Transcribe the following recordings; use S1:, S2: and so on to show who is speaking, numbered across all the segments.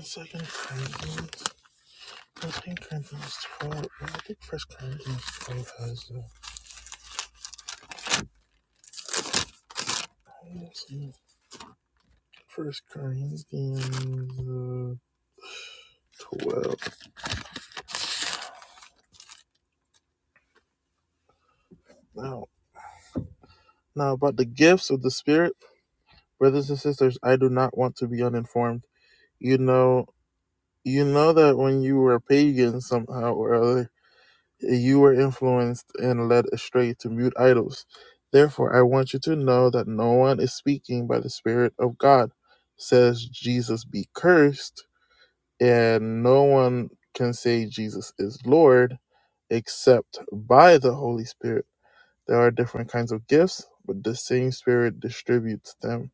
S1: Second Corinthians, well, Second Corinthians twelve. well, I think First Corinthians twelve has the highest. First Corinthians uh, twelve. Now, now about the gifts of the Spirit, brothers and sisters, I do not want to be uninformed. You know, you know that when you were pagans, somehow or other you were influenced and led astray to mute idols. Therefore, I want you to know that no one is speaking by the Spirit of God, says Jesus be cursed, and no one can say Jesus is Lord except by the Holy Spirit. There are different kinds of gifts, but the same Spirit distributes them.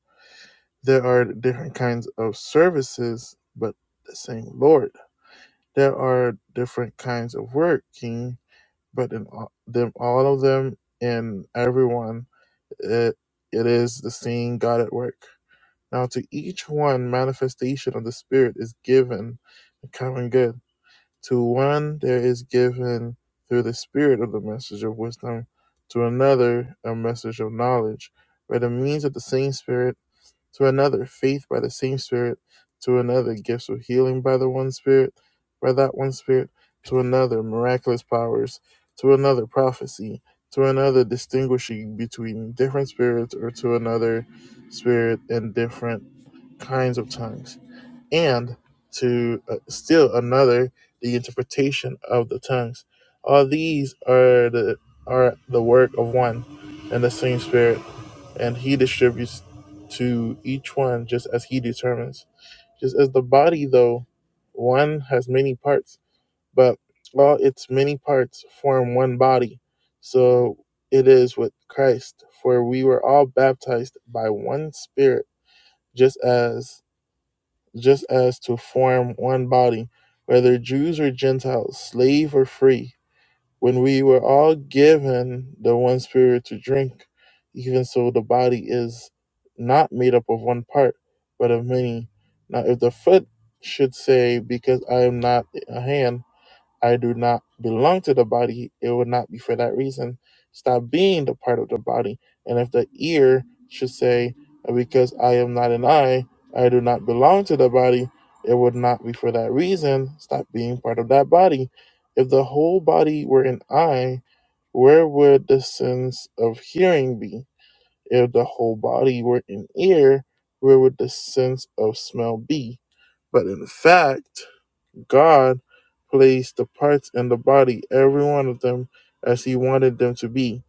S1: There are different kinds of services, but the same Lord. There are different kinds of working but in all, them, all of them, in everyone, it, it is the same God at work. Now, to each one, manifestation of the Spirit is given a common good. To one, there is given through the Spirit of the message of wisdom, to another, a message of knowledge, by the means of the same Spirit to another faith by the same Spirit, to another gifts of healing by the one Spirit, by that one Spirit, to another miraculous powers, to another prophecy, to another distinguishing between different spirits, or to another Spirit and different kinds of tongues, and to uh, still another the interpretation of the tongues. All these are the are the work of one and the same Spirit and he distributes to each one just as he determines. Just as the body, though one has many parts, but all its many parts form one body, so it is with Christ. For we were all baptized by one Spirit, just as just as to form one body, whether Jews or Gentiles, slave or free when we were all given the one spirit to drink, even so the body is not made up of one part, but of many. Now, if the foot should say, Because I am not a hand, I do not belong to the body, it would not be for that reason. Stop being the part of the body. And if the ear should say, Because I am not an eye, I do not belong to the body, it would not be for that reason. Stop being part of that body. If the whole body were an eye, where would the sense of hearing be? If the whole body were an ear, where would the sense of smell be? But in fact, God placed the parts in the body, every one of them, as He wanted them to be.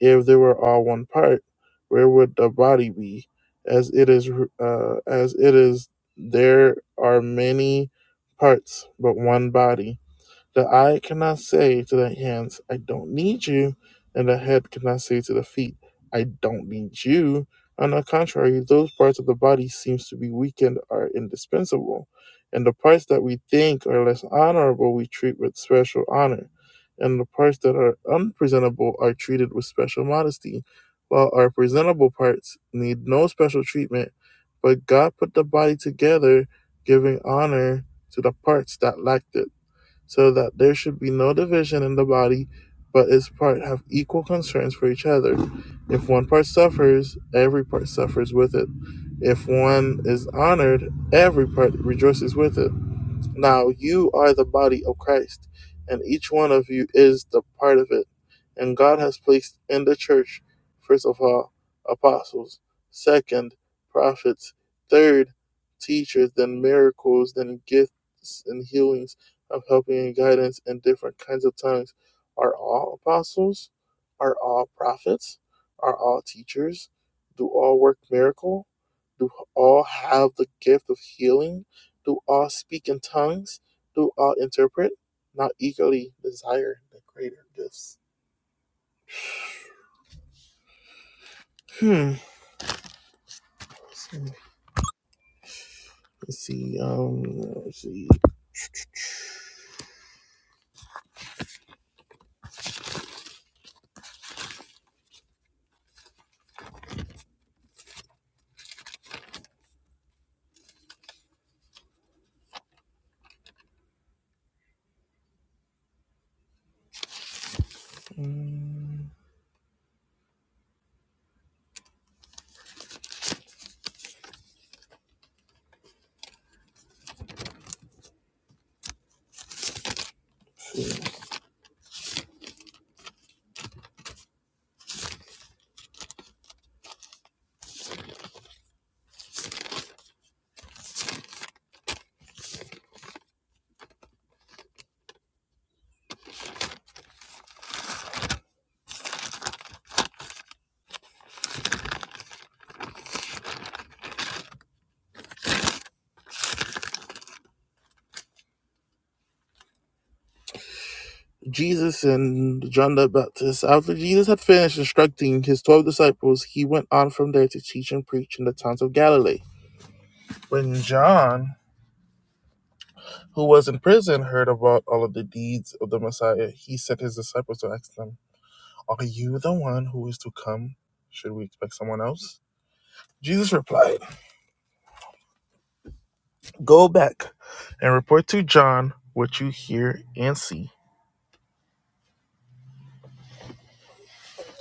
S1: If they were all one part, where would the body be? As it is, uh, as it is, there are many parts, but one body. The eye cannot say to the hands, I don't need you, and the head cannot say to the feet, I don't need you. On the contrary, those parts of the body seems to be weakened are indispensable, and the parts that we think are less honorable we treat with special honor, and the parts that are unpresentable are treated with special modesty, while our presentable parts need no special treatment. But God put the body together, giving honor to the parts that lacked it so that there should be no division in the body, but its part have equal concerns for each other. If one part suffers, every part suffers with it. If one is honored, every part rejoices with it. Now you are the body of Christ, and each one of you is the part of it. And God has placed in the church, first of all, apostles, second, prophets, third, teachers, then miracles, then gifts and healings of helping and guidance in different kinds of tongues. Are all apostles? Are all prophets? Are all teachers? Do all work miracle? Do all have the gift of healing? Do all speak in tongues? Do all interpret? Not eagerly desire the greater gifts. Hmm. Let's see. Um. Let's see. Mm. Jesus and John the Baptist. After Jesus had finished instructing his twelve disciples, he went on from there to teach and preach in the towns of Galilee. When John, who was in prison, heard about all of the deeds of the Messiah, he sent his disciples to ask them, "Are you the one who is to come? Should we expect someone else?" Jesus replied, Go back and report to John what you hear and see.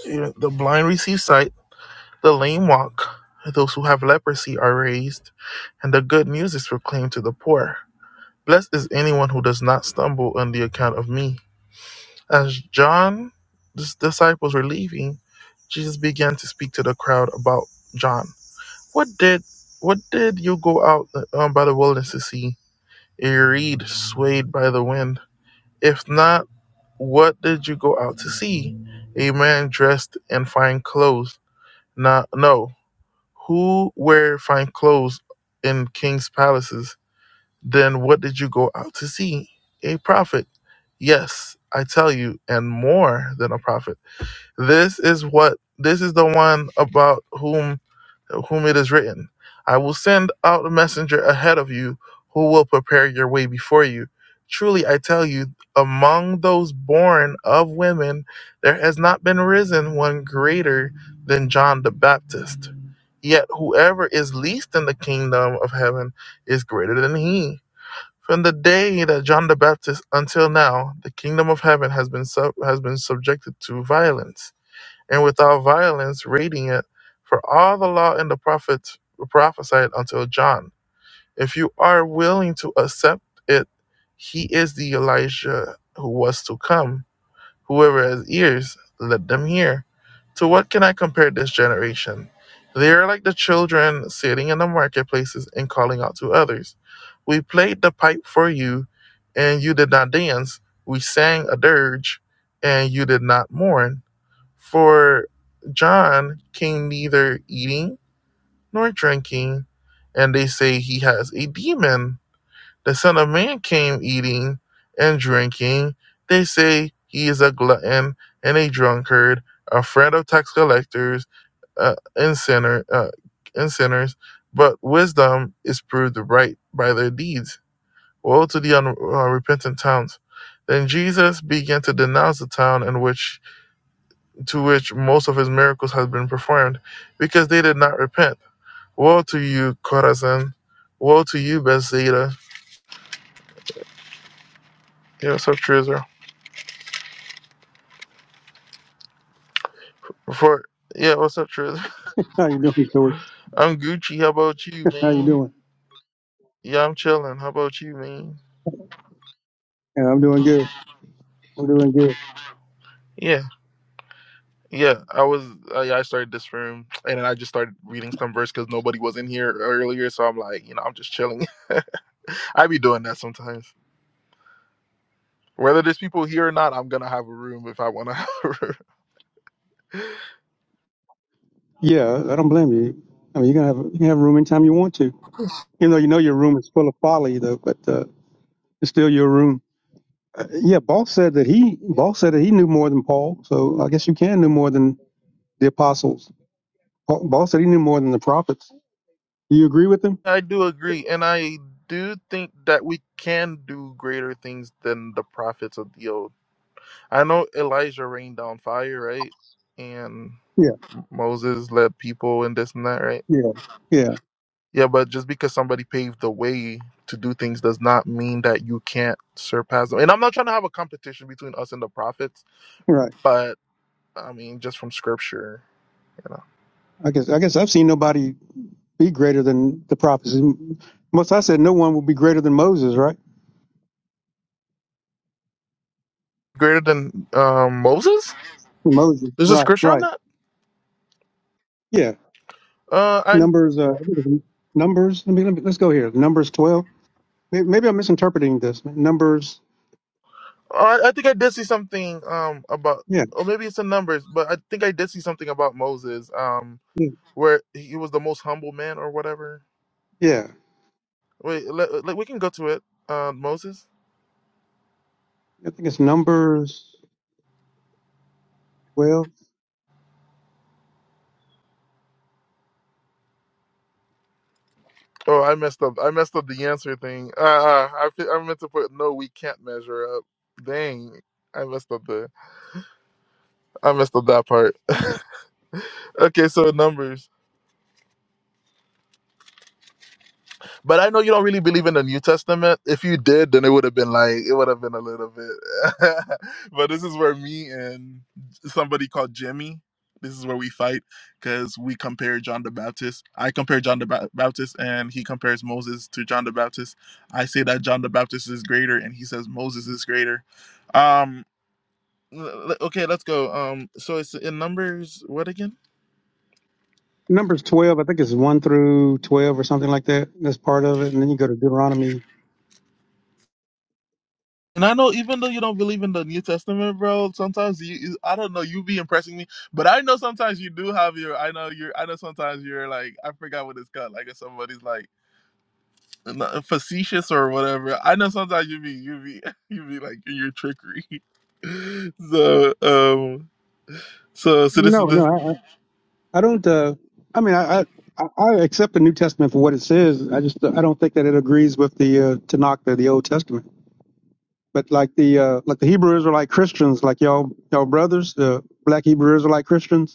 S1: Yeah, The blind receive sight, the lame walk, those who have leprosy are raised, and the good news is proclaimed to the poor. Blessed is anyone who does not stumble on the account of me. As John's disciples were leaving, Jesus began to speak to the crowd about John. What did what did you go out um, by the wilderness to see? A reed swayed by the wind. If not, What did you go out to see? A man dressed in fine clothes. Not, no. Who wear fine clothes in king's palaces? Then what did you go out to see? A prophet. Yes, I tell you, and more than a prophet. This is what this is the one about whom whom it is written, I will send out a messenger ahead of you who will prepare your way before you. Truly I tell you, among those born of women there has not been risen one greater than John the Baptist. Yet whoever is least in the kingdom of heaven is greater than he. From the day that John the Baptist until now, the kingdom of heaven has been sub- has been subjected to violence and without violence, radiant, for all the law and the prophets were prophesied until John. If you are willing to accept it, he is the Elijah who was to come. Whoever has ears, let them hear. To what can I compare this generation? They are like the children sitting in the marketplaces and calling out to others. We played the pipe for you, and you did not dance. We sang a dirge, and you did not mourn. For John came neither eating nor drinking, and they say he has a demon. The Son of Man came eating and drinking. They say he is a glutton and a drunkard, a friend of tax collectors uh, and sinner uh, and sinners. But wisdom is proved right by their deeds. Woe to the unrepentant towns! Then Jesus began to denounce the town in which to which most of his miracles had been performed, because they did not repent. Woe to you, Chorazin! Woe to you, Bethsaida! Yeah, what's up, Trizzer? Before, yeah, what's up, Trizzer?
S2: How you doing, Joey?
S1: I'm Gucci. How about you,
S2: How you
S1: man?
S2: doing?
S1: Yeah, I'm chilling. How about you, man?
S2: Yeah, I'm doing good. I'm doing good.
S1: Yeah, yeah. I was, uh, yeah, I started this room, and then I just started reading some verse because nobody was in here earlier, so I'm like, you know, I'm just chilling. I be doing that sometimes. Whether there's people here or not, I'm gonna have a room if I want to have a room.
S2: Yeah, I don't blame you. I mean, you can have you can have room anytime you want to, even though you know your room is full of folly, though. But uh, it's still your room. Uh, yeah, Paul said that he Paul said that he knew more than Paul, so I guess you can know more than the apostles. Paul, Paul said he knew more than the prophets. Do you agree with him?
S1: I do agree, and I do think that we can do greater things than the prophets of the old. I know Elijah rained down fire, right? And
S2: Yeah,
S1: Moses led people and this and that, right?
S2: yeah, yeah.
S1: Yeah, but just because somebody paved the way to do things does not mean that you can't surpass them. And I'm not trying to have a competition between us and the prophets,
S2: Right.
S1: but I mean, just from scripture, you know,
S2: I guess I guess I've seen nobody be greater than the prophets. Most I said no one will be greater than Moses, right?
S1: greater than um, Moses.
S2: Moses.
S1: There's a
S2: Right.
S1: scripture on
S2: Right.
S1: that.
S2: Yeah.
S1: Uh, I
S2: Numbers, uh, numbers. Let me, let me let's go here. Numbers twelve. Maybe, maybe I'm misinterpreting this. Numbers.
S1: I, I think I did see something um about,
S2: Yeah,
S1: or maybe it's the numbers, but I think I did see something about Moses, um,
S2: yeah,
S1: where he was the most humble man or whatever.
S2: yeah.
S1: Wait, let, let- we can go to it. Uh, Moses.
S2: I think it's numbers twelve.
S1: Oh, I messed up. I messed up the answer thing. Uh, uh, I fe- I meant to put no. We can't measure up. Dang, I messed up the. I messed up that part. Okay, so numbers. But I know you don't really believe in the New Testament. If you did, then it would have been like it would have been a little bit. but this is where me and somebody called Jimmy, this is where we fight because we compare John the Baptist. I compare John the Ba- Baptist, and he compares Moses to John the Baptist. I say that John the Baptist is greater, and he says Moses is greater. Um, l- l- okay, let's go. Um, so it's in Numbers. What again?
S2: Numbers twelve. I think it's one through twelve or something like that. That's part of it, and then you go to Deuteronomy.
S1: And I know, even though you don't believe in the New Testament, bro, sometimes you, I don't know, you be impressing me. But I know sometimes you do have your, I know you're, I know sometimes you're like, I forgot what it's called. Like if somebody's like not- facetious or whatever. I know sometimes you be, you be, you be like in your trickery. so, um, so, so this is
S2: No, no,
S1: this.
S2: I, I I don't. Uh, I mean, I, I I I accept the New Testament for what it says. I just I don't think that it agrees with the uh, Tanakh, the, the Old Testament. But like the uh, like the Hebrew Israelite Christians, like y'all y'all brothers, the black Hebrew Israelite Christians.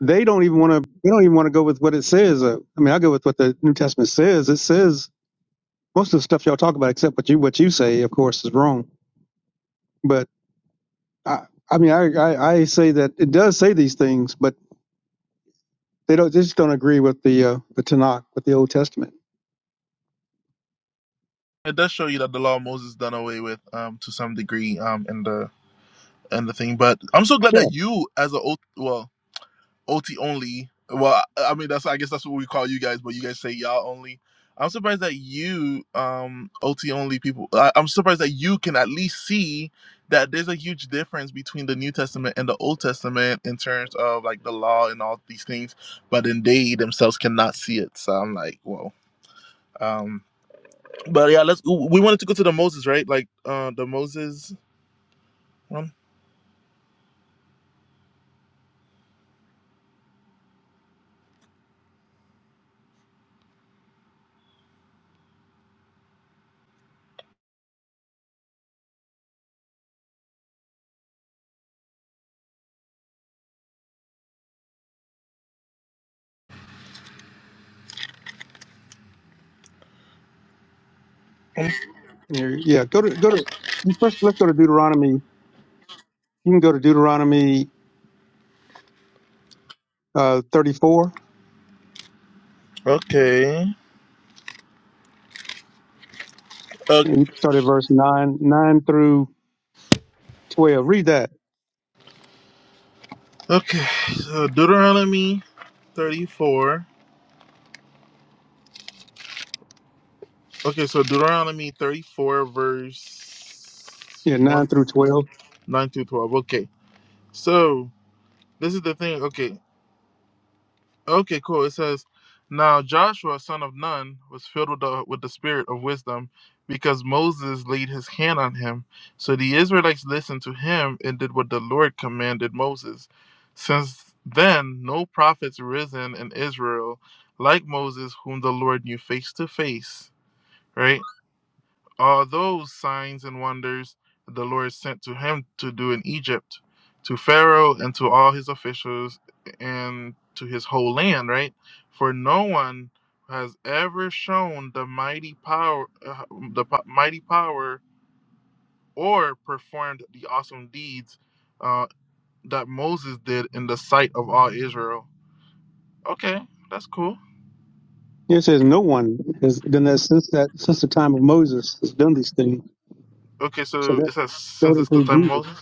S2: they don't even want to they don't even want to go with what it says uh, i mean i go with what the new testament says it says most of the stuff y'all talk about except what you what you say of course is wrong but i i mean i i, I say that it does say these things but they don't they just don't agree with the uh the tanakh with the old testament
S1: It does show you that the law of Moses is done away with, um, to some degree, um, in the in the thing. But I'm so glad
S2: yeah
S1: that you, as a old, well. OT only. Well, I mean that's I guess that's what we call you guys, but you guys say y'all only. I'm surprised that you um OT only people. I, I'm surprised that you can at least see that there's a huge difference between the New Testament and the Old Testament in terms of like the law and all these things, but then they themselves cannot see it. So I'm like, whoa. Um, but yeah, let's. We wanted to go to the Moses, right? Like uh the Moses one.
S2: yeah yeah. go to go to you first let's go to deuteronomy you can go to deuteronomy uh 34
S1: Okay. Okay.
S2: and you can start at verse 9 9 through 12 read that
S1: Okay. So Deuteronomy 34. Okay, so Deuteronomy 34, verse
S2: yeah
S1: 1
S2: 9
S1: to
S2: through
S1: 2,
S2: 12
S1: 9 to 12. Okay, so this is the thing. Okay, okay, cool. It says, Now Joshua, son of Nun, was filled with the, with the spirit of wisdom because Moses laid his hand on him. So the Israelites listened to him and did what the Lord commanded Moses. Since then, no prophets risen in Israel like Moses, whom the Lord knew face to face. Right? All those signs and wonders the Lord sent to him to do in Egypt, to Pharaoh and to all his officials and to his whole land, right? For no one has ever shown the mighty power, uh, the po- mighty power, or performed the awesome deeds uh, that Moses did in the sight of all Israel. Okay, that's cool.
S2: It says no one has done that since that since the time of Moses has done these things.
S1: Okay,
S2: So
S1: so
S2: that
S1: it says
S2: that
S1: since
S2: would
S1: it's the
S2: include
S1: time of
S2: Jesus,
S1: Moses.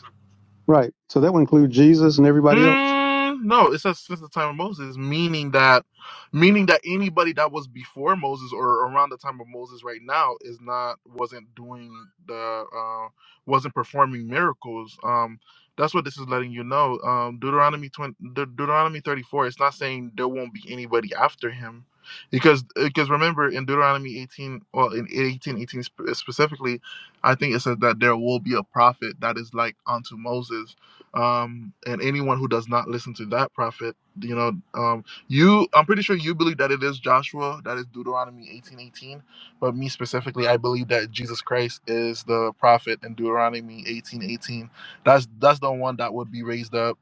S2: right? So that would include Jesus and everybody else.
S1: Mm, no, it says since the time of Moses, meaning that, meaning that anybody that was before Moses or around the time of Moses right now is not wasn't doing the uh, wasn't performing miracles. Um, that's what this is letting you know. Um, Deuteronomy twenty, De- Deuteronomy thirty four. It's not saying there won't be anybody after him, because because remember in Deuteronomy eighteen, well in eighteen eighteen spe- specifically, I think it says that there will be a prophet that is like unto Moses um, and anyone who does not listen to that prophet, you know, um, you, I'm pretty sure you believe that it is Joshua, that is Deuteronomy 18 18. But me specifically, I believe that Jesus Christ is the prophet in Deuteronomy 18 18. That's that's the one that would be raised up,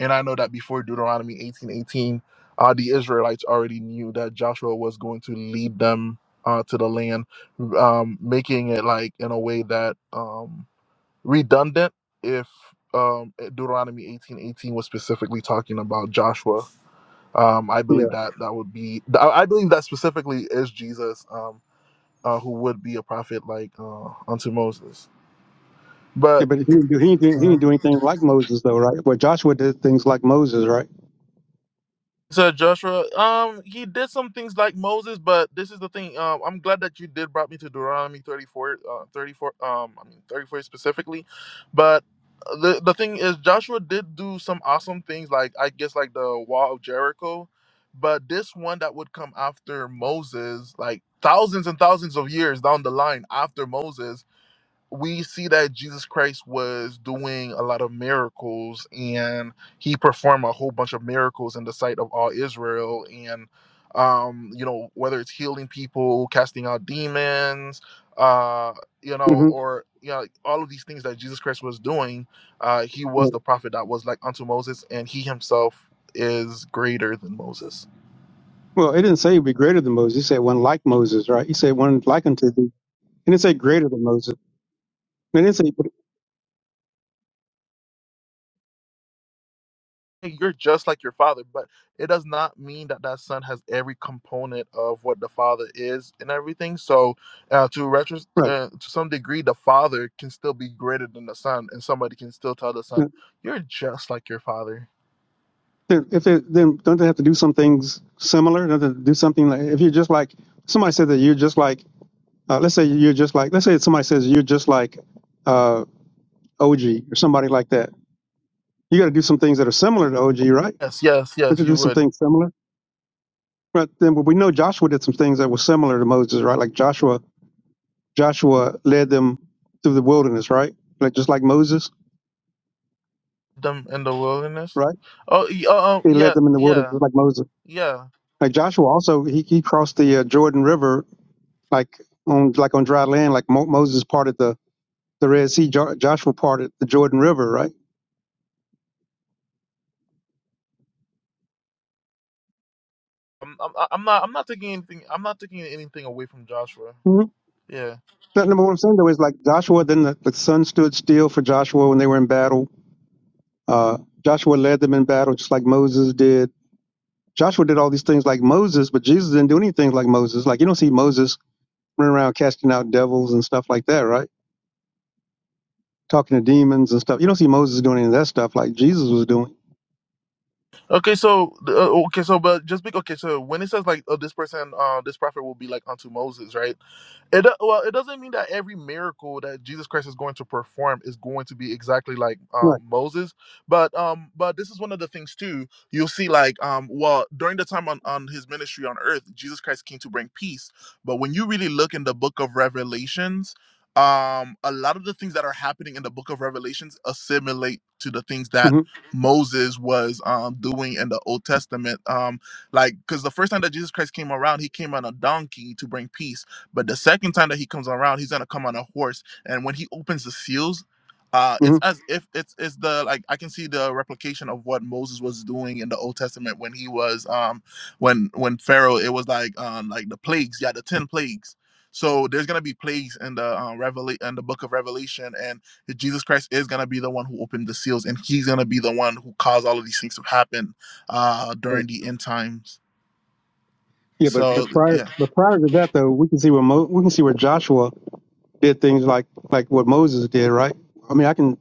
S1: and I know that before Deuteronomy 18 18, uh, the Israelites already knew that Joshua was going to lead them uh, to the land, um, making it like in a way that. Um, redundant if um, eh, Deuteronomy eighteen eighteen was specifically talking about Joshua. Um, I
S2: Yeah,
S1: believe that that would be, I I believe that specifically is Jesus um, uh, who would be a prophet like uh, unto Moses.
S2: Yeah,
S1: But,
S2: but he didn't do he didn't, he
S1: uh-huh.
S2: didn't do anything like Moses though, right? Well, Joshua did things like Moses, right?
S1: So Joshua, um, he did some things like Moses, but this is the thing. Um, I'm glad that you did brought me to Deuteronomy 34, uh, 34, um, I mean 34 specifically, but uh, the the thing is Joshua did do some awesome things, like I guess like the Wall of Jericho, but this one that would come after Moses, like thousands and thousands of years down the line after Moses we see that Jesus Christ was doing a lot of miracles and he performed a whole bunch of miracles in the sight of all Israel and um you know whether it's healing people casting out demons uh you
S2: mm
S1: know
S2: hmm
S1: or you know all of these things that Jesus Christ was doing uh he was the prophet that was like unto Moses and he himself is greater than Moses
S2: Well, it didn't say he'd be greater than Moses. He said one like Moses, right? He said one like unto thee. And it said greater than Moses. And it said
S1: you're just like your father, but it does not mean that that son has every component of what the father is and everything. So, uh, to retro,
S2: right.
S1: uh, to some degree, the father can still be greater than the son, and somebody can still tell the
S2: Yeah.
S1: son, "You're just like your father."
S2: Then- If they, then don't they have to do some things similar? Don't they have to do something like, if you're just like, somebody said that you're just like, uh, let's say you're just like, let's say somebody says you're just like uh, OG or somebody like that. You got to do some things that are similar to OG, right?
S1: Yes, yes,
S2: Don't
S1: yes,
S2: you
S1: you
S2: do some
S1: would.
S2: things similar? Right. Then but we know Joshua did some things that were similar to Moses, right? Like Joshua, Joshua led them through the wilderness, right? Like just like Moses
S1: them in the wilderness.
S2: right?
S1: Oh, y- uh, um,
S2: He led
S1: yeah,
S2: them in the wilderness
S1: yeah,
S2: like Moses.
S1: yeah.
S2: Like Joshua also, he, he crossed the uh, Jordan River like on like on dry land, like Mo- Moses parted the the Red Sea. Jo- Joshua parted the Jordan River, right?
S1: I'm, I'm, I'm not, I'm not taking anything. I'm not taking anything away from Joshua.
S2: Mm-hmm.
S1: Yeah.
S2: That number one I'm saying though is like Joshua. Then the, the sun stood still for Joshua when they were in battle. Uh, Joshua led them in battle just like Moses did. Joshua did all these things like Moses, but Jesus didn't do anything like Moses. Like you don't see Moses running around casting out devils and stuff like that, right? Talking to demons and stuff. You don't see Moses doing any of that stuff like Jesus was doing.
S1: Okay. So, uh, okay. So, but just be. Okay. So, when it says like, oh, this person, uh, this prophet will be like unto Moses, right? It do- well, it doesn't mean that every miracle that Jesus Christ is going to perform is going to be exactly like um,
S2: Right.
S1: Moses, but um, but this is one of the things too. You'll see, like um, well, during the time on on his ministry on earth, Jesus Christ came to bring peace. But when you really look in the book of Revelations, um, a lot of the things that are happening in the book of Revelations assimilate to the things that
S2: hmm
S1: Moses was um doing in the Old Testament. Um, like because the first time that Jesus Christ came around, he came on a donkey to bring peace but the second time that he comes around, he's gonna come on a horse, and when he opens the seals, uh, it's
S2: hmm
S1: as if it's it's the like I can see the replication of what Moses was doing in the Old Testament when he was um when when Pharaoh it was like um like the plagues yeah the ten plagues. So there's gonna be plagues in the uh, revelation in the book of Revelation, and Jesus Christ is gonna be the one who opened the seals, and he's gonna be the one who caused all of these things to happen uh during the end times.
S2: Yeah, but
S1: So
S2: but prior
S1: yeah.
S2: but prior to that though, we can see where Mo, we can see where Joshua did things like like what Moses did, right? I mean, I can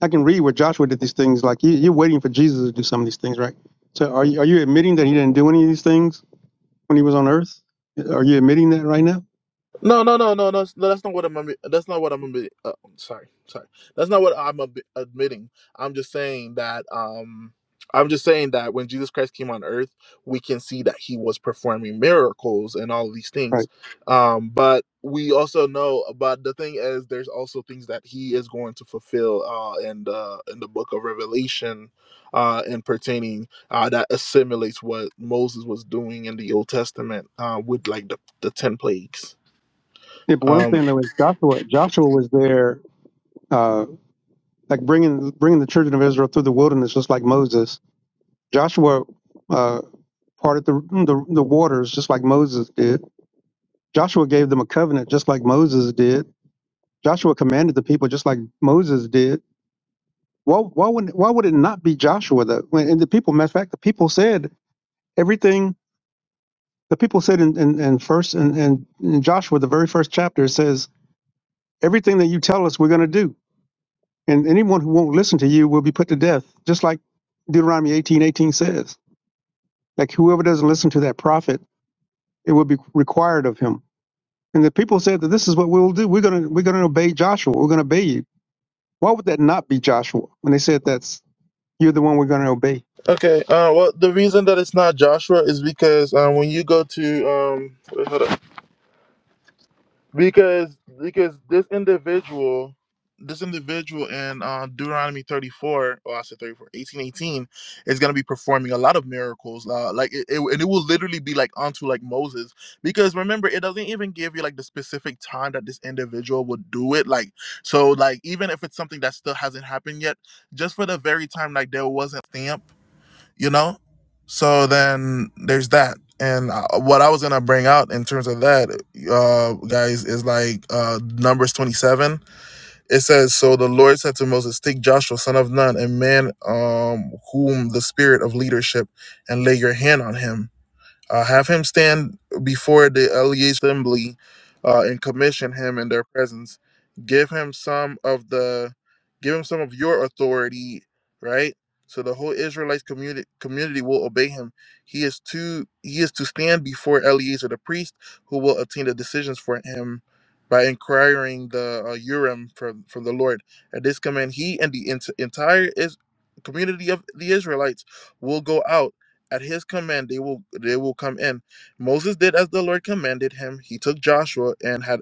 S2: I can read where Joshua did these things. Like you, you're waiting for Jesus to do some of these things, right? So are you are you admitting that he didn't do any of these things when he was on Earth? Are you admitting that right now?
S1: No, no, no, no, no. That's no, that's not what I'm. admi- That's not what I'm. admi- Uh, sorry, sorry. That's not what I'm ab- admitting. I'm just saying that. Um, I'm just saying that when Jesus Christ came on Earth, we can see that he was performing miracles and all these things.
S2: Right.
S1: Um, but we also know. But the thing is, there's also things that he is going to fulfill. Uh, in the in the Book of Revelation, uh, and pertaining uh, that assimilates what Moses was doing in the Old Testament. Uh, with like the the ten plagues.
S2: Yeah, but what I'm
S1: Um,
S2: saying though is Joshua Joshua was there, uh, like bringing bringing the children of Israel through the wilderness, just like Moses Joshua uh, parted the, the the waters just like Moses did. Joshua gave them a covenant just like Moses did. Joshua commanded the people just like Moses did. Why why would why would it not be Joshua though? When- And the people, matter of fact, the people said everything. The people said in in, in first and in, in, in Joshua, the very first chapter, it says everything that you tell us, we're going to do. And anyone who won't listen to you will be put to death, just like Deuteronomy eighteen eighteen says. Like whoever doesn't listen to that prophet, it will be required of him And the people said that this is what we will do. We're gonna we're gonna obey Joshua. We're gonna obey you. Why would that not be Joshua when they said that's you're the one we're gonna obey?
S1: okay. Uh, well, the reason that it's not Joshua is because uh, when you go to um, wait, hold up. because because this individual, this individual in uh, Deuteronomy 34, or I said 34, 18, eighteen, is going to be performing a lot of miracles. Uh, like it, it, and it will literally be like onto like Moses. Because remember, it doesn't even give you like the specific time that this individual would do it. Like so, like even if it's something that still hasn't happened yet, just for the very time like there wasn't stamp. you know so then there's that and uh, what i was gonna bring out in terms of that uh guys is like uh numbers 27 it says so the lord said to moses take joshua son of nun a man um whom the spirit of leadership and lay your hand on him uh, have him stand before the LEA assembly uh, and commission him in their presence. Give him some of the, give him some of your authority, right? So the whole Israelite community community will obey him. He is to he is to stand before Eleazar the priest, who will obtain the decisions for him by inquiring the uh, Urim from from the Lord. At this command, he and the ent- entire is community of the Israelites will go out at his command they will they will come in moses did as the lord commanded him he took joshua and had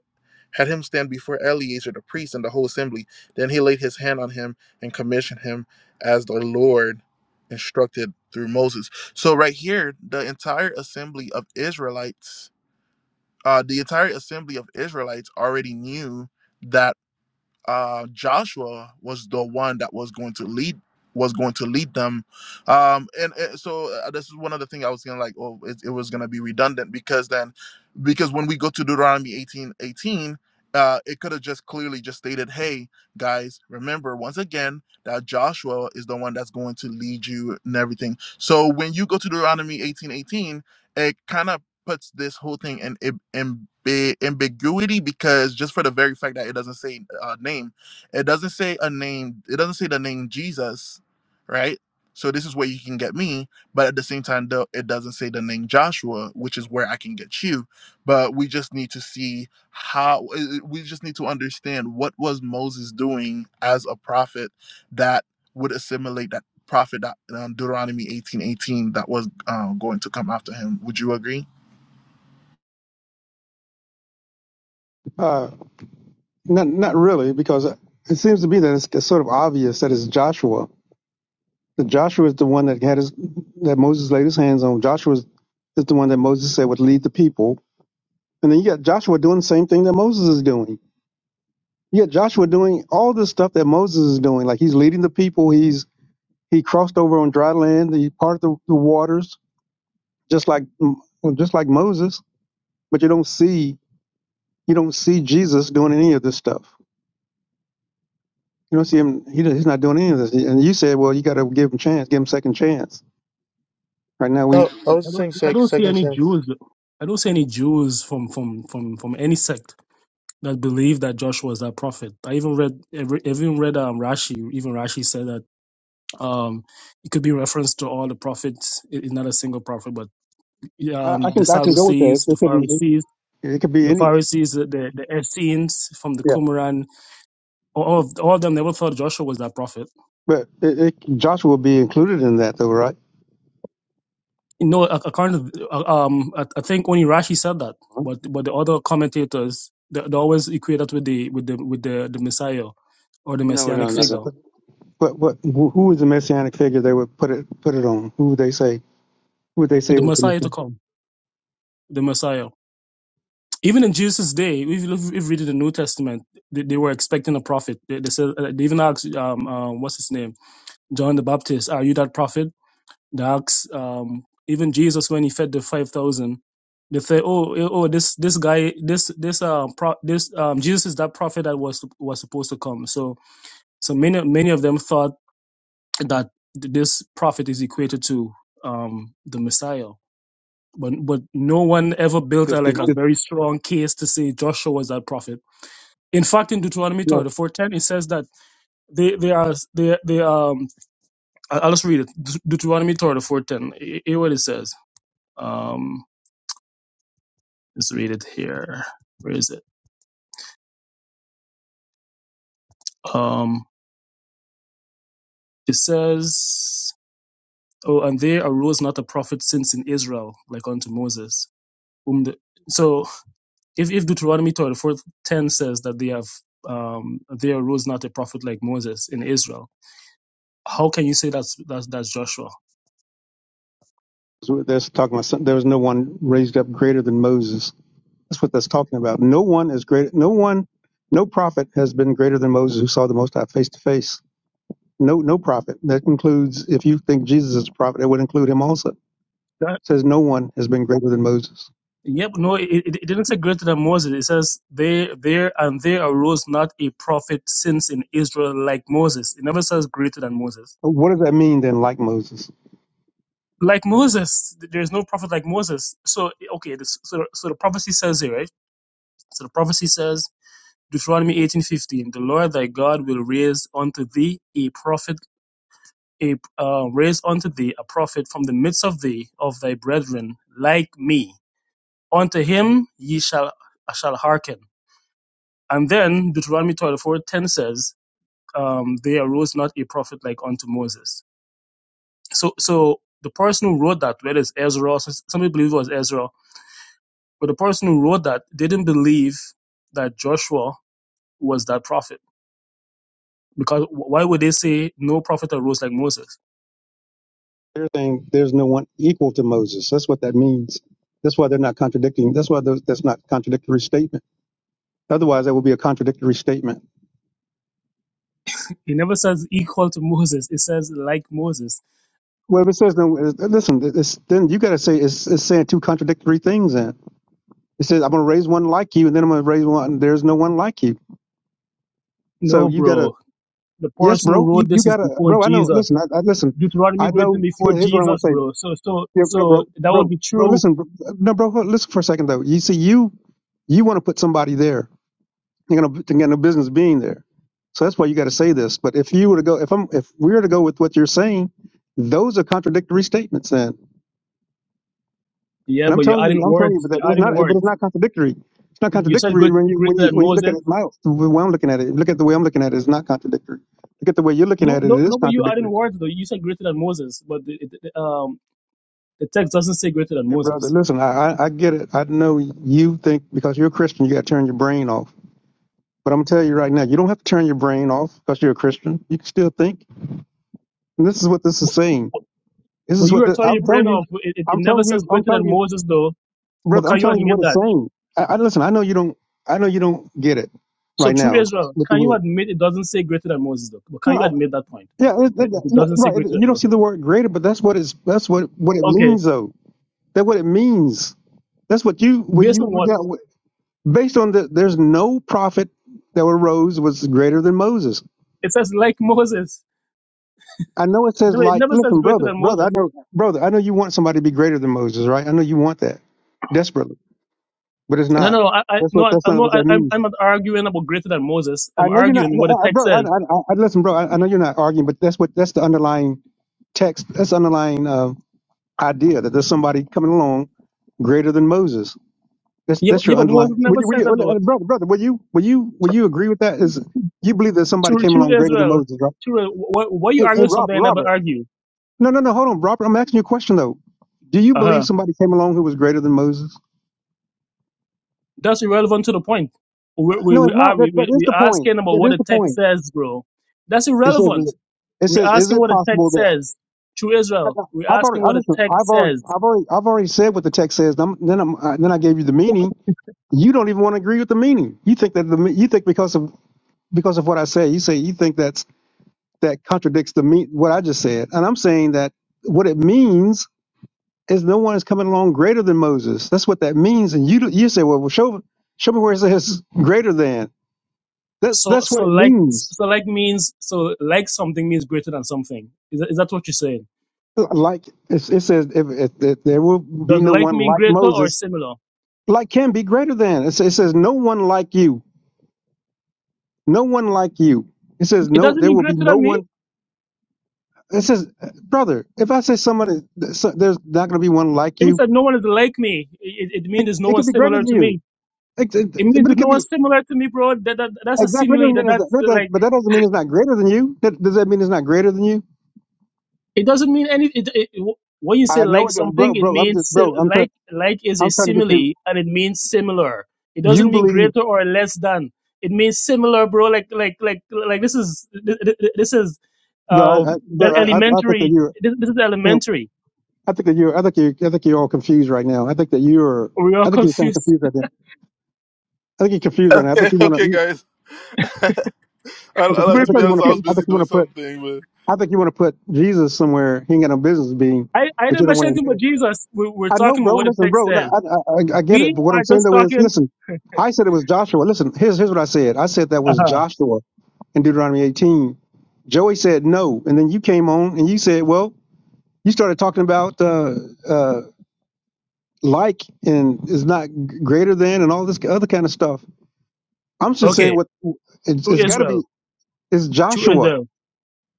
S1: had him stand before eleazar the priest and the whole assembly then he laid his hand on him and commissioned him as the lord instructed through moses so right here the entire assembly of israelites uh the entire assembly of israelites already knew that uh, Joshua was the one that was going to lead was going to lead them, um, and, uh, so uh, this is one of the things I was gonna like. Oh, it, it was gonna be redundant because then, because when we go to Deuteronomy eighteen eighteen, uh, it could have just clearly just stated, "Hey guys, remember once again that Joshua is the one that's going to lead you and everything." So when you go to Deuteronomy eighteen eighteen, it kind of puts this whole thing in ab- ambi- ambiguity because just for the very fact that it doesn't say a name, it doesn't say a name, it doesn't say the name Jesus, right? So this is where you can get me, but at the same time, though, it doesn't say the name Joshua, which is where I can get you. But we just need to see how uh, uh, we just need to understand what was Moses doing as a prophet that would assimilate that prophet that um, Deuteronomy eighteen eighteen that was uh, going to come after him. Would you agree?
S2: Uh, not not really, because it seems to be that it's, it's sort of obvious that it's Joshua. That Joshua is the one that had his that Moses laid his hands on. Joshua is is the one that Moses said would lead the people. And then you got Joshua doing the same thing that Moses is doing. You got Joshua doing all this stuff that Moses is doing. Like he's leading the people. He's he crossed over on dry land. He parted the, the waters just like mm, just like Moses, but you don't see you don't see Jesus doing any of this stuff. You don't see him; he, he's not doing any of this. And you said, well, you got to give him a chance, give him a second chance. Right now, we
S1: No, I was
S3: I
S1: just
S3: don't
S1: saying
S3: I
S1: sec-
S3: don't see
S1: second
S3: any
S1: Sam.
S3: Jews I don't see any Jews from from from from any sect that believe that Joshua was that prophet. I even read every I even read um Rashi. Even Rashi said that um it could be reference to all the prophets. It- It's not a single prophet, but
S2: I, I
S3: um the
S2: can I can go with that.
S3: Sadducees, the
S2: It could be
S3: Pharisees,
S2: it could be
S3: the
S2: any
S3: Pharisees, the the, the Essenes from the
S2: yeah,
S3: Qumran, all of, all of them never thought Joshua was that prophet.
S2: but it, it, Joshua will be included in that though, right?
S3: No, ac- according to, uh, um, I, I think only Rashi said that, but but the other commentators they, they always equate that with the with the with the, the Messiah or the
S2: No, no,
S3: messianic
S2: no.
S3: figure,
S2: no. But what? who is the messianic figure they would put it put it on? Who would they say? Who would they say
S3: the
S2: is the
S3: Messiah to
S2: messianic?
S3: come, the Messiah. Even in Jesus' day, if you look- if you read the New Testament, they, they were expecting a prophet. They, they said uh, they even asked, um, uh, what's his name, John the Baptist, "Are you that prophet?" The Acts, um, even Jesus when he fed the five thousand, they say, "Oh, eh, oh, this this guy, this this um, pro- this um, Jesus is that prophet that was was supposed to come." So, so many many of them thought that th- this prophet is equated to um the Messiah, but but no one ever built a, like a very strong case to say Joshua was that prophet. In fact, in Deuteronomy
S2: no,
S3: thirty four ten, it says that they they are they they um I- I'll just read it. Deut- Deuteronomy thirty four ten. Hear what it says. Um, Let's read it here. Where is it? Um, it says, "Oh, and there arose not a prophet since in Israel like unto Moses." Whom the, so, if, if Deuteronomy thirty four ten says that they have um, there arose not a prophet like Moses in Israel, how can you say that's that's, that's Joshua?
S2: that's talking about. Some, there was no one raised up greater than Moses. That's what that's talking about. No one is great. No one, no prophet has been greater than Moses who saw the Most High face to face. No, no prophet. That includes, if you think Jesus is a prophet, it would include him also. It
S3: That
S2: says no one has been greater than Moses.
S3: Yep, no, it, it it didn't say greater than Moses. It says there, there, and there arose not a prophet since in Israel like Moses. It never says greater than Moses.
S2: What does that mean then, like Moses?
S3: Like Moses, th- there is no prophet like Moses. So okay, this, so so the prophecy says here, right? So the prophecy says Deuteronomy eighteen fifteen: The Lord thy God will raise unto thee a prophet, a uh, raise unto thee a prophet from the midst of thee of thy brethren, like me. Unto him ye shall shall hearken And then Deuteronomy 24:10 says, um, There arose not a prophet like unto Moses. So, so the person who wrote that, whether it's Ezra, some people believe it was Ezra, but the person who wrote that didn't believe that Joshua was that prophet. Because why would they say no prophet arose like Moses?
S2: They're saying there's no one equal to Moses. That's what that means. That's why they're not contradicting. That's why those, that's not contradictory statement. Otherwise, that would be a contradictory statement.
S3: It never says equal to Moses, it says like Moses.
S2: Well, if it says no, listen, it's, then you got to say it's, it's saying two contradictory things then It says, I'm going to raise one like you, and then I'm going to raise one. There's no one like you. So
S3: No,
S2: you got to,
S3: bro. The
S2: yes,
S3: person who
S2: bro. You,
S3: wrote
S2: you
S3: this is
S2: got to,
S3: before
S2: bro. I know.
S3: Jesus.
S2: Listen, I, I listen.
S3: Deuteronomy
S2: I
S3: is written
S2: know.
S3: before
S2: Here, here's what I want
S3: Jesus,
S2: to say.
S3: bro. So, so,
S2: Yeah, no,
S3: so
S2: bro,
S3: that would
S2: bro,
S3: be
S2: bro.
S3: true
S2: Listen, bro, no, bro. hold- Listen for a second though. You see, you, you want to put somebody there. You're going to get no business being there. So that's why you got to say this. But if you were to go, if I'm, if we were to go with what you're saying, those are contradictory statements. Then.
S3: Yeah,
S2: And I'm
S3: but you're
S2: telling you,
S3: adding
S2: I'm telling you,
S3: words.
S2: but that,
S3: You're
S2: that's
S3: adding
S2: not. But it's
S3: words.
S2: not contradictory. It's not
S3: You said
S2: contradictory
S3: great,
S2: when you
S3: greater
S2: when you
S3: than
S2: when you look at
S3: Moses.
S2: it. My the way I'm looking at it, look at the way I'm looking at it. It's not contradictory. Look at the way you're looking
S3: No,
S2: at it.
S3: no,
S2: It
S3: no.
S2: is
S3: But you adding
S2: contradictory.
S3: words though. You said greater than Moses, but the, the, the, um, the text doesn't say greater than
S2: Hey, brother,
S3: Moses.
S2: listen. I I, I get it. I know you think because you're a Christian, you got to turn your brain off. But I'm gonna tell you right now, you don't have to turn your brain off because you're a Christian. You can still think. And this is what this is
S3: But,
S2: saying. This
S3: but
S2: is
S3: you
S2: what the,
S3: are turning
S2: I'm
S3: your
S2: telling
S3: brain
S2: you.
S3: off. It, it, it
S2: I'm
S3: never
S2: telling
S3: says
S2: you. I'm
S3: greater
S2: telling
S3: than
S2: you,
S3: Moses though. But
S2: brother. I'm
S3: can you
S2: telling you what
S3: admit
S2: it's
S3: that?
S2: saying. I, I listen. I know you don't. I know you don't get it
S3: So
S2: right
S3: true
S2: now,
S3: Israel,
S2: but
S3: can you
S2: you
S3: admit it doesn't say greater than Moses though? But can
S2: will.
S3: you admit that point
S2: Yeah, it,
S3: that,
S2: it,
S3: that it
S2: no,
S3: doesn't say
S2: right.
S3: greater than
S2: You don't see
S3: Moses?
S2: the word greater, but that's what it's that's what what it
S3: Okay,
S2: means though. That's what it means. That's what you what
S3: based
S2: you
S3: on what
S2: that- based on the there's no prophet that arose was greater than Moses.
S3: it says, like Moses.
S2: I know it says
S3: No, it
S2: like
S3: never says
S2: listen,
S3: greater
S2: brother,
S3: than
S2: brother, I
S3: Moses.
S2: know brother, I know you want somebody to be greater than Moses, right? I know you want that desperately, but it's
S3: No,
S2: not.
S3: no, no. I, I
S2: That's
S3: no,
S2: what
S3: I'm
S2: that's
S3: I'm
S2: not
S3: not.
S2: what that
S3: I, I'm
S2: means.
S3: I'm not arguing about greater than Moses.
S2: I
S3: I'm
S2: know you're not,
S3: arguing
S2: no,
S3: what the
S2: I, I-
S3: text
S2: bro. I,
S3: says.
S2: I, I, listen, bro. I, I know you're not arguing, but that's what that's the underlying text. That's underlying. uh, idea that there's somebody coming along greater than Moses. That's
S3: Yeah, but,
S2: that's
S3: yeah,
S2: your
S3: but Moses
S2: underlying. Would
S3: never
S2: you, would
S3: said
S2: you,
S3: that though.
S2: uh, uh, brother, brother, will you, will you, will you agree with that? Is you believe that somebody
S3: True,
S2: came along
S3: true
S2: greater than
S3: Israel,
S2: Moses, right?
S3: true. Why, why you
S2: Hey, hey,
S3: arguing something
S2: Robert,
S3: I never
S2: Robert.
S3: argue?
S2: No, no, no. Hold on, Robert. I'm asking you a question though. Do you
S3: Uh
S2: believe
S3: huh.
S2: somebody came along who was greater than Moses?
S3: That's irrelevant to the point. We we
S2: No,
S3: we
S2: it's
S3: are
S2: not.
S3: we
S2: That that
S3: we
S2: is
S3: we
S2: the point.
S3: asking about
S2: That
S3: what
S2: is
S3: the
S2: the
S3: text
S2: point.
S3: says, bro. That's
S2: It says
S3: irrelevant.
S2: it
S3: We're
S2: says is
S3: asking
S2: it
S3: what the
S2: possible
S3: text
S2: that
S3: says. True Israel. We're
S2: I've
S3: asking
S2: already I
S3: what the
S2: listen.
S3: text
S2: I've already
S3: says.
S2: I've already I've already said what the text says. I'm, then I'm, uh, then I gave you the meaning. you don't even want to agree with the meaning. You think that the you think because of because of what I say, you say you think that's that contradicts the me what I just said, and I'm saying that what it means is no one is coming along greater than Moses. That's what that means, and you do- you say, well, well show show me where it says greater than. That's
S3: So
S2: that's
S3: so
S2: what it
S3: like
S2: means.
S3: so like means so like something means greater than something. Is that, is that what you're saying?
S2: Like it, it says, if, if, if there will be
S3: Does
S2: no
S3: like
S2: one
S3: mean
S2: like
S3: greater or
S2: Moses,
S3: similar?
S2: like can be greater than. It, sa- it says no one like you, no one like you. It says
S3: It
S2: no,
S3: doesn't
S2: there
S3: mean
S2: will be
S3: greater
S2: no
S3: than
S2: one
S3: me.
S2: It says, brother, if I say somebody, so- there's not going to be one like
S3: If it
S2: you,
S3: said no one is like me, it, it means
S2: it,
S3: there's no
S2: it
S3: one
S2: could be greater
S3: similar
S2: than
S3: to
S2: you.
S3: me.
S2: It, it-
S3: It means
S2: but it
S3: there's no
S2: could
S3: one
S2: be
S3: similar to me, bro. That, that that's a
S2: exactly
S3: simile.
S2: doesn't
S3: That
S2: mean is that,
S3: that's
S2: that, does-
S3: like
S2: but that doesn't mean it's not greater than you. That, does that mean it's not greater than you?
S3: it doesn't mean any. It, it, when you say
S2: I know
S3: like
S2: it does,
S3: something,
S2: bro,
S3: it
S2: bro. I'm
S3: means
S2: just,
S3: si-
S2: bro. I'm trying.
S3: like like is a
S2: I'm trying to get you.
S3: simile and it means similar. It
S2: You
S3: doesn't mean
S2: believe,
S3: greater or less than. It means similar, bro. Like like like like this is th- th- th- this is
S2: bro.
S3: um
S2: I, I, bro. I, I I think that
S3: elementary.
S2: you're,
S3: This, this is
S2: you know,
S3: elementary.
S2: I think that you're, I think you, I think you're all confused right now. I think that you're,
S3: We are
S2: I think you're kind of
S3: confused.
S2: confused right now. I think you're confused right now. I think
S1: Okay,
S2: you want
S1: okay,
S2: to.
S1: guys. I,
S2: I
S1: I
S2: think,
S1: like
S2: I
S3: We're
S1: to
S2: think
S1: be
S2: you want
S1: honest.
S2: to
S1: I
S3: confused.
S2: put.
S1: was
S2: I
S1: busy
S2: think you
S1: doing
S2: want to put.
S1: something, but
S2: I think you want to put Jesus somewhere he ain't got no business being,
S3: I, I
S2: but
S3: didn't
S2: you don't
S3: mention
S2: want to
S3: anything but
S2: admit it.
S3: Jesus. We're, we're
S2: I know,
S3: talking about
S2: bro.
S3: what the
S2: Listen,
S3: text
S2: bro. I, I,
S3: says.
S2: I I get it,
S3: We
S2: but what I'm
S3: are
S2: saying
S3: just
S2: though is,
S3: talking,
S2: listen, I said it was Joshua. Listen, here's here's what I said. I said that was
S3: uh-huh,
S2: Joshua in Deuteronomy 18. Joey said no, and then you came on and you said, well, you started talking about uh, uh, like and is not g- greater than and all this other kind of stuff. I'm just saying
S3: okay,
S2: what it's,
S3: to
S2: it's got to be.
S3: Israel,
S2: It's
S3: to
S2: Joshua.
S3: Israel.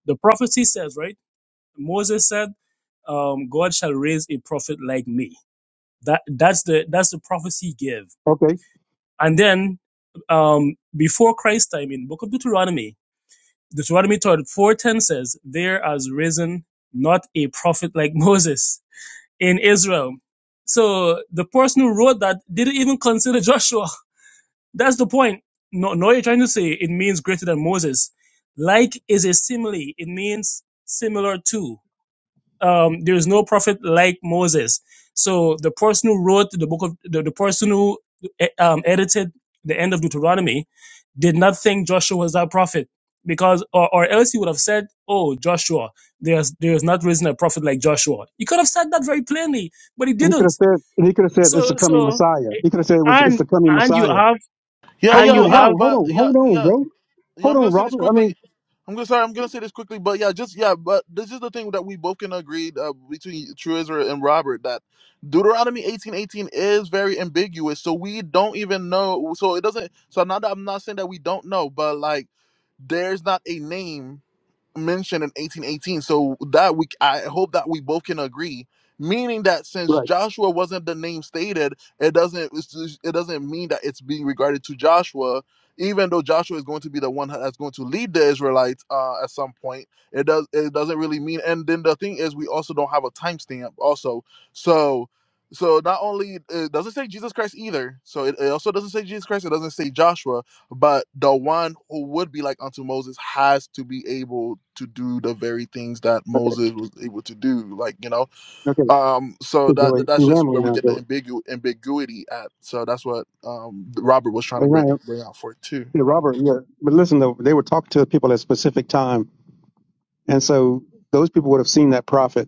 S3: The prophecy says, right? Moses said, um, God shall raise a prophet like me. That that's the that's the prophecy give.
S2: Okay
S3: And then um, before Christ time in Book of Deuteronomy, Deuteronomy 4:10 says, There has risen not a prophet like Moses in Israel. So the person who wrote that didn't even consider Joshua That's the point. No, no, you're trying to say it means greater than Moses. Like is a simile. It means similar to. Um, there is no prophet like Moses. So the person who wrote the book of the, the person who eh, um, edited the end of Deuteronomy did not think Joshua was that prophet because, or, or else he would have said, "Oh, Joshua, there's there is not risen a prophet like Joshua." He could have said that very plainly, but he
S2: And he could
S3: didn't.
S2: have said, and he could have said, it's
S3: So
S2: the coming
S3: so,
S2: Messiah.
S3: eh,
S2: He could have said it was, it's
S3: and
S2: the coming
S3: and you
S2: Messiah.
S3: have
S1: yeah,
S2: Hold,
S3: and
S2: on, hold
S1: yeah,
S3: you
S2: on, hold
S1: yeah.
S3: have
S2: on, hold
S1: But
S2: on,
S1: yeah,
S2: hold on,
S1: yeah,
S2: bro.
S1: yeah.
S2: Hold
S1: I'm gonna
S2: on,
S1: say this
S2: Robert. I
S1: quickly.
S2: mean,
S1: I'm gonna sorry. I'm gonna say this quickly. But yeah, just yeah. But this is the thing that we both can agree uh, between True Israel and Robert that Deuteronomy 18:18 is very ambiguous. So we don't even know. So it doesn't. So not that I'm not saying that we don't know, but like there's not a name mentioned in 1818 so that we i hope that we both can agree meaning that since
S2: right.
S1: joshua wasn't the name stated it doesn't it doesn't mean that it's being regarded to joshua even though joshua is going to be the one that's going to lead the israelites uh, at some point it does it doesn't really mean and then the thing is we also don't have a timestamp also so so not only it doesn't say jesus christ either so it, it also doesn't say jesus christ it doesn't say joshua but the one who would be like unto Moses has to be able to do the very things that
S2: Okay.
S1: Moses was able to do. Like, you know,
S2: Okay.
S1: um,
S2: Hey,
S1: so that
S2: Joey,
S1: that- that's
S2: you're
S1: just
S2: rambling
S1: where we
S2: now,
S1: get the
S2: Joey.
S1: ambigu- ambiguity at. So that's what um Robert was trying to
S2: But now,
S1: bring bring out for it too,
S2: yeah,
S1: you know.
S2: Robert, yeah. But listen though, they were talking to people at a specific time. And so those people would have seen that prophet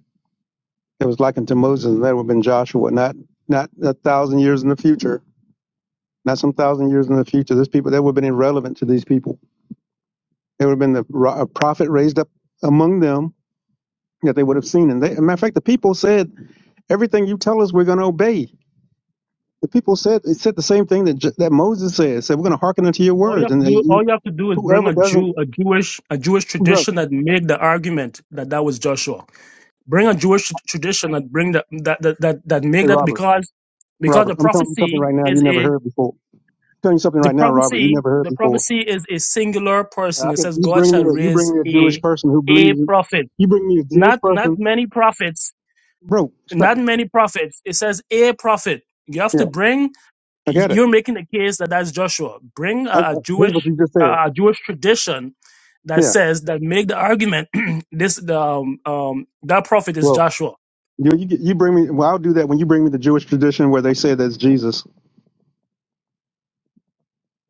S2: that was likened to Moses and that would have been Joshua, not, not a thousand years in the future, not some thousand years in the future. These people, that would have been irrelevant to these people. It would have been the ro- a prophet raised up among them that they would have seen. And they, as a matter of fact, the people said, "Everything you tell us, we're going to obey." The people said they said the same thing that J- that Moses said. Said we're going to hearken unto your
S3: All you
S2: words.
S3: have
S2: And
S3: to
S2: they,
S3: do, all you have to do is bring
S2: whoever
S3: a
S2: doesn't,
S3: Jew, a Jewish, a Jewish
S2: brother,
S3: tradition that make the argument that that was Joshua. Bring a Jewish tr- tradition that bring the, that, that that that make
S2: hey
S3: that
S2: Robert,
S3: because because
S2: Robert,
S3: the
S2: I'm telling you something
S3: prophecy
S2: right now you
S3: is
S2: never
S3: a
S2: heard before. I'm telling you something
S3: the
S2: right now, Robert, you
S3: prophecy
S2: never heard
S3: the
S2: before.
S3: prophecy is a singular
S2: Uh,
S3: person.
S2: I
S3: It
S2: could,
S3: says
S2: you
S3: God
S2: bring me
S3: shall
S2: a, you
S3: raise
S2: bring me a Jewish
S3: a
S2: person who
S3: a
S2: believes it.
S3: prophet,
S2: You bring me a Jewish
S3: not not
S2: person,
S3: many prophets,
S2: bro. Stop.
S3: not many prophets. It says a prophet. You have
S2: Yeah,
S3: to bring
S2: I got it.
S3: you're making the case that that's Joshua. Bring
S2: I, I,
S3: a, a
S2: here's
S3: Jewish
S2: what you just said.
S3: a Jewish tradition that
S2: Yeah.
S3: says that make the argument this the, um, um, that prophet is
S2: Well,
S3: Joshua.
S2: you you, you bring me. Well, I'll do that when you bring me the Jewish tradition where they say that's Jesus.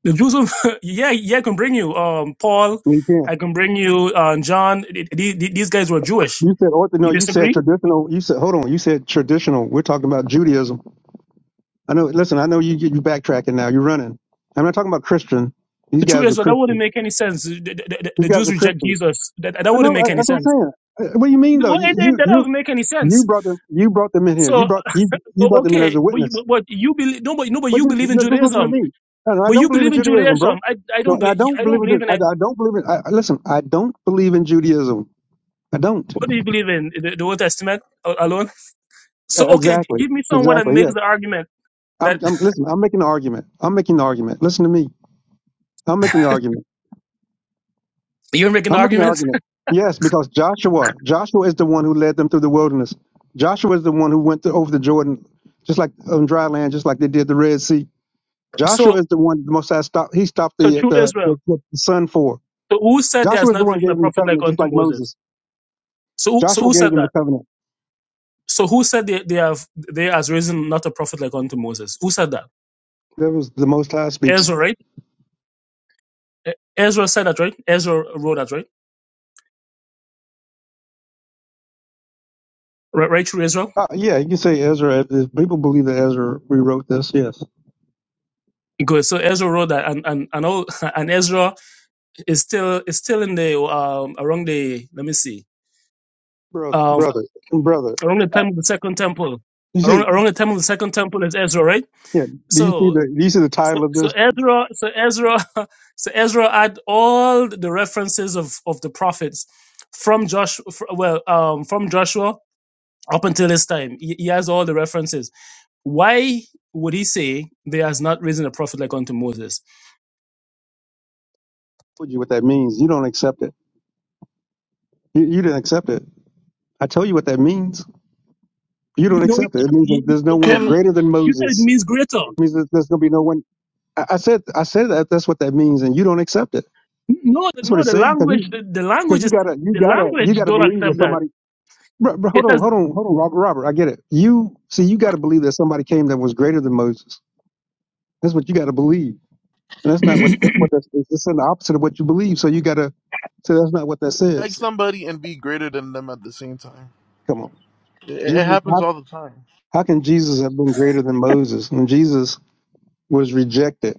S3: The Jews, will- yeah, yeah, I can bring you um, Paul.
S2: You can't.
S3: I can bring you uh, John. Th- th- th- These guys were Jewish.
S2: You said ortho. No,
S3: You
S2: you said
S3: disagree?
S2: traditional. You said hold on. You said traditional. We're talking about Judaism. I know. Listen, I know you you backtracking now. You're running. I'm not talking about Christian. These
S3: The truth
S2: guys
S3: is
S2: were
S3: that that wouldn't
S2: Christian.
S3: make any sense. The, the, the-
S2: These
S3: the
S2: guys
S3: Jews
S2: were
S3: reject
S2: Christian.
S3: Jesus. That, that
S2: I
S3: wouldn't
S2: know. uh,
S3: make any
S2: That's what I'm
S3: sense.
S2: saying. Uh, What do you mean though?
S3: Well,
S2: You
S3: it, it,
S2: you
S3: that
S2: you
S3: doesn't make any
S2: you
S3: sense.
S2: brought them. You brought them in here.
S3: So,
S2: You
S3: uh,
S2: brought you you
S3: o-
S2: brought them in as
S3: okay,
S2: a
S3: but, you-
S2: witness.
S3: but, but you believe, nobody, nobody
S2: But
S3: you
S2: just
S3: believe in
S2: look, just listen to
S3: Judaism
S2: me. No, no, I
S3: But
S2: don't
S3: you
S2: believe
S3: believe
S2: in
S3: in
S2: Judaism, bro.
S3: Judaism. I, I
S2: No,
S3: don't
S2: and I
S3: believe
S2: don't
S3: I don't
S2: believe in this.
S3: believe in
S2: I,
S3: it.
S2: I don't believe in. I, I- listen, I don't believe in Judaism. I don't.
S3: What do you believe in? The, the Old Testament a- alone. So
S2: Uh,
S3: okay, g-
S2: Exactly.
S3: give me someone that
S2: Exactly. yeah.
S3: makes the argument
S2: I'm,
S3: that
S2: I'm listen. I'm making the argument. I'm making the argument. Listen to me. I'm making the argument.
S3: you're making the
S2: I'm making the
S3: argument.
S2: argument. Yes, because Joshua, Joshua is the one who led them through the wilderness. Joshua is the one who went to, over the Jordan, just like on dry land, just like they did the Red Sea. Joshua
S3: So
S2: is the one the Most High stopped. He stopped
S3: so
S2: the
S3: true
S2: the,
S3: Israel.
S2: the, the sun for.
S3: So who said there
S2: Joshua
S3: has
S2: is the
S3: not
S2: one who
S3: risen a
S2: gave them a
S3: prophet like
S2: covenant, just
S3: unto
S2: like
S3: Moses?
S2: Moses.
S3: So who- so
S2: Joshua
S3: who
S2: gave
S3: said
S2: them the
S3: that?
S2: covenant.
S3: So who said they, they have they has risen not a prophet like unto Moses? Who said that?
S2: That was the Most High speaking.
S3: Ezra, right? E- Ezra said that, right? Ezra wrote that, right? Right, right through Israel.
S2: Uh, yeah, you can say Ezra. People believe that Ezra rewrote this. Yes,
S3: Good. So Ezra wrote that, and and and all, and Ezra Is still is still in the um around the let me see
S2: brother,
S3: um
S2: brother, brother.
S3: around the time of the second temple around around the time of the second temple is Ezra right
S2: Yeah. Do you see
S3: so
S2: the do you see the
S3: so,
S2: title of
S3: so
S2: this? I
S3: Ezra so Ezra so Ezra had all the references of of the prophets from Josh well um from Joshua up until his time he, he has all the references why would he say there has not risen a prophet like unto Moses
S2: told you what that means. You don't accept it. You, you didn't accept it. I tell you what that means. You don't
S3: you know
S2: accept it. It means that
S3: you,
S2: there's no one
S1: Can
S3: you
S2: greater than
S3: you said it
S2: Moses.
S3: means greater
S2: It means that there's gonna be no one. I, I said I said that that's what that means, and you don't accept it.
S3: No, the,
S2: That's what
S3: no,
S2: it's
S3: the
S2: saying because
S3: language,
S2: you
S3: the, the
S2: because
S3: language
S2: you
S3: is
S2: gotta you
S3: the
S2: gotta you
S3: language
S2: gotta
S3: don't
S2: believe that
S3: accept that.
S2: somebody. Bro, bro,
S3: It
S2: hold on,
S3: says
S2: hold on, hold on, Robert, Robert. I get it. You see, you got to believe that somebody came that was greater than Moses. That's what you got to believe, and that's not what that's what that's. It's in the opposite of what you believe. So you got to. So that's not what that
S1: like
S2: says.
S1: somebody and be greater than them at the same time.
S2: Come on.
S1: It, it
S2: Jesus,
S1: happens
S2: how,
S1: all the time.
S2: how can Jesus have been greater than Moses when Jesus was rejected?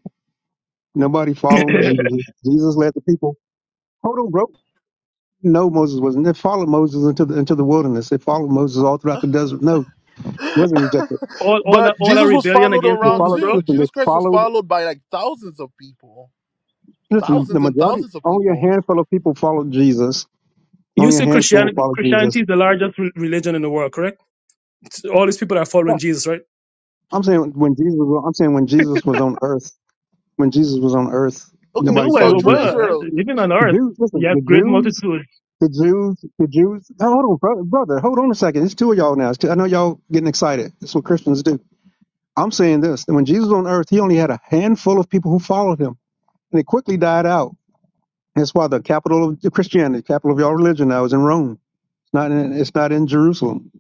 S2: Nobody followed Jesus. Jesus led the people. Hold on, bro. No, Moses wasn't. They followed Moses into the into the wilderness. They followed Moses all throughout the desert. No, he wasn't rejected.
S3: all, all, that,
S1: But
S3: all that
S1: Jesus was
S3: rebellion
S1: followed
S3: against
S2: They
S1: around
S3: Moses,
S2: followed.
S3: bro.
S1: too.
S2: Listen, they
S1: Jesus Christ was
S2: followed.
S1: followed by like thousands of people.
S2: Listen, the
S1: Thousands and
S2: majority,
S1: thousands of
S2: only a
S1: people.
S2: handful of people followed Jesus.
S3: You
S2: Only a
S3: say
S2: handful
S3: Christianity,
S2: followed
S3: Christianity
S2: Jesus.
S3: is the largest re- religion in the world, correct? It's all these people that are
S2: Yeah,
S3: following Jesus, right?
S2: I'm saying when Jesus. Was, I'm saying when Jesus was on earth. When Jesus was on earth,
S1: Okay,
S3: No
S2: nobody
S3: way,
S1: so
S2: followed
S1: true
S2: Jesus.
S3: well,
S1: Israel.
S3: even
S1: True,
S3: on
S2: The
S3: earth,
S2: Jews, listen,
S3: you
S2: the
S3: have great
S2: Jews
S3: multitudes.
S2: The Jews, the Jews. Oh, hold on, bro- brother. Hold on a second. It's two of y'all now. It's two, I know y'all getting excited. That's what Christians do. I'm saying this. That when Jesus was on earth, he only had a handful of people who followed him, and it quickly died out. That's why the capital of Christianity, capital of y'all religion, now is in Rome. It's not in. It's not in Jerusalem.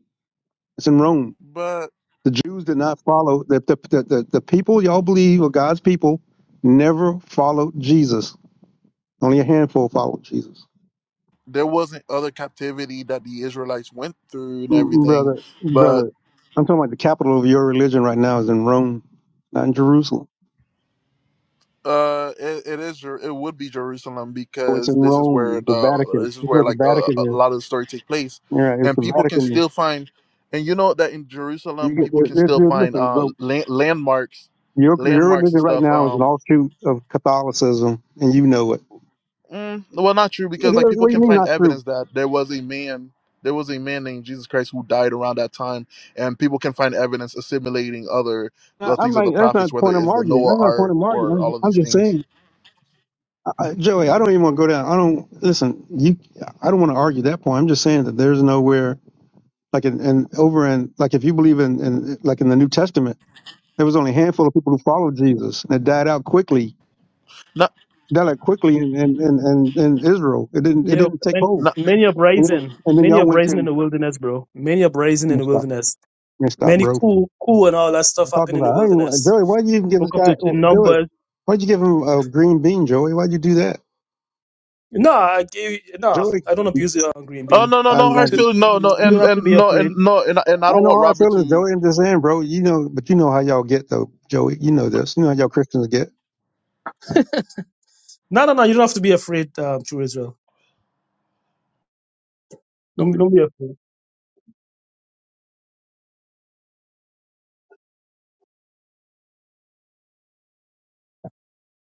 S2: It's in Rome.
S1: but
S2: The Jews did not follow. The the the, the, the people y'all believe are God's people never followed Jesus. Only a handful followed Jesus.
S1: there wasn't other captivity that the Israelites went through and
S2: Mm,
S1: everything,
S2: Brother,
S1: but
S2: brother, I'm talking about the capital of your religion right now is in Rome, not in Jerusalem.
S1: uh, it, it is Jer- it would be Jerusalem
S2: Oh, it's
S1: because
S2: in
S1: this is where
S2: Rome, the
S1: the
S2: Vatican.
S1: this is
S2: That's where
S1: where
S2: the
S1: like a, a
S2: Vatican is.
S1: lot of the story take place,
S2: Yeah, it's
S1: and
S2: the
S1: people can
S2: Vatican.
S1: still find, and you know that in
S2: You
S1: Jerusalem
S2: get,
S1: people
S2: there-
S1: can
S2: there-
S1: still
S2: there-
S1: find
S2: listen,
S1: uh
S2: bro,
S1: land, landmarks,
S2: your, your
S1: landmarks
S2: religion
S1: and
S2: right
S1: stuff.
S2: now is an
S1: Um.
S2: offshoot of Catholicism, and you know it.
S1: Mm, well, not true
S2: It
S1: because
S2: is.
S1: like people
S2: What do you
S1: can
S2: mean
S1: find
S2: not true?
S1: evidence that there was a man, there was a man named Jesus Christ who died around that time, and people can find evidence assimilating other the
S2: I-
S1: things
S2: I'm
S1: of the
S2: not. That's not
S1: prophets,
S2: the
S1: whether
S2: point I'm
S1: it's the
S2: arguing.
S1: Noah
S2: That's not the point
S1: Ark
S2: I'm arguing.
S1: or all
S2: I'm,
S1: of
S2: I'm
S1: these
S2: just
S1: things.
S2: saying, I, I- Joey. I don't even want to go down. I don't listen. You. I don't want to argue that point. I'm just saying that there's nowhere. Like in, in over in like if you believe in, in like in the New Testament, there was only a handful of people who followed Jesus and it died out quickly.
S1: No,
S2: It died out quickly in, in, in, in, in Israel. It didn't it
S3: Yeah,
S2: didn't take
S3: many,
S1: no,
S2: hold.
S3: many
S2: And then
S3: uprising,
S2: and then
S3: many
S2: y'all went to
S3: uprising in
S2: I'm
S3: the wilderness, bro. Many uprising in
S2: gonna
S3: the
S2: stop.
S3: wilderness.
S2: I'm gonna stop,
S3: Many
S2: bro. What
S3: coup, coup and all that
S2: you
S3: stuff
S2: talking
S3: happened in the
S2: about? I don't even, want-
S3: wilderness.
S2: Joey, why you even give this
S3: Book of
S2: guy
S3: the in
S2: oh, Joey?
S3: Numbers
S2: Why'd you give him a green bean, Joey? Why'd you do that?
S3: No, I gave, no,
S2: Joey
S3: I don't abuse it on green
S1: oh
S3: beam.
S1: no, no,
S2: I, I, I
S1: no hard
S3: So
S2: know
S1: feelings, no, no,
S3: you don't
S1: and
S3: have to be
S1: and no, and
S3: afraid.
S1: no, and and I don't want
S2: hard
S1: Robert
S2: feelings,
S1: to.
S2: Joey. I'm just saying, bro. You know, but you know how y'all get though, Joey. You know this. You know how y'all Christians get.
S3: No, no, no, you don't have to be afraid, um, true Israel. Don't, don't be afraid.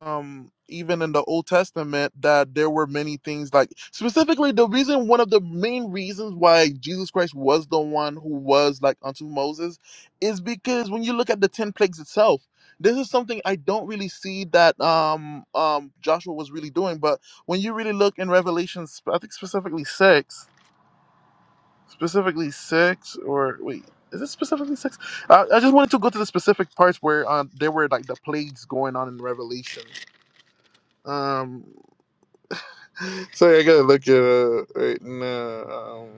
S1: um even in the old testament that there were many things like specifically the reason one of the main reasons why jesus christ was the one who was like unto moses is because when you look at the 10 plagues itself this is something i don't really see that um um joshua was really doing but when you really look in revelations i think specifically six specifically six or wait is it specifically six i, I just wanted to go to the specific parts where um, there were like the plagues going on in revelation um so yeah, I gotta look at uh, right now. Um,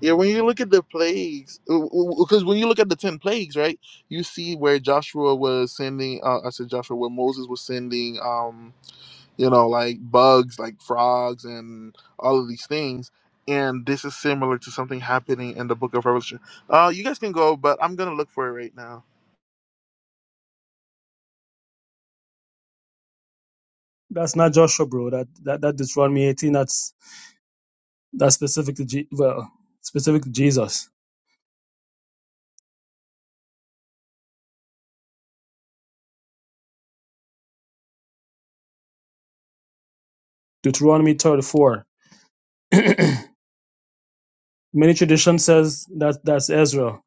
S1: yeah, when you look at the plagues, because when you look at the ten plagues, right, you see where Joshua was sending. Uh, I said Joshua, where Moses was sending, um, you know, like bugs, like frogs, and all of these things. And this is similar to something happening in the Book of Revelation. Uh, you guys can go, but I'm gonna look for it right now.
S3: That's not Joshua, bro. That that that Deuteronomy 18. That's that's specific to Je- well, specific to Jesus. Deuteronomy 34. Many tradition says that that's Ezra.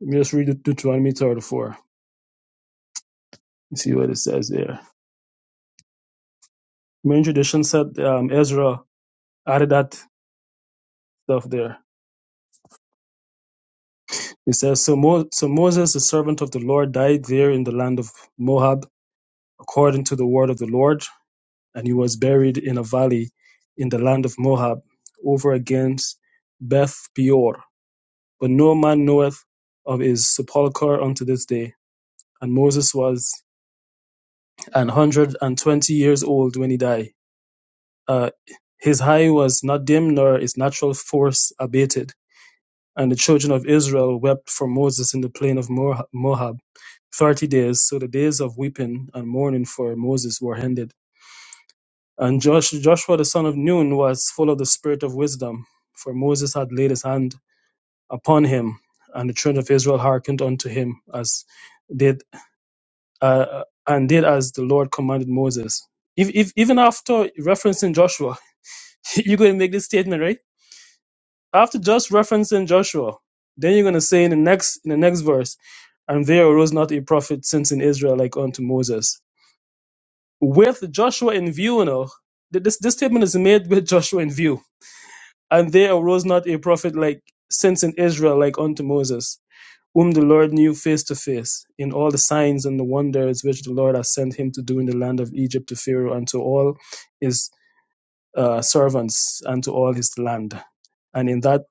S3: Let me just read Deut- Deuteronomy 34. see what it says there. Many tradition said um, Ezra added that stuff there. It says, so, Mo- so Moses, the servant of the Lord, died there in the land of Moab, according to the word of the Lord, and he was buried in a valley in the land of Moab, over against Beth Peor. But no man knoweth of his sepulchre unto this day. And Moses was an hundred and twenty years old when he died. Uh, his eye was not dim, nor his natural force abated. And the children of Israel wept for Moses in the plain of Moab. thirty days. So the days of weeping and mourning for Moses were ended. And Josh, Joshua the son of Nun was full of the spirit of wisdom, for Moses had laid his hand upon him, and the children of Israel hearkened unto him as did uh, and did as the Lord commanded Moses. If, if, even after referencing Joshua, you're going to make this statement, right? After just referencing Joshua, then you're going to say in the next in the next verse, and there arose not a prophet since in Israel like unto Moses with Joshua in view, you know, th- this, this statement is made with Joshua in view. And there arose not a prophet like since in Israel like unto Moses, whom the Lord knew face to face, in all the signs and the wonders which the Lord has sent him to do in the land of Egypt to Pharaoh and to all his uh, servants and to all his land. And in that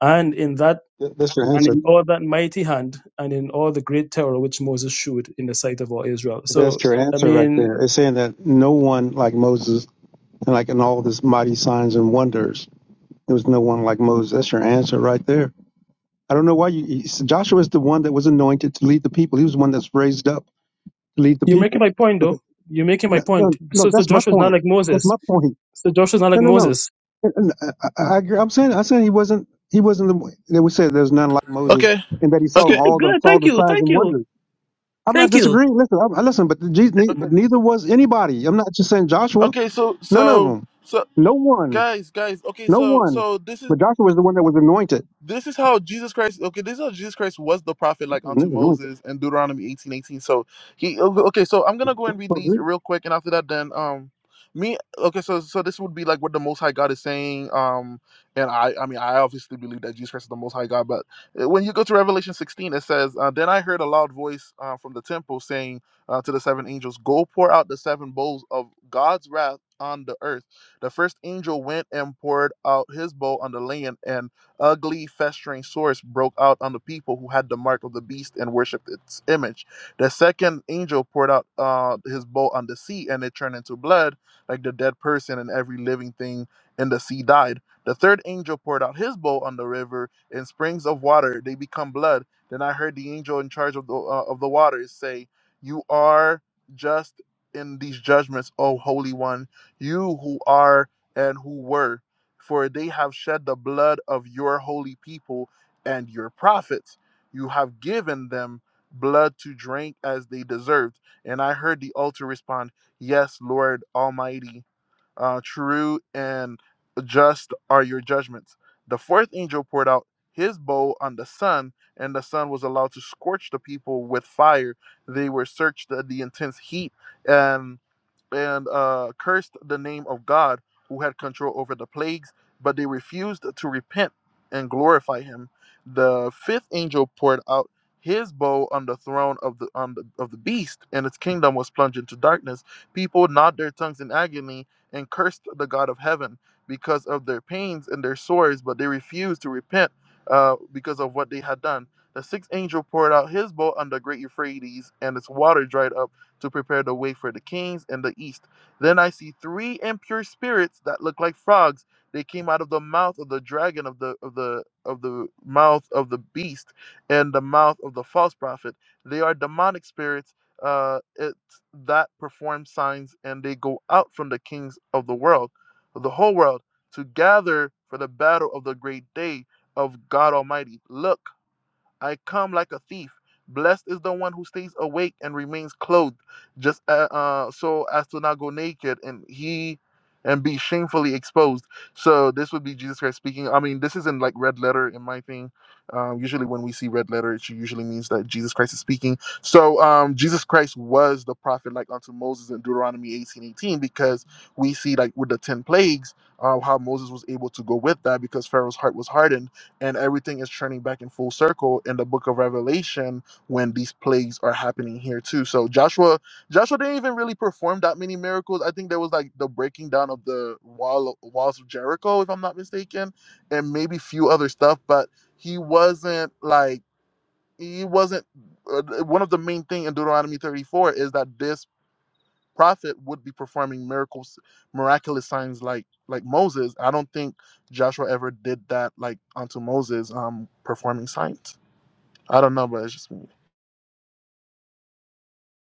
S3: and in that
S2: Th- That's your
S3: and
S2: answer.
S3: in all that mighty hand and in all the great terror which Moses shewed in the sight of all Israel. So
S2: That's your
S3: I
S2: answer right
S3: mean
S2: there. It's saying that no one like Moses and like in all this mighty signs and wonders, there was no one like Moses. That's your answer right there. I don't know why you. you- Joshua is the one that was anointed to lead the people. He was the one that's raised up to lead the
S3: You're making
S2: people.
S3: my point,
S2: But the,
S3: though. You're making my
S2: no,
S3: point.
S2: no, no,
S3: So, so
S2: that's my
S3: Joshua is not
S2: point.
S3: like
S2: That's
S3: Moses.
S2: my point.
S3: So Joshua is not like
S2: No, no, no.
S3: Moses.
S2: And- and uh, I, I, I agree. I'm saying I'm saying he wasn't he wasn't the. They would say there's none like Moses
S1: Okay,
S2: and that he saw
S1: okay,
S2: all the
S3: Good.
S2: saw
S3: Thank
S2: the
S3: you.
S2: signs
S3: Thank
S2: and
S3: you.
S2: wonders. I'm not
S3: Thank you.
S2: disagreeing. Listen, I'm, I- listen, but the Jesus, ne- but
S1: okay,
S2: neither was anybody. I'm not just saying Joshua.
S1: okay. So,
S2: None of
S1: so,
S2: them.
S1: so,
S2: No one.
S1: guys, guys. Okay,
S2: No
S1: so,
S2: one.
S1: so this is.
S2: But Joshua was the one that was anointed.
S1: this is how Jesus Christ. Okay, this is how Jesus Christ was the prophet,
S2: He
S1: like
S2: was
S1: unto
S2: never anointed.
S1: Moses in Deuteronomy eighteen eighteen. So he okay. okay, So I'm gonna go and read these real quick, and after that, then um, me okay. So so this would be like what the Most High God is saying. Um, and I I mean I obviously believe that Jesus Christ is the Most High God, but uh, when you go to Revelation sixteen, it says, uh, "Then I heard a loud voice uh, from the temple saying uh, to the seven angels, 'Go pour out the seven bowls of God's wrath." On the earth, the first angel went and poured out his bowl on the land, and ugly, festering sores broke out on the people who had the mark of the beast and worshipped its image. The second angel poured out uh, his bowl on the sea, and it turned into blood, like the dead person, and every living thing in the sea died. The third angel poured out his bowl on the river, and springs of water they become blood. Then I heard the angel in charge of the uh, of the waters say, "You are just in these judgments, O Holy One, you who are and who were." for they have shed the blood of your holy people and your prophets. You have given them blood to drink as they deserved. And I heard the altar respond, Yes, Lord Almighty, uh, true and just are your judgments. The fourth angel poured out his bowl on the sun, and the sun was allowed to scorch the people with fire. They were searched at the intense heat, and and uh, cursed the name of God who had control over the plagues, but they refused to repent and glorify him. The fifth angel poured out his bowl on the throne of the, on the of the beast, and its kingdom was plunged into darkness. People gnawed their tongues in agony and cursed the God of heaven because of their pains and their sores, but they refused to repent uh, because of what they had done. The sixth angel poured out his bowl on the great Euphrates, and its water dried up to prepare the way for the kings in the east. Then I see three impure spirits that look like frogs. They came out of the mouth of the dragon of the of the of the mouth of the beast and the mouth of the false prophet. They are demonic spirits uh, it, that perform signs, and they go out from the kings of the world, of the whole world, to gather for the battle of the great day of God Almighty. Look. I come like a thief. Blessed is the one who stays awake and remains clothed, just uh, uh, so as to not go naked and he and be shamefully exposed. So this would be Jesus Christ speaking. I mean, this isn't like red letter in my thing. Um, usually, when we see red letter, it usually means that Jesus Christ is speaking. So um, Jesus Christ was the prophet like unto Moses in Deuteronomy eighteen eighteen because we see like with the ten plagues uh, how Moses was able to go with that because Pharaoh's heart was hardened and everything is turning back in full circle in the book of revelation when these plagues are happening here too so joshua joshua didn't even really perform that many miracles i think there was like the breaking down of the wall walls of jericho if i'm not mistaken and maybe few other stuff but he wasn't like he wasn't uh, one of the main thing in deuteronomy 34 is that this prophet would be performing miracles miraculous signs like like moses i don't think joshua ever did that like unto moses um performing signs i don't know but it's just me It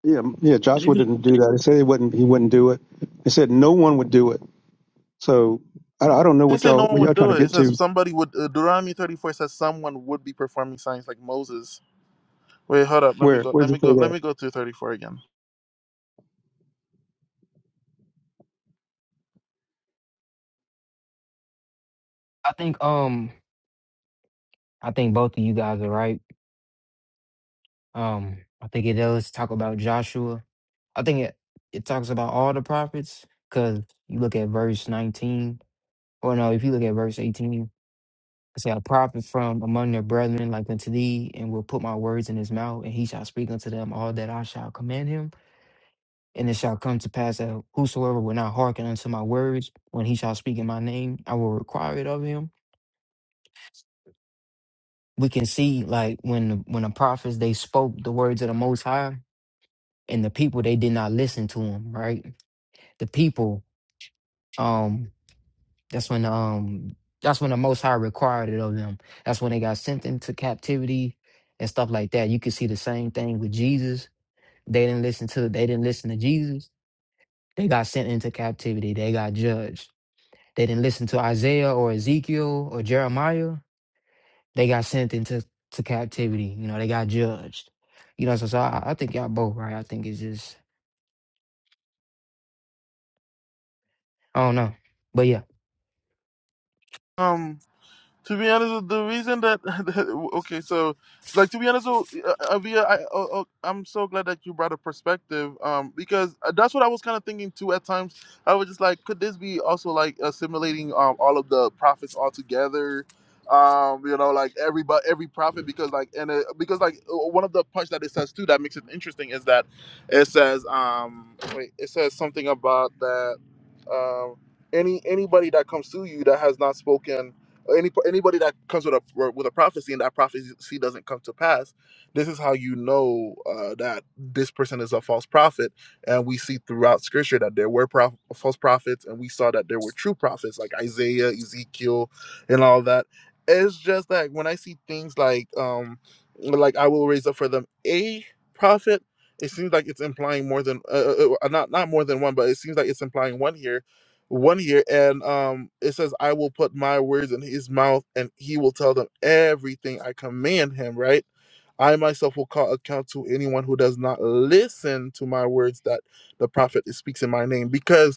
S2: Yeah, yeah.
S3: And
S2: Joshua
S3: even
S2: didn't do that. He said he wouldn't. He wouldn't do it. He said no one would do it. So I, I don't know
S1: didn't
S2: what
S1: say
S2: y'all
S1: no one
S2: what
S1: would
S2: y'all trying
S1: do
S2: to
S1: it it
S2: get
S1: says
S2: to.
S1: somebody would uh, deuteronomy 34 says someone would be performing signs like moses wait hold up let me
S2: Where
S1: go
S2: where
S1: let
S2: does
S1: me
S2: it say
S1: go
S2: that?
S1: let me go to 34 again
S4: I think um I think both of you guys are right. Um I think it does talk about Joshua. I think it it talks about all the prophets because you look at verse nineteen, or no, if you look at verse eighteen, it say a prophet from among their brethren like unto thee, and will put my words in his mouth, and he shall speak unto them all that I shall command him. And it shall come to pass that whosoever will not hearken unto my words, when he shall speak in my name, I will require it of him we can see like when when the prophets they spoke the words of the most high and the people they did not listen to them right the people um that's when um that's when the most high required it of them that's when they got sent into captivity and stuff like that you can see the same thing with jesus they didn't listen to they didn't listen to jesus they got sent into captivity they got judged they didn't listen to isaiah or ezekiel or jeremiah They got sent into to captivity. You know, they got judged. You know, so, so I, I think y'all both right. I think it's just I don't know, but yeah.
S1: Um. To be honest, the reason that okay, so like to be honest, so, uh, Avia, I, oh, oh, I'm so glad that you brought a perspective, um, because uh, that's what I was kind of thinking too. At times, I was just like, could this be also like assimilating um all of the prophets all together? Um, you know, like every but every prophet, because like and uh because like uh, one of the parts that it says too that makes it interesting is that it says um wait it says something about that um any anybody that comes to you that has not spoken any anybody that comes with a with a prophecy and that prophecy doesn't come to pass, this is how you know uh, that this person is a false prophet. And we see throughout Scripture that there were prof- false prophets, and we saw that there were true prophets like Isaiah, Ezekiel, and all that. It's just that when I see things like um like I will raise up for them a prophet, it seems like it's implying more than uh, uh, uh, not not more than one, but it seems like it's implying one here one here and um it says i will put my words in his mouth and he will tell them everything i command him right i myself will call account to anyone who does not listen to my words that the prophet speaks in my name because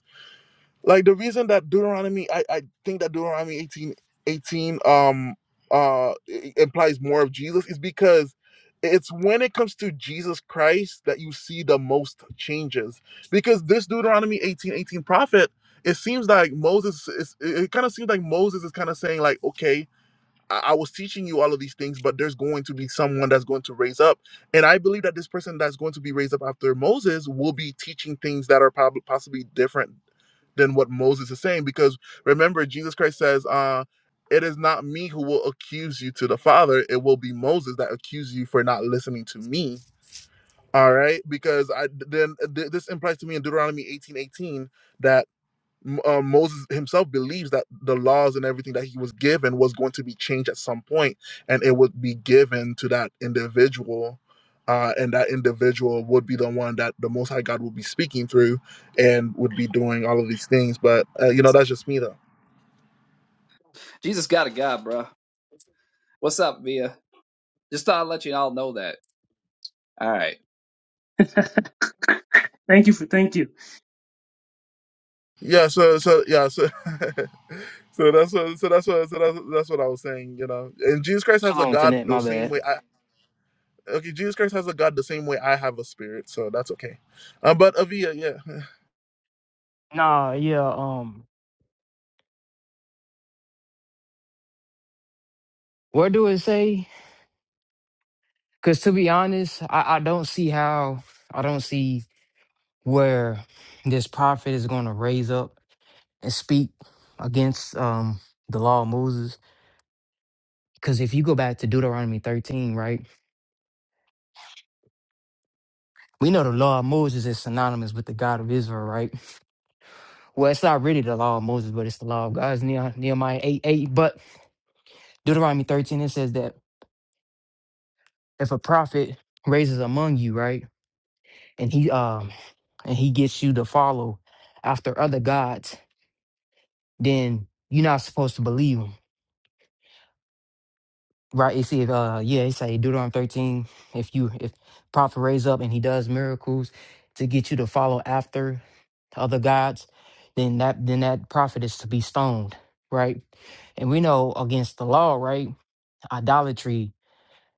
S1: like the reason that Deuteronomy, I, I think that Deuteronomy 18 18 um uh i- implies more of Jesus is because it's when it comes to Jesus Christ that you see the most changes. Because this Deuteronomy 18 18 prophet, it seems like Moses is it kind of seems like Moses is kind of saying, like, okay, I, I was teaching you all of these things, but there's going to be someone that's going to raise up. And I believe that this person that's going to be raised up after Moses will be teaching things that are probably possibly different than what Moses is saying. Because remember, Jesus Christ says, uh, it is not me who will accuse you to the Father, it will be Moses that accuses you for not listening to me. All right, because I then th- this implies to me in Deuteronomy eighteen eighteen. that uh, Moses himself believes that the laws and everything that he was given was going to be changed at some point, and it would be given to that individual, uh, and that individual would be the one that the Most High God would be speaking through, and would be doing all of these things. But uh, you know, that's just me though.
S5: Jesus got a God, bro. What's up, Via? Just thought I'd let you all know that. All right.
S3: thank you for thank you.
S1: Yeah. So so yeah. So so that's what so that's what so that's, that's what I was saying. You know, and Jesus Christ has a
S4: Shalom,
S1: God
S4: Tenet.
S1: the
S4: My
S1: same way.
S4: bad.
S1: okay, Jesus Christ has a God the same way I have a spirit, so that's okay. Uh, but Avia, yeah,
S4: Nah, yeah, um, Where do it say? Because to be honest, I, I don't see how, I don't see where this prophet is going to raise up and speak against um, the law of Moses. Because if you go back to Deuteronomy 13, right, we know the law of Moses is synonymous with the God of Israel, right? Well, it's not really the law of Moses, but it's the law of God. It's Neh- Nehemiah 8 8. But Deuteronomy 13, it says that if a prophet raises among you, right, and he um and he gets you to follow after other gods, then you're not supposed to believe him. Right? It said, uh yeah, it say Deuteronomy 13, if you if prophet raise up and he does miracles to get you to follow after other gods, then that then that prophet is to be stoned, right? And we know against the law, right? idolatry,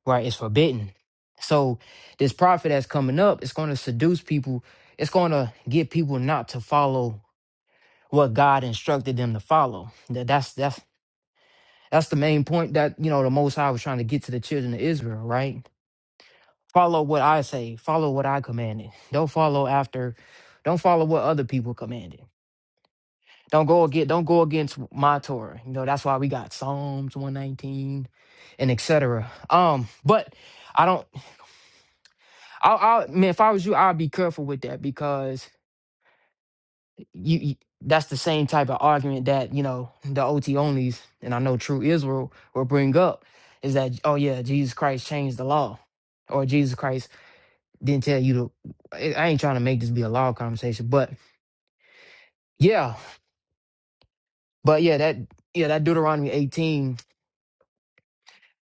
S4: right, is forbidden. So this prophet that's coming up is going to seduce people. It's going to get people not to follow what God instructed them to follow. That- That's that's that's the main point that you know the Most High was trying to get to the children of Israel, right? Follow what I say. Follow what I commanded. Don't follow after. Don't follow what other people commanded. Don't go against. Don't go against my Torah. You know that's why we got Psalms one nineteen, and et cetera. Um, but I don't. I, I man, if I was you, I'd be careful with that because you, you that's the same type of argument that you know the OT onlys and I know True Israel will bring up is that oh yeah, Jesus Christ changed the law, or Jesus Christ didn't tell you to. I I ain't trying to make this be a law conversation, but yeah, but yeah, that yeah that Deuteronomy eighteen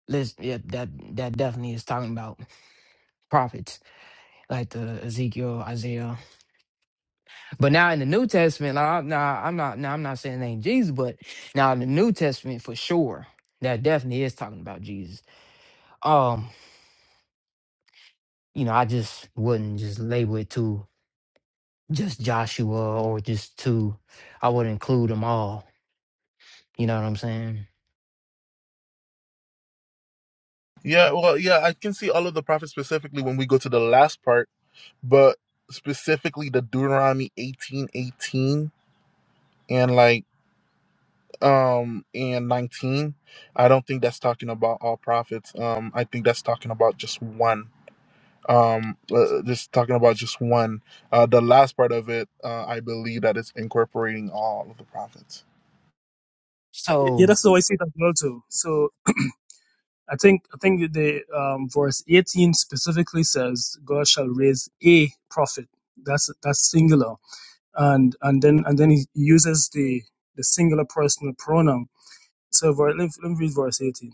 S4: list, yeah, that that definitely is talking about prophets like the Ezekiel, Isaiah, But now in the New Testament, now, I'm- now I'm not now I'm not saying it ain't Jesus, but now in the New Testament for sure, that definitely is talking about Jesus. Um, you know, I just wouldn't just label it to just Joshua or just to I would include them all. You know what I'm saying?
S1: yeah, well, yeah, I can see all of the prophets specifically when we go to the last part, but specifically the Deuteronomy eighteen eighteen and like um and 19 i don't think that's talking about all prophets um i think that's talking about just one um uh, just talking about just one uh the last part of it uh i believe that it's incorporating all of the prophets
S3: Yeah,
S4: So,
S3: that's how I see it as well too. So I think I think the um, verse 18 specifically says God shall raise a prophet. That's that's singular, and and then and then he uses the the singular personal pronoun. So ver- let me, let me read verse 18.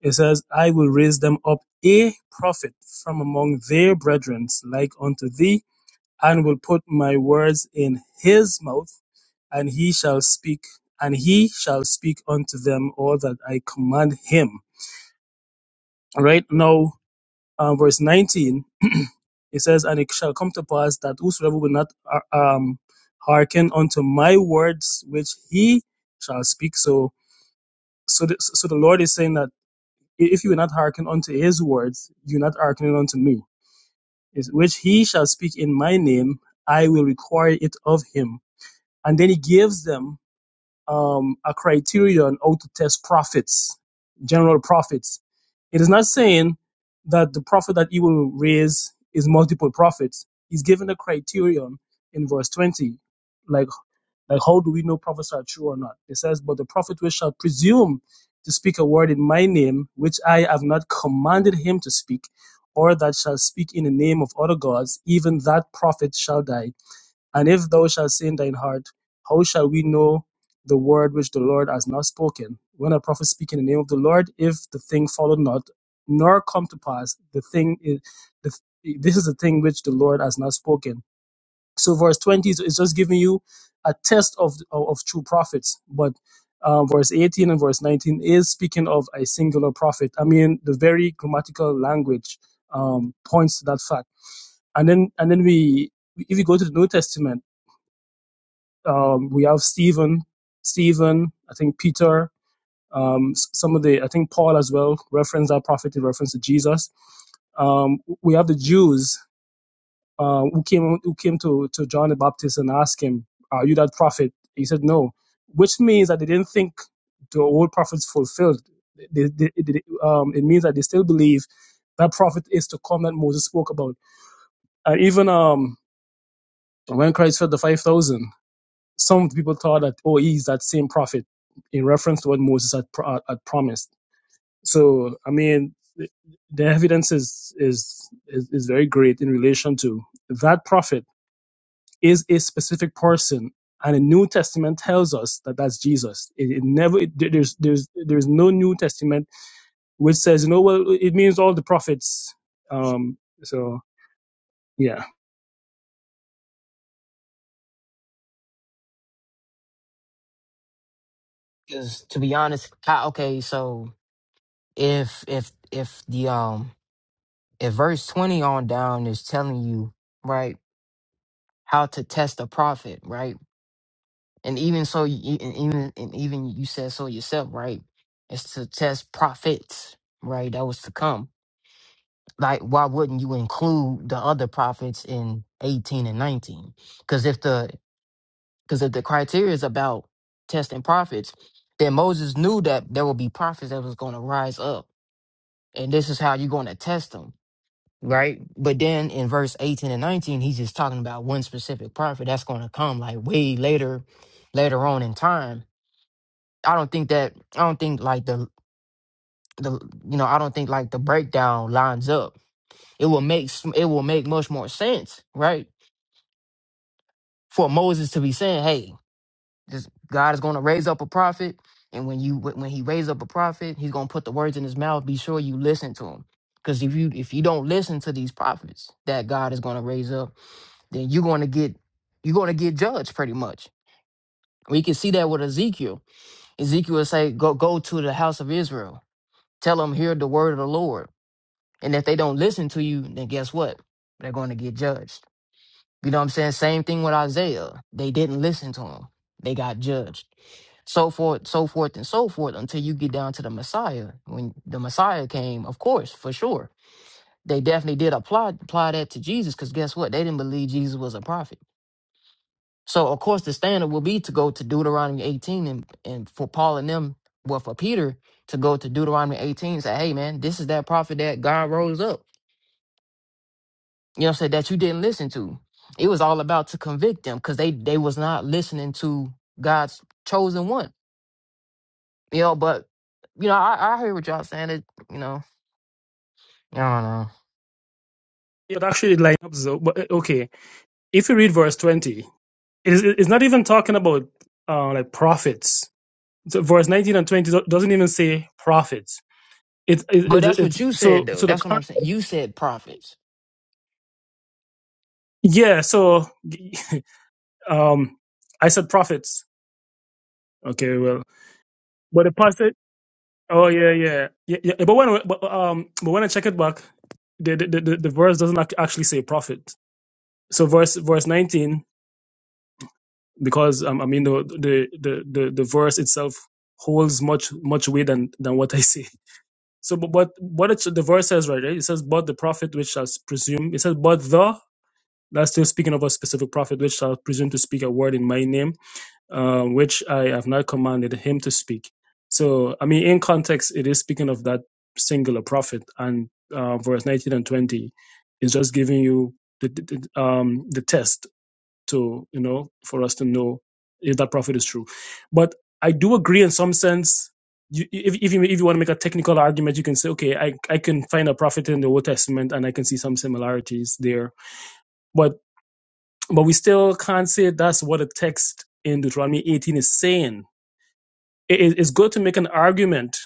S3: It says, I will raise them up a prophet from among their brethren, like unto thee, and will put my words in his mouth, and he shall speak, and he shall speak unto them all that I command him. All Right now, uh, verse 19, it says, And it shall come to pass that whosoever will not uh, um, hearken unto my words, which he shall speak. So, so the, so the Lord is saying that if you will not hearken unto his words, you're not hearkening unto me is, which he shall speak in my name, I will require it of him. And then he gives them um, a criterion how to test prophets, general prophets. It is not saying that the prophet that he will raise is multiple prophets. He's given a criterion in verse 20. like. Like, how do we know prophets are true or not? It says, But the prophet which shall presume to speak a word in my name, which I have not commanded him to speak, or that shall speak in the name of other gods, even that prophet shall die. And if thou shalt say in thine heart, How shall we know the word which the Lord has not spoken? When a prophet speak in the name of the Lord, if the thing follow not, nor come to pass, the thing is, the, this is the thing which the Lord has not spoken so verse 20 is is just giving you a test of of, of true prophets, but uh, verse 18 and verse 19 is speaking of a singular prophet. I mean, the very grammatical language um, points to that fact. And then and then we, if you go to the New Testament, um, we have Stephen, Stephen, I think Peter, um, s- some of the I think Paul as well reference that prophet in reference to Jesus um, we have the Jews uh, who came who came to, to John the Baptist and asked him, "Are you that prophet?" He said, "No," which means that they didn't think the old prophets fulfilled. They, they, they- um, it means that they still believe that prophet is to come that Moses spoke about. And even um, when Christ fed the five thousand, some people thought that oh, he's that same prophet in reference to what Moses had, pro- had promised. So I mean. The the evidence is, is is is very great in relation to that prophet is a specific person. And the New Testament tells us that that's Jesus. It, it never it, there's there's there's no New Testament which says you know well it means all the prophets. Um, so yeah,
S4: 'cause to be honest, I, okay, so if if if the um if verse twenty on down is telling you right how to test a prophet, right? and even so you- and even and even you said so yourself right it's to test prophets right that was to come like why wouldn't you include the other prophets in 18 and 19 because if the because if the criteria is about testing prophets then moses knew that there would be prophets that was going to rise up and this is how you're going to test them right but then in verse 18 and 19 he's just talking about one specific prophet that's going to come like way later later on in time I don't think that I don't think like the the you know I don't think like the breakdown lines up. It will make s- it will make much more sense, right? For Moses to be saying, "Hey, this God is going to raise up a prophet, and when you when when he raise up a prophet, he's going to put the words in his mouth. Be sure you listen to him, because if you if you don't listen to these prophets that God is going to raise up, then you're going to get you're going to get judged pretty much. We can see that with Ezekiel. Ezekiel would say, "Go go to the house of Israel, tell them hear the word of the Lord." And if they don't listen to you, then guess what? They're going to get judged. You know what I'm saying? Same thing with Isaiah. They didn't listen to him. They got judged. So forth, so forth, and so forth until you get down to the Messiah. When the Messiah came, of course, for sure. They definitely did apply apply that to Jesus, because guess what? They didn't believe Jesus was a prophet. So of course the standard will be to go to Deuteronomy 18 and, and for Paul and them, well for Peter to go to Deuteronomy 18 and say, hey man, this is that prophet that God rose up. you know what I'm saying, that you didn't listen to. It was all about to convict them because they they was not listening to God's chosen one. You know, but you know, I, I hear what y'all saying. It, you know, I don't know.
S3: it actually lines up. So, but uh, okay, if you read verse twenty, it is, it's not even talking about uh, like prophets. So verse nineteen and twenty do- doesn't even say prophets. It's
S4: But
S3: it, it,
S4: that's
S3: it's
S4: what you said
S3: so
S4: though.
S3: so the
S4: That's what
S3: con-
S4: I'm saying. You said prophets.
S3: yeah so um I said prophets. Okay, well, but the past. Oh yeah, yeah, yeah. yeah. But when but um but when I check it back, the the the, the verse doesn't act- actually say prophet. So verse verse nineteen, because um, I mean the, the the the the verse itself holds much much weight than than what I say. So but but what it, the verse says right, right? It says but the prophet which shall presume. It says but the that's still speaking of a specific prophet which shall presume to speak a word in my name uh, which I have not commanded him to speak. So, I mean, in context, it is speaking of that singular prophet, and uh, verse 19 and 20 is just giving you the, the, the, um, the test to, you know, for us to know if that prophet is true. But I do agree in some sense. You, if, if you if you want to make a technical argument, you can say, okay, I I can find a prophet in the Old Testament, and I can see some similarities there. But but we still can't say that's what the text in Deuteronomy 18 is saying it, it's good to make an argument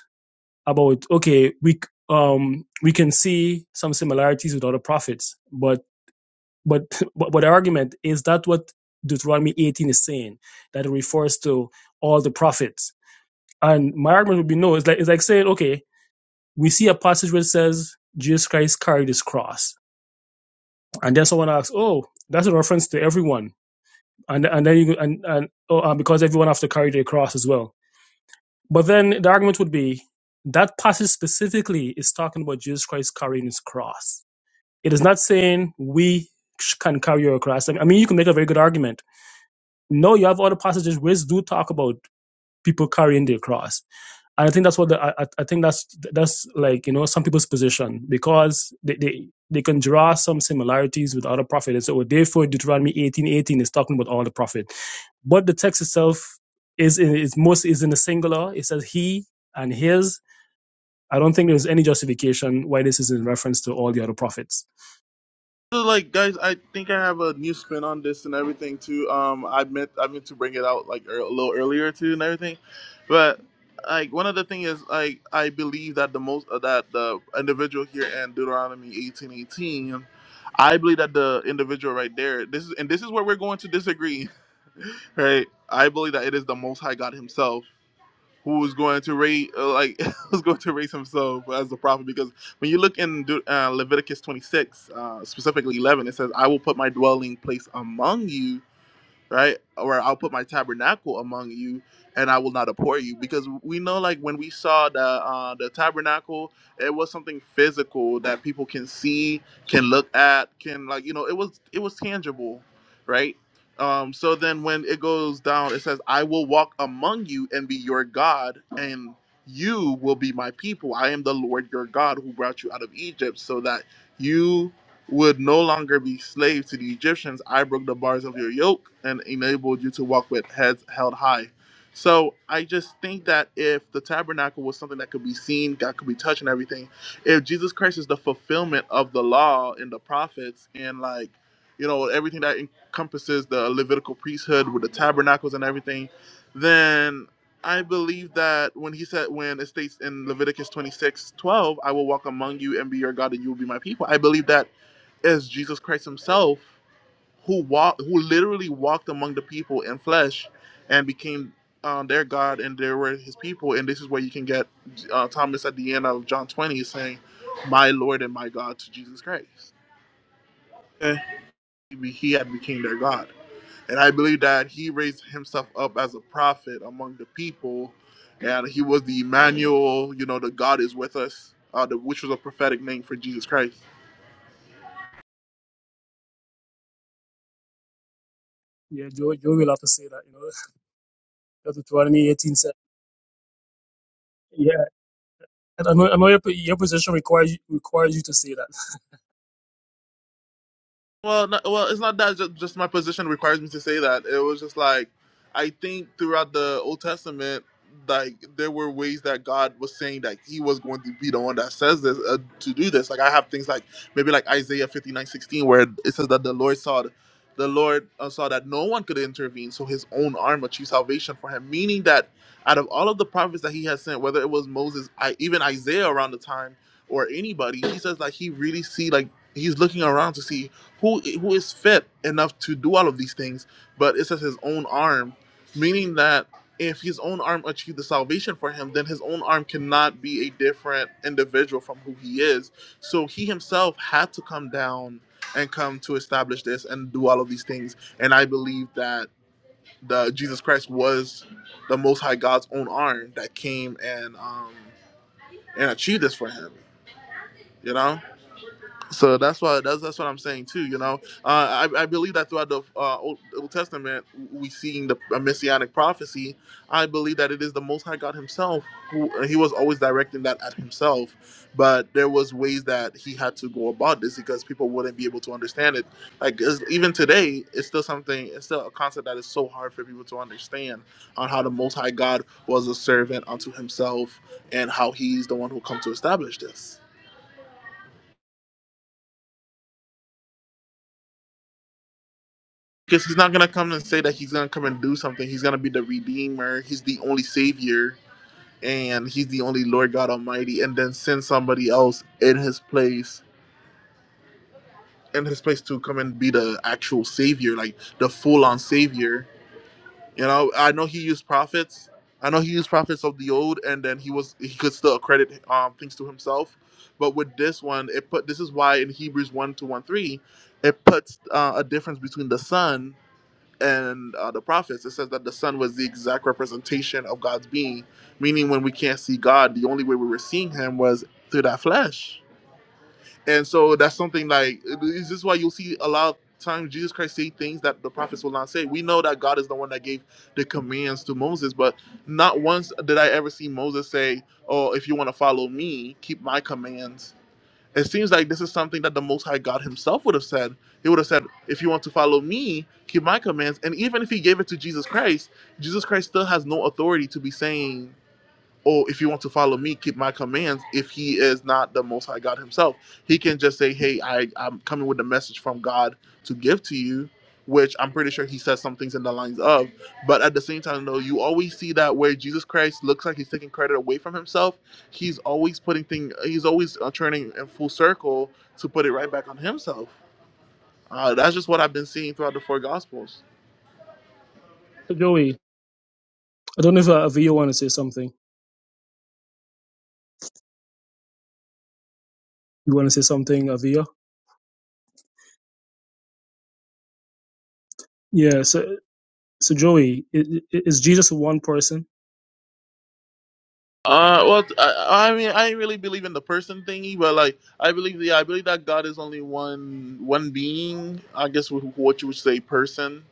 S3: about okay we um we can see some similarities with other prophets but but but, but the argument is that what deuteronomy 18 is saying that it refers to all the prophets and my argument would be no it's like it's like saying okay we see a passage where it says jesus christ carried his cross and then someone asks oh that's a reference to everyone and and then you and and oh, and because everyone has to carry their cross as well But then the argument would be that passage specifically is talking about Jesus Christ carrying his cross. It is not saying we sh- can carry your cross. I mean, I mean, you can make a very good argument. No, you have other passages which do talk about people carrying their cross. And I think that's what the, I, I think that's that's like you know some people's position because they, they they can draw some similarities with other prophets. And so therefore Deuteronomy eighteen eighteen is talking about all the prophet, but the text itself is in, is most is in the singular. It says he and his. I don't think there's any justification why this is in reference to all the other prophets.
S1: So, like guys, I think I have a new spin on this and everything too. Um, I meant I meant to bring it out like ear- a little earlier too and everything, but like one of the thing is like I believe that the most uh, that the individual here in Deuteronomy eighteen eighteen, I believe that the individual right there. This is and this is where we're going to disagree, right? I believe that it is the Most High God Himself who was going to raise uh, like was going to raise himself as the prophet because when you look in Deut- uh, Leviticus 26 uh, specifically 11 it says I will put my dwelling place among you right? Or I'll put my tabernacle among you, and I will not abhor you, because we know, like when we saw the uh, the tabernacle, it was something physical that people can see, can look at, can like you know, it was it was tangible, right? Um, so then when it goes down, it says, "I will walk among you and be your God, and you will be my people. I am the Lord your God who brought you out of Egypt, so that." you." would no longer be slaves to the Egyptians. I broke the bars of your yoke and enabled you to walk with heads held high. So I just think that if the tabernacle was something that could be seen, God could be touched and everything, if Jesus Christ is the fulfillment of the law and the prophets and like, you know, everything that encompasses the Levitical priesthood with the tabernacles and everything, then I believe that when he said, when it states in Leviticus 26:12, I will walk among you and be your God and you will be my people. I believe that is Jesus Christ himself who walked who literally walked among the people in flesh and became uh, their God and they were his people and this is where you can get uh, Thomas at the end of John 20 saying my Lord and my God to Jesus Christ. Eh, He he had became their God. And I believe that he raised himself up as a prophet among the people and he was the Emmanuel, you know, the God is with us, uh, the, which was a prophetic name for Jesus Christ.
S3: Yeah, Joe, Joe will have to say that, you know, that's Deuteronomy 18 said. Yeah, And I know, I know your, your position requires, requires you to say that.
S1: Well, no, well, it's not that. Just, just my position requires me to say that. It was just like, I think throughout the Old Testament, like there were ways that God was saying that He was going to be the one that says this uh, to do this. Like I have things like maybe like Isaiah fifty nine sixteen, where it says that the Lord saw, the, Lord uh, saw that no one could intervene, so His own arm achieved salvation for Him. Meaning that out of all of the prophets that He has sent, whether it was Moses, I, even Isaiah around the time, or anybody, He says like He really see like He's looking around to see who who is fit enough to do all of these things, but it says his own arm, meaning that if his own arm achieved the salvation for him, then his own arm cannot be a different individual from who he is. So he himself had to come down and come to establish this and do all of these things. And I believe that the Jesus Christ was the Most High God's own arm that came and um, and achieved this for him. You know. So that's why that's that's what I'm saying too. You know, uh, I I believe that throughout the uh, Old, Old Testament we seeing the a messianic prophecy. I believe that it is the Most High God Himself who He was always directing that at Himself, but there was ways that He had to go about this because people wouldn't be able to understand it. Like it's- even today, it's still something. It's still a concept that is so hard for people to understand on how the Most High God was a servant unto Himself and how He's the one who come to establish this. Because he's not gonna come and say that he's gonna come and do something. He's gonna be the redeemer. He's the only savior, and he's the only Lord God Almighty. And then send somebody else in his place, in his place to come and be the actual savior, like the full-on savior. You know, I know he used prophets. I know he used prophets of the old, and then he was he could still accredit um, things to himself. But with this one, it put this is why in Hebrews one to one three, it puts uh, a difference between the Son and uh, the prophets, it says that the Son was the exact representation of God's being. Meaning, when we can't see God, the only way we were seeing Him was through that flesh. And so that's something like is this why you'll see a lot of times Jesus Christ say things that the prophets will not say. We know that God is the one that gave the commands to Moses, but not once did I ever see Moses say, "Oh, if you want to follow me, keep my commands." It seems like this is something that the Most High God Himself would have said. He would have said, If you want to follow me, keep my commands. And even if He gave it to Jesus Christ, Jesus Christ still has no authority to be saying, or if you want to follow me, keep my commands. If he is not the Most High God Himself, he can just say, "Hey, I, I'm coming with a message from God to give to you," which I'm pretty sure he says some things in the lines of. But at the same time, though, you always see that where Jesus Christ looks like he's taking credit away from himself, he's always putting thing, he's always uh, turning in full circle to put it right back on himself. Uh, that's just what I've been seeing throughout the four Gospels.
S3: So Joey, I don't know if uh, Avia want to say something. You want to say something, Avia? Yeah. So, so Joey, i- i- is Jesus one person?
S1: Uh, well, I, I mean, I ain't really believe in the person thingy, but like, I believe, yeah, I believe that God is only one, one being. I guess wh- what you would say, person.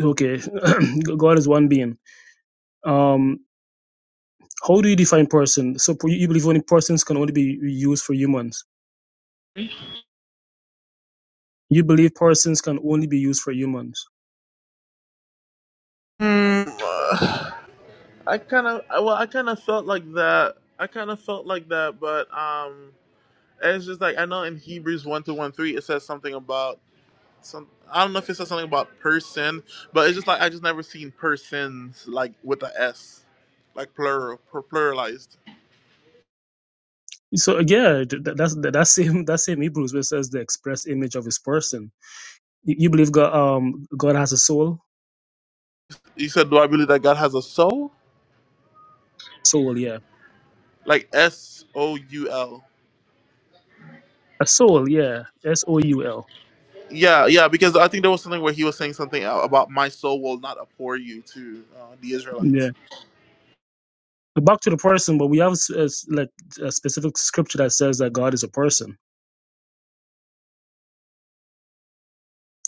S3: Okay, God is one being. Um, how do you define person? So you you believe only persons can only be used for humans. You believe persons can only be used for humans.
S1: Hmm. uh, I kind of, well, I kind of felt like that. I kind of felt like that, but um, it's just like I know in Hebrews one to one three it says something about some. I don't know if it says something about person, but it's just like I just never seen persons like with a S, like plural, pluralized.
S3: So yeah, th- th- that's that, that same that same Hebrews where it says the express image of his person. You you believe God um God has a soul?
S1: You said, do I believe that God has a soul?
S3: Soul, yeah.
S1: like S O U L.
S3: A soul, yeah. S O U L.
S1: Yeah, yeah, because I think there was something where he was saying something about my soul will not abhor you to uh, the
S3: Yeah.
S1: Israelites.
S3: back to the person, but we have s- uh, like a specific scripture that says that God is a person.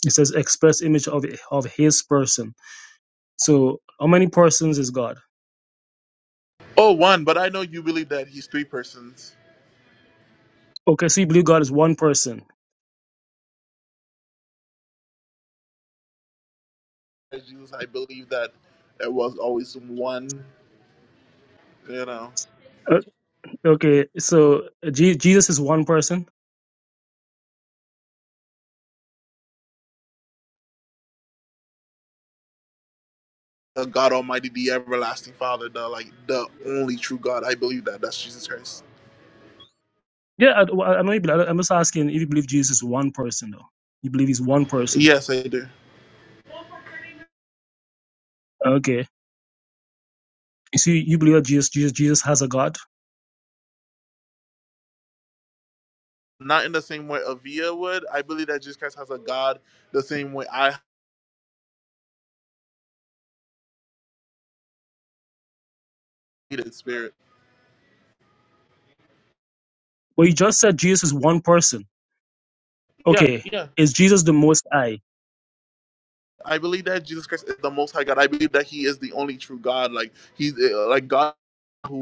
S3: It says express image of of His person. So how many persons is God?
S1: Oh, one, but I know you believe that he's three persons.
S3: Okay, so you believe God is one person.
S1: As Jesus, I believe that there was always one, you know,
S3: Uh, okay, so uh, Je- Jesus is one person.
S1: the God Almighty, the everlasting Father, the like the only true God. I believe that. That's Jesus Christ.
S3: Yeah, I, well, I I know you. Believe, I'm just asking if you believe Jesus is one person though. You believe he's one person.
S1: Yes, I do.
S3: Okay, you see, you believe that Jesus, Jesus, Jesus has a God.
S1: Not in the same way Avia would. I believe that Jesus Christ has a God the same way I hated spirit.
S3: Well, you just said Jesus is one person.
S1: Yeah,
S3: Okay,
S1: yeah.
S3: is Jesus the Most High,
S1: I believe that Jesus Christ is the Most High God. I believe that He is the only true God. Like He's uh, like God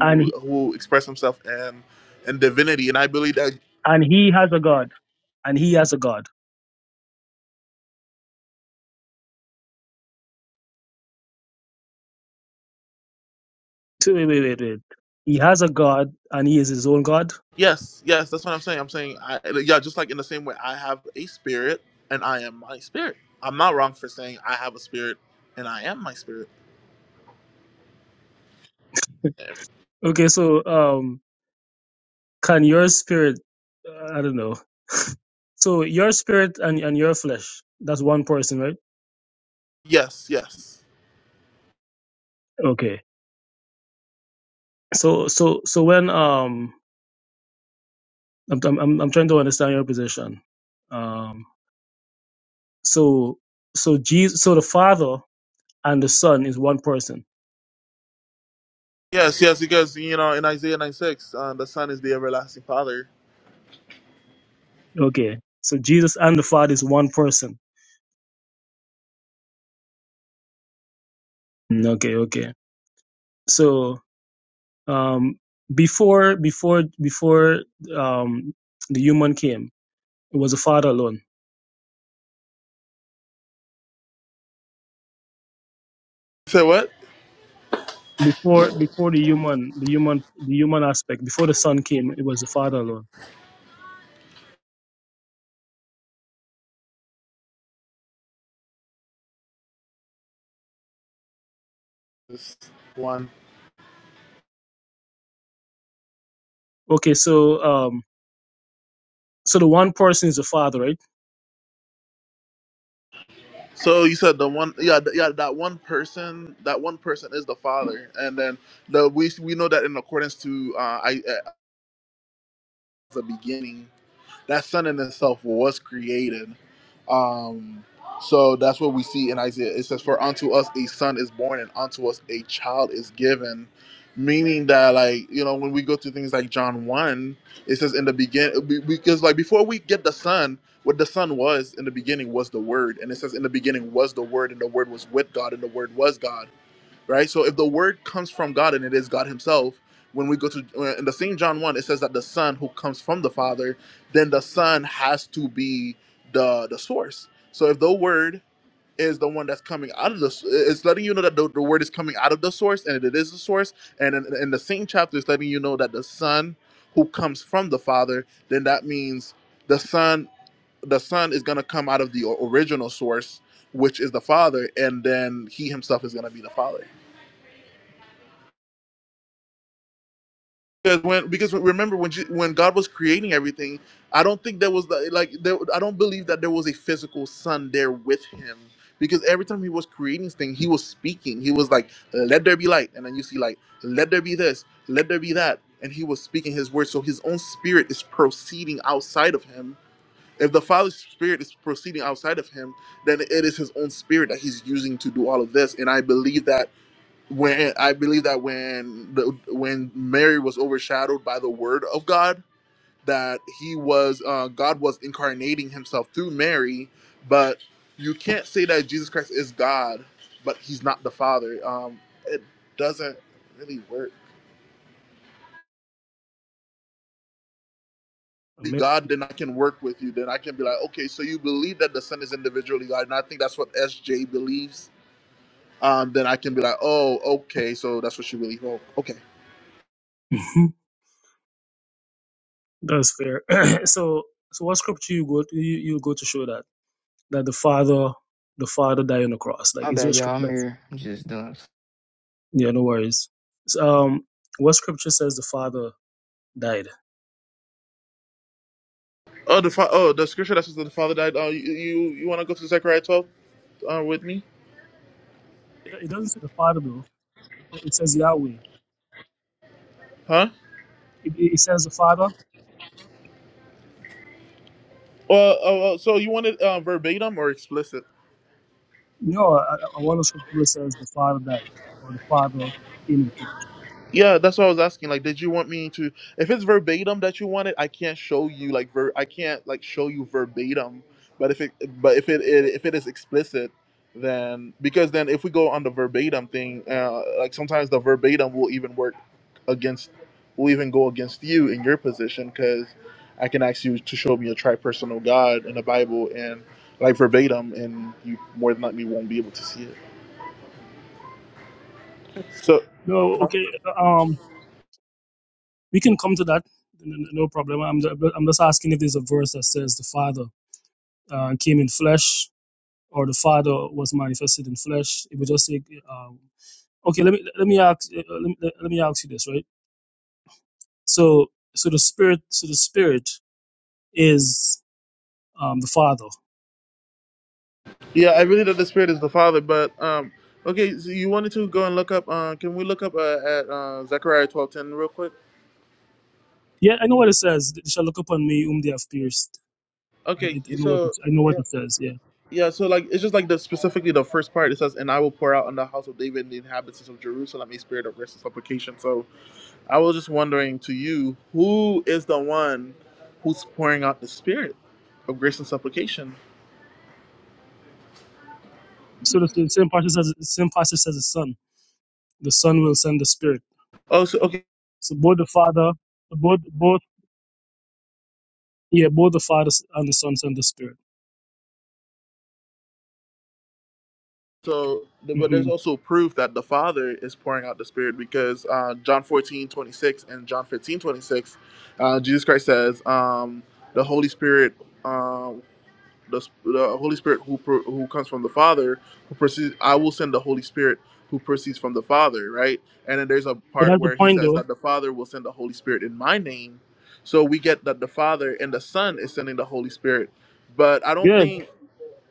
S3: and he-
S1: who expressed Himself and and divinity. And I believe that
S3: and he has a God, and he has a God. So wait, wait, wait, wait. He has a God and he is his own God.
S1: yes, yes, that's what I'm saying. I'm saying I, yeah, just like in the same way I have a spirit and I am my spirit. I'm not wrong for saying I have a spirit and I am my spirit.
S3: Okay, so um, can your spirit? uh, I don't know. So your spirit and and your flesh. That's one person, right?
S1: Yes, yes,
S3: Okay. So so so when um, I'm I'm I'm I'm trying to understand your position. Um. So so Jesus. So the Father and the Son is one person.
S1: yes, yes. Because you know in Isaiah 96, uh, the Son is the everlasting Father.
S3: Okay. So Jesus and the Father is one person. Mm, Okay. Okay. So Um, before before before um, the human came, it was the Father alone.
S1: Say what?
S3: Before before the human the human the human aspect before the Son came, it was the Father alone.
S1: This one.
S3: Okay, so um, so the one person is the Father, right?
S1: So you said the one, yeah, th- yeah, that one person, that one person is the Father, and then the we we know that in accordance to uh, I at the beginning that sun in itself was created. Um, so that's what we see in Isaiah. It says, "For unto us a son is born, and unto us a child is given." Meaning that, like you know, when we go to things like John one, it says in the beginning because like before we get the son, what the son was in the beginning was the word, and it says in the beginning was the word, and the word was with God, and the word was God right? So if the word comes from God and it is God Himself, when we go to uh, in the same John one, it says that the Son who comes from the Father, then the Son has to be the the source. So if the Word is the one that's coming out of the, it's letting you know that the, the Word is coming out of the source and it is the source. And in, in the same chapter, it's letting you know that the Son who comes from the Father, then that means the Son, the Son is gonna come out of the o- original source, which is the Father, and then He Himself is gonna be the Father. because when because remember when Je- when God was creating everything, I don't think there was the- like there, I don't believe that there was a physical son there with him because every time he was creating things, he was speaking. He was like, "Let there be light," and then you see like, "Let there be this," "Let there be that," and he was speaking his word. So his own spirit is proceeding outside of him. If the Father's spirit is proceeding outside of him, then it is his own spirit that he's using to do all of this. And I believe that when I believe that when the, when Mary was overshadowed by the Word of God, that He was uh, God was incarnating Himself through Mary, but you can't say that Jesus Christ is God, but He's not the Father. Um, it doesn't really work. Be
S3: Amen.
S1: God, then I can work with you. Then I can be like, okay, so you believe that the Son is individually God, and I think that's what SJ believes. Um, then I can be like, oh, okay, so that's what she believes. Oh, okay.
S3: Mhm. That's fair. so so what scripture you go to, you, you go to show that that the Father the Father died on the cross? Like,
S4: My
S3: is there
S4: bad,
S3: a
S4: y'all.
S3: scripture
S4: I'm
S3: that?
S4: here. I'm just doing. s-
S3: Yeah, no worries. So, um, what scripture says the Father died?
S1: Oh, the fa- oh, the scripture that says that the father died. Uh, you you, you want to go to Zechariah twelve uh, with me,
S3: It it doesn't say the Father though. It says Yahweh.
S1: huh?
S3: It, it says the Father.
S1: Well, uh, well, so you want it uh, verbatim or explicit?
S3: No, I, I want a scripture where it says the Father died or the Father in flesh.
S1: Yeah, that's what I was asking. Like, did you want me to? If it's verbatim that you want it, I can't show you like ver. I can't like show you verbatim. But if it, but if it, it if it is explicit, then because then if we go on the verbatim thing, uh, like sometimes the verbatim will even work against, will even go against you in your position because I can ask you to show me a tripersonal God in the Bible and like verbatim, and you more than likely won't be able to see it. So.
S3: No,
S1: huh?
S3: okay. uh, Um, we can come to that. n- n- No problem. I'm ju- I'm just asking if there's a verse that says the Father uh, came in flesh or the Father was manifested in flesh. It would just say, um, okay. Let me let me ask uh, uh, let me, let me ask you this, right? So so the Spirit so the Spirit is um, the Father.
S1: Yeah, I believe that the Spirit is the Father, but um, okay. So you wanted to go and look up. Uh, can we look up uh, at uh, Zechariah twelve ten real quick?
S3: Yeah, I know what it says. They shall look upon me whom they have pierced I,
S1: Okay,
S3: I I know what
S1: so
S3: it, I know
S1: yeah,
S3: what it says. Yeah.
S1: yeah. So like, it's just like the specifically the first part. It says, "And I will pour out on the house of David and the inhabitants of Jerusalem a spirit of rest and supplication." So I was just wondering to you, who is the one who's pouring out the spirit of grace and supplication?
S3: So the, the same passage says the same passage says the Son. The Son will send the Spirit.
S1: Oh, so okay.
S3: So both the Father, both both yeah, both the Father and the Son send the Spirit.
S1: So, th- but there's
S3: hmm
S1: also proof that the Father is pouring out the Spirit because uh, John 14 26 and John 15 26, uh, Jesus Christ says, um, the Holy Spirit, um, the, s- the Holy Spirit who, pro- who comes from the Father, who proceeds, I will send the Holy Spirit who proceeds from the Father, right? And then there's a
S3: But
S1: part
S3: that's the
S1: where he
S3: point,
S1: says
S3: though.
S1: that the Father will send the Holy Spirit in my name. So we get that the Father and the Son is sending the Holy Spirit. But I don't
S3: Good.
S1: think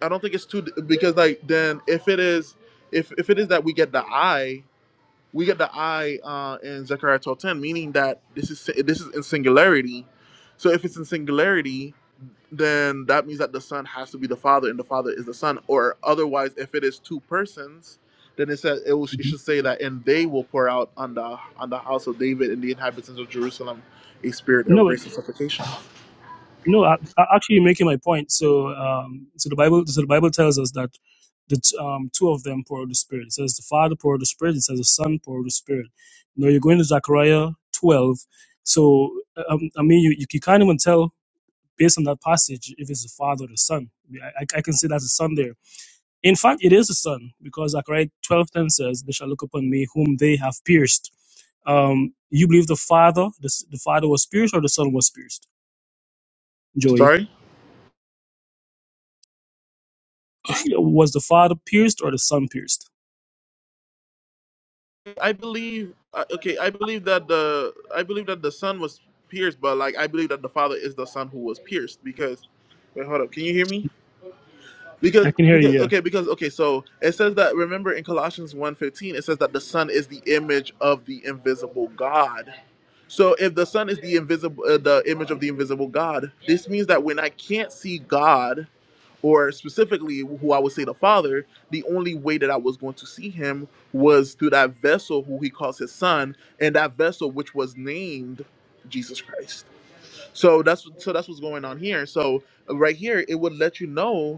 S1: I don't think it's too because like then if it is if if it is that we get the I, we get the I, uh, in Zechariah twelve ten meaning that this is this is in singularity. So if it's in singularity, then that means that the son has to be the father and the father is the son or otherwise if it is two persons then it says it, will, it
S3: hmm
S1: should say that and they will pour out on the on the house of david and the inhabitants of jerusalem a spirit of
S3: No, but-
S1: grace and supplication
S3: no. I, I actually, you're making my point. So, um, so the Bible, so the Bible tells us that the t- um, two of them pour out the Spirit. It says the Father pour out the Spirit. It says the Son pour out the Spirit. Now you're going to Zechariah 12. So um, I mean, you you can't even tell based on that passage, if it's the Father or the Son, I, I can say that's the Son there. In fact, it is the Son because Zechariah 12:10 says, "They shall look upon me, whom they have pierced." Um, you believe the Father, the, the Father was pierced, or the Son was pierced? Joey,
S1: sorry
S3: was the Father pierced or the Son pierced?
S1: i believe uh, okay i believe that the i believe that the son was pierced but like i believe that the father is the son who was pierced because wait hold up can you hear me Because
S3: I can hear
S1: because
S3: you.
S1: okay because okay so it says that remember in Colossians one fifteen, it says that the son is the image of the invisible God. So if the son is the invisible uh, the image of the invisible God, this means that when I can't see God or specifically who I would say the father, the only way that I was going to see him was through that vessel who he calls his son and that vessel which was named Jesus Christ. So that's so that's what's going on here. So right here it would let you know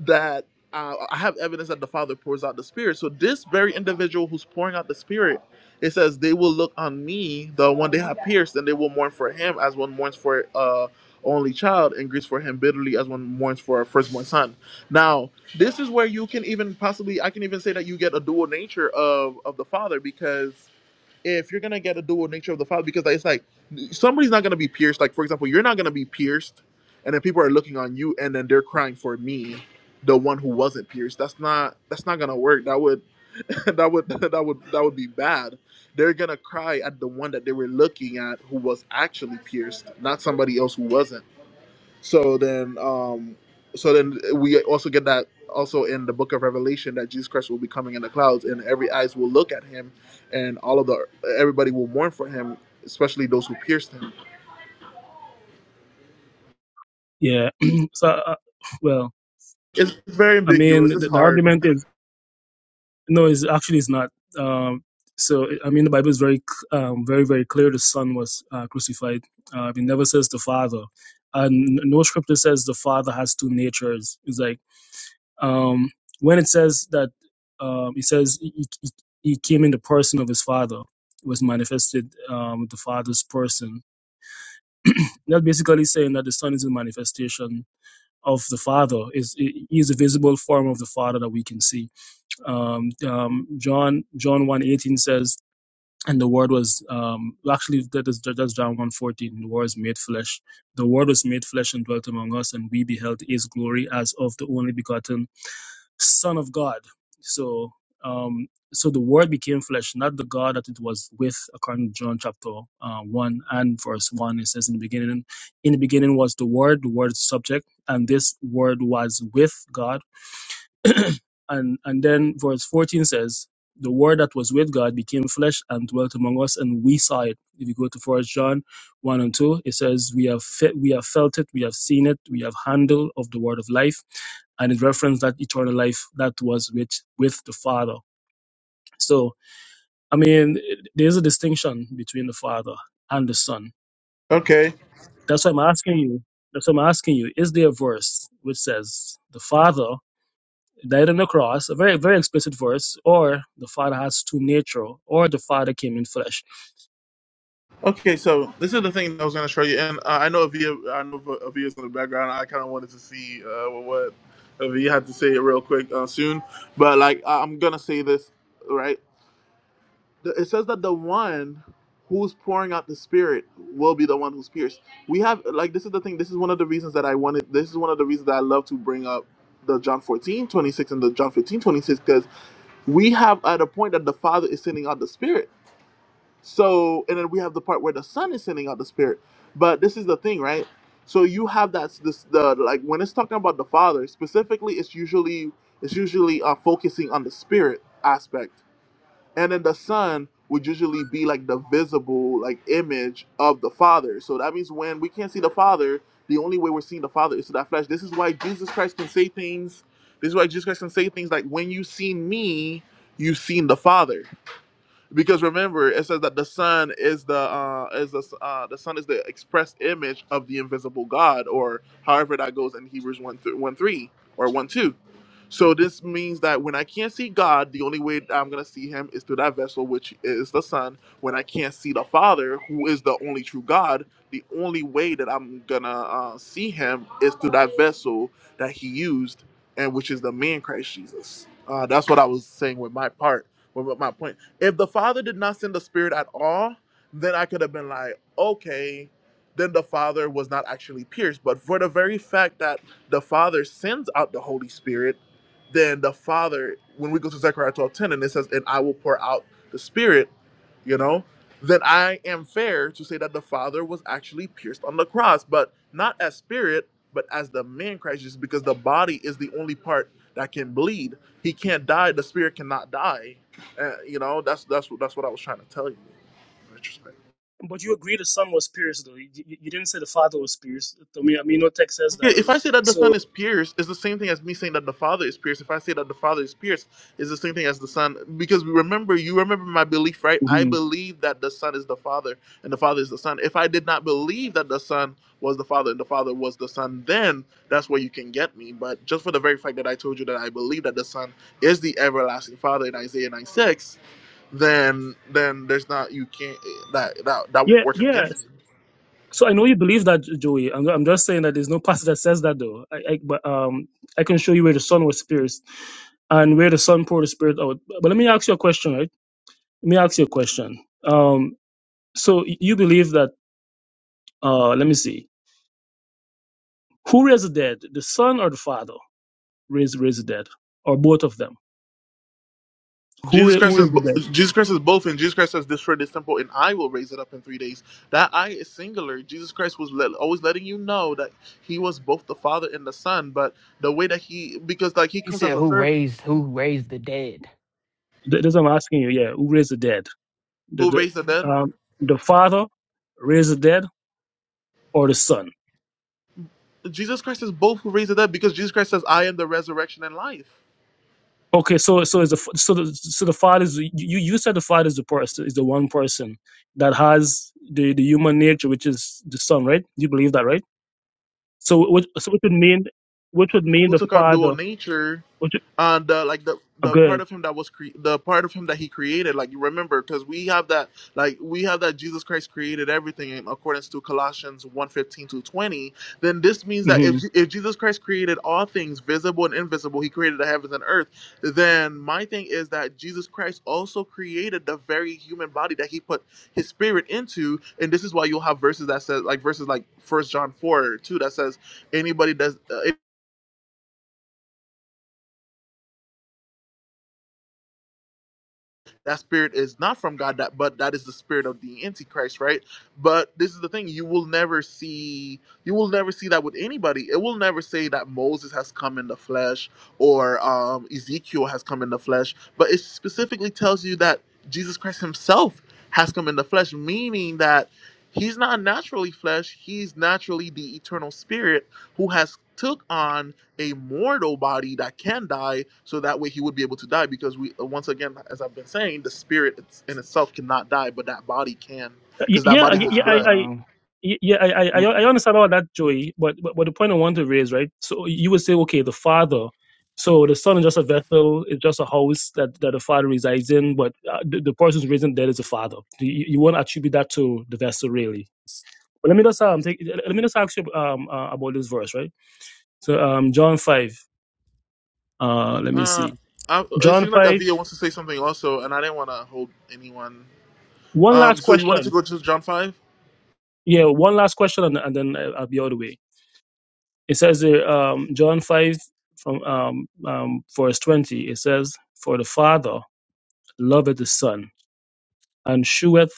S1: that uh, I have evidence that the Father pours out the Spirit. So this very individual who's pouring out the Spirit, it says they will look on me, the one they have pierced, and they will mourn for him as one mourns for uh only child and grieves for him bitterly as one mourns for a firstborn son. Now, this is where you can even possibly I can even say that you get a dual nature of of the Father because if you're gonna get a dual nature of the father, because like, it's like somebody's not gonna be pierced. Like for example, you're not gonna be pierced, and then people are looking on you, and then they're crying for me, the one who wasn't pierced. That's not that's not gonna work. That would that would that would that would be bad. They're gonna cry at the one that they were looking at who was actually pierced, not somebody else who wasn't. So then, um, so then we also get that also in the book of Revelation that Jesus Christ will be coming in the clouds, and every eyes will look at him, and all of the everybody will mourn for him, especially those who pierced him.
S3: Yeah, yeah. so, uh, well,
S1: It's very
S3: I mean,
S1: ambiguous. It's
S3: the, the
S1: hard.
S3: argument is. No, it's actually it's not. Um, so I mean, the Bible is very, c- um, very, very clear. The Son was uh, crucified. Uh, it never says the Father, and no scripture says the Father has two natures. It's like um, when it says that um, it says he, he, he came in the person of his Father, was manifested um, with the Father's person. That's basically saying that the Son is a manifestation of the Father. Is he is a visible form of the Father that we can see um, um, John John one eighteen says, and the word was um, well, actually that is that's John one fourteen. The word is made flesh. The word was made flesh and dwelt among us, and we beheld His glory as of the only begotten Son of God. So um, so the word became flesh, not the God that it was with, according to John chapter uh, one and verse one. It says in the beginning, in the beginning was the word. The word is subject, and this word was with God and and then verse 14 says the word that was with god became flesh and dwelt among us and we saw it if you go to first john 1 and 2 it says we have fe- we have felt it we have seen it we have handled of the word of life and it referenced that eternal life that was with with the father so i mean it- there's a distinction between the father and the son
S1: Okay.
S3: that's why i'm asking you that's why i'm asking you is there a verse which says the father died on the cross, a very, very explicit verse, or the Father has two nature, or the Father came in flesh.
S1: Okay, so this is the thing that I was going to show you, and uh, I know Avia, I know Avia's in the background. I kind of wanted to see uh, what Avia had to say real quick uh, soon, but like I- I'm gonna say this right. the, it says that the one who's pouring out the spirit will be the one who's pierced we have like this is the thing this is one of the reasons that i wanted this is one of the reasons that i love to bring up the john 14 26 and the john 15 26 because we have at a point that the father is sending out the spirit so and then we have the part where the son is sending out the spirit but this is the thing right so you have that this the like when it's talking about the father specifically it's usually it's usually uh, focusing on the spirit aspect and then the son would usually be like the visible like image of the father so that means when we can't see the father the only way we're seeing the father is through that flesh this is why jesus christ can say things this is why jesus christ can say things like when you seen me you've seen the father because remember it says that the sun is the uh is the uh the sun is the express image of the invisible god or however that goes in hebrews 1 th- 1 3 or 1 2 so this means that when i can't see god the only way that i'm gonna see him is through that vessel which is the sun when i can't see the father who is the only true god the only way that i'm gonna uh, see him is through that vessel that he used and which is the man christ jesus uh, that's what i was saying with my part with my point if the Father did not send the Spirit at all, then I could have been like, okay, then the Father was not actually pierced. But for the very fact that the Father sends out the Holy Spirit, then the Father, when we go to Zechariah twelve ten, and it says, and I will pour out the Spirit, you know, then I am fair to say that the Father was actually pierced on the cross, but not as spirit, but as the man Christ Jesus, because the body is the only part that can bleed. He can't die. The spirit cannot die. Uh, you know, that's that's that's what I was trying to tell you.
S3: But you agree the Son was pierced, though. You, you didn't say the Father was pierced. To me, I mean, no text says
S1: Yeah,
S3: that.
S1: if I say that the
S3: So,
S1: son is pierced, it's the same thing as me saying that the father is pierced. If I say that the father is pierced, it's the same thing as the son. Because we remember, you remember my belief, right? I
S3: Mhm.
S1: believe that the son is the father and the father is the son. If I did not believe that the son was the father and the father was the son, then that's where you can get me. But just for the very fact that I told you that I believe that the son is the everlasting father in Isaiah nine six, then then there's not you can't that that, that won't
S3: yeah,
S1: work
S3: yeah.
S1: against me.
S3: So I know you believe that, Joey. I'm, I'm just saying that there's no passage that says that, though. I, I, but um, I can show you where the Son was pierced and where the Son poured the Spirit out. But let me ask you a question, right? Let me ask you a question. Um, so you believe that? Uh, let me see Who raised the dead, the son or the father? Raised raised the dead, or both of them? Who
S1: Jesus
S3: ra- who
S1: Christ is
S3: raised the
S1: bo-
S3: dead?
S1: Jesus Christ is both, and Jesus Christ says, "Destroy this temple, and I will raise it up in three days." That "I" is singular. Jesus Christ was let, always letting you know that he was both the Father and the Son, but the way that he, because like he
S4: He
S1: comes as
S4: said
S1: a
S4: who
S1: servant
S4: raised who raised the dead.
S3: Th- That's what I'm asking you. Yeah, who raised the dead? The
S1: who raised the
S3: the
S1: dead.
S3: um the father raised the dead or the son?
S1: Jesus Christ is both who raised the dead, because Jesus Christ says, "I am the resurrection and life."
S3: Okay, so so is the f- so the so the father is you you you said the father is the person is the one person that has the the human nature, which is the son, right? You believe that, right? So which so which would mean which would mean
S1: Who
S3: the
S1: took on dual
S3: father,
S1: nature?
S3: which would-
S1: uh, the like the
S3: uh,
S1: the
S3: good.
S1: part of him that was cre- the part of him that he created like you remember because we have that like we have that jesus christ created everything in accordance to colossians one fifteen to 20 then this means that if,
S3: hmm
S1: if jesus christ created all things visible and invisible he created the heavens and earth then my thing is that jesus christ also created the very human body that he put his spirit into and this is why you'll have verses that says like verses like first john 4 2 that says anybody does uh, That spirit is not from God, that, but that is the spirit of the Antichrist, right? But this is the thing: you will never see, you will never see that with anybody. It will never say that Moses has come in the flesh or um, Ezekiel has come in the flesh, but it specifically tells you that Jesus Christ Himself has come in the flesh, meaning that He's not naturally flesh; He's naturally the eternal Spirit who has took on a mortal body that can die, so that way he would be able to die. Because we, uh, once again, as I've been saying, the spirit in itself cannot die, but that body can,
S3: Yeah,
S1: because that
S3: yeah, I-
S1: body holds
S3: yeah.
S4: Nah,
S1: blood.
S3: I,
S4: bro.
S3: y- yeah, I, I, I I
S4: Mm-mm.
S3: understand all that, Joey. But, but but the point I want to raise, right? So you would say, okay, the father. So the son is just a vessel. It's just a house that, that the father resides in. But uh, the, the person who's raising dead is the father. You, you won't attribute that to the vessel, really. But let me just um take, let me just ask you um uh, about this verse, right? So um John five. Uh, let me
S1: Uh,
S3: see.
S1: I, it
S3: John
S1: seems like
S3: five.
S1: Avia wants to say something also, and I didn't want to hold anyone.
S3: One
S1: Um,
S3: last
S1: so you wanted to
S3: question.
S1: go to John five?
S3: Yeah, one last question, and, and then I- I'll be out of the way. It says there, um, John 5 from um, um, verse 20, it says, For the Father loveth the Son, and sheweth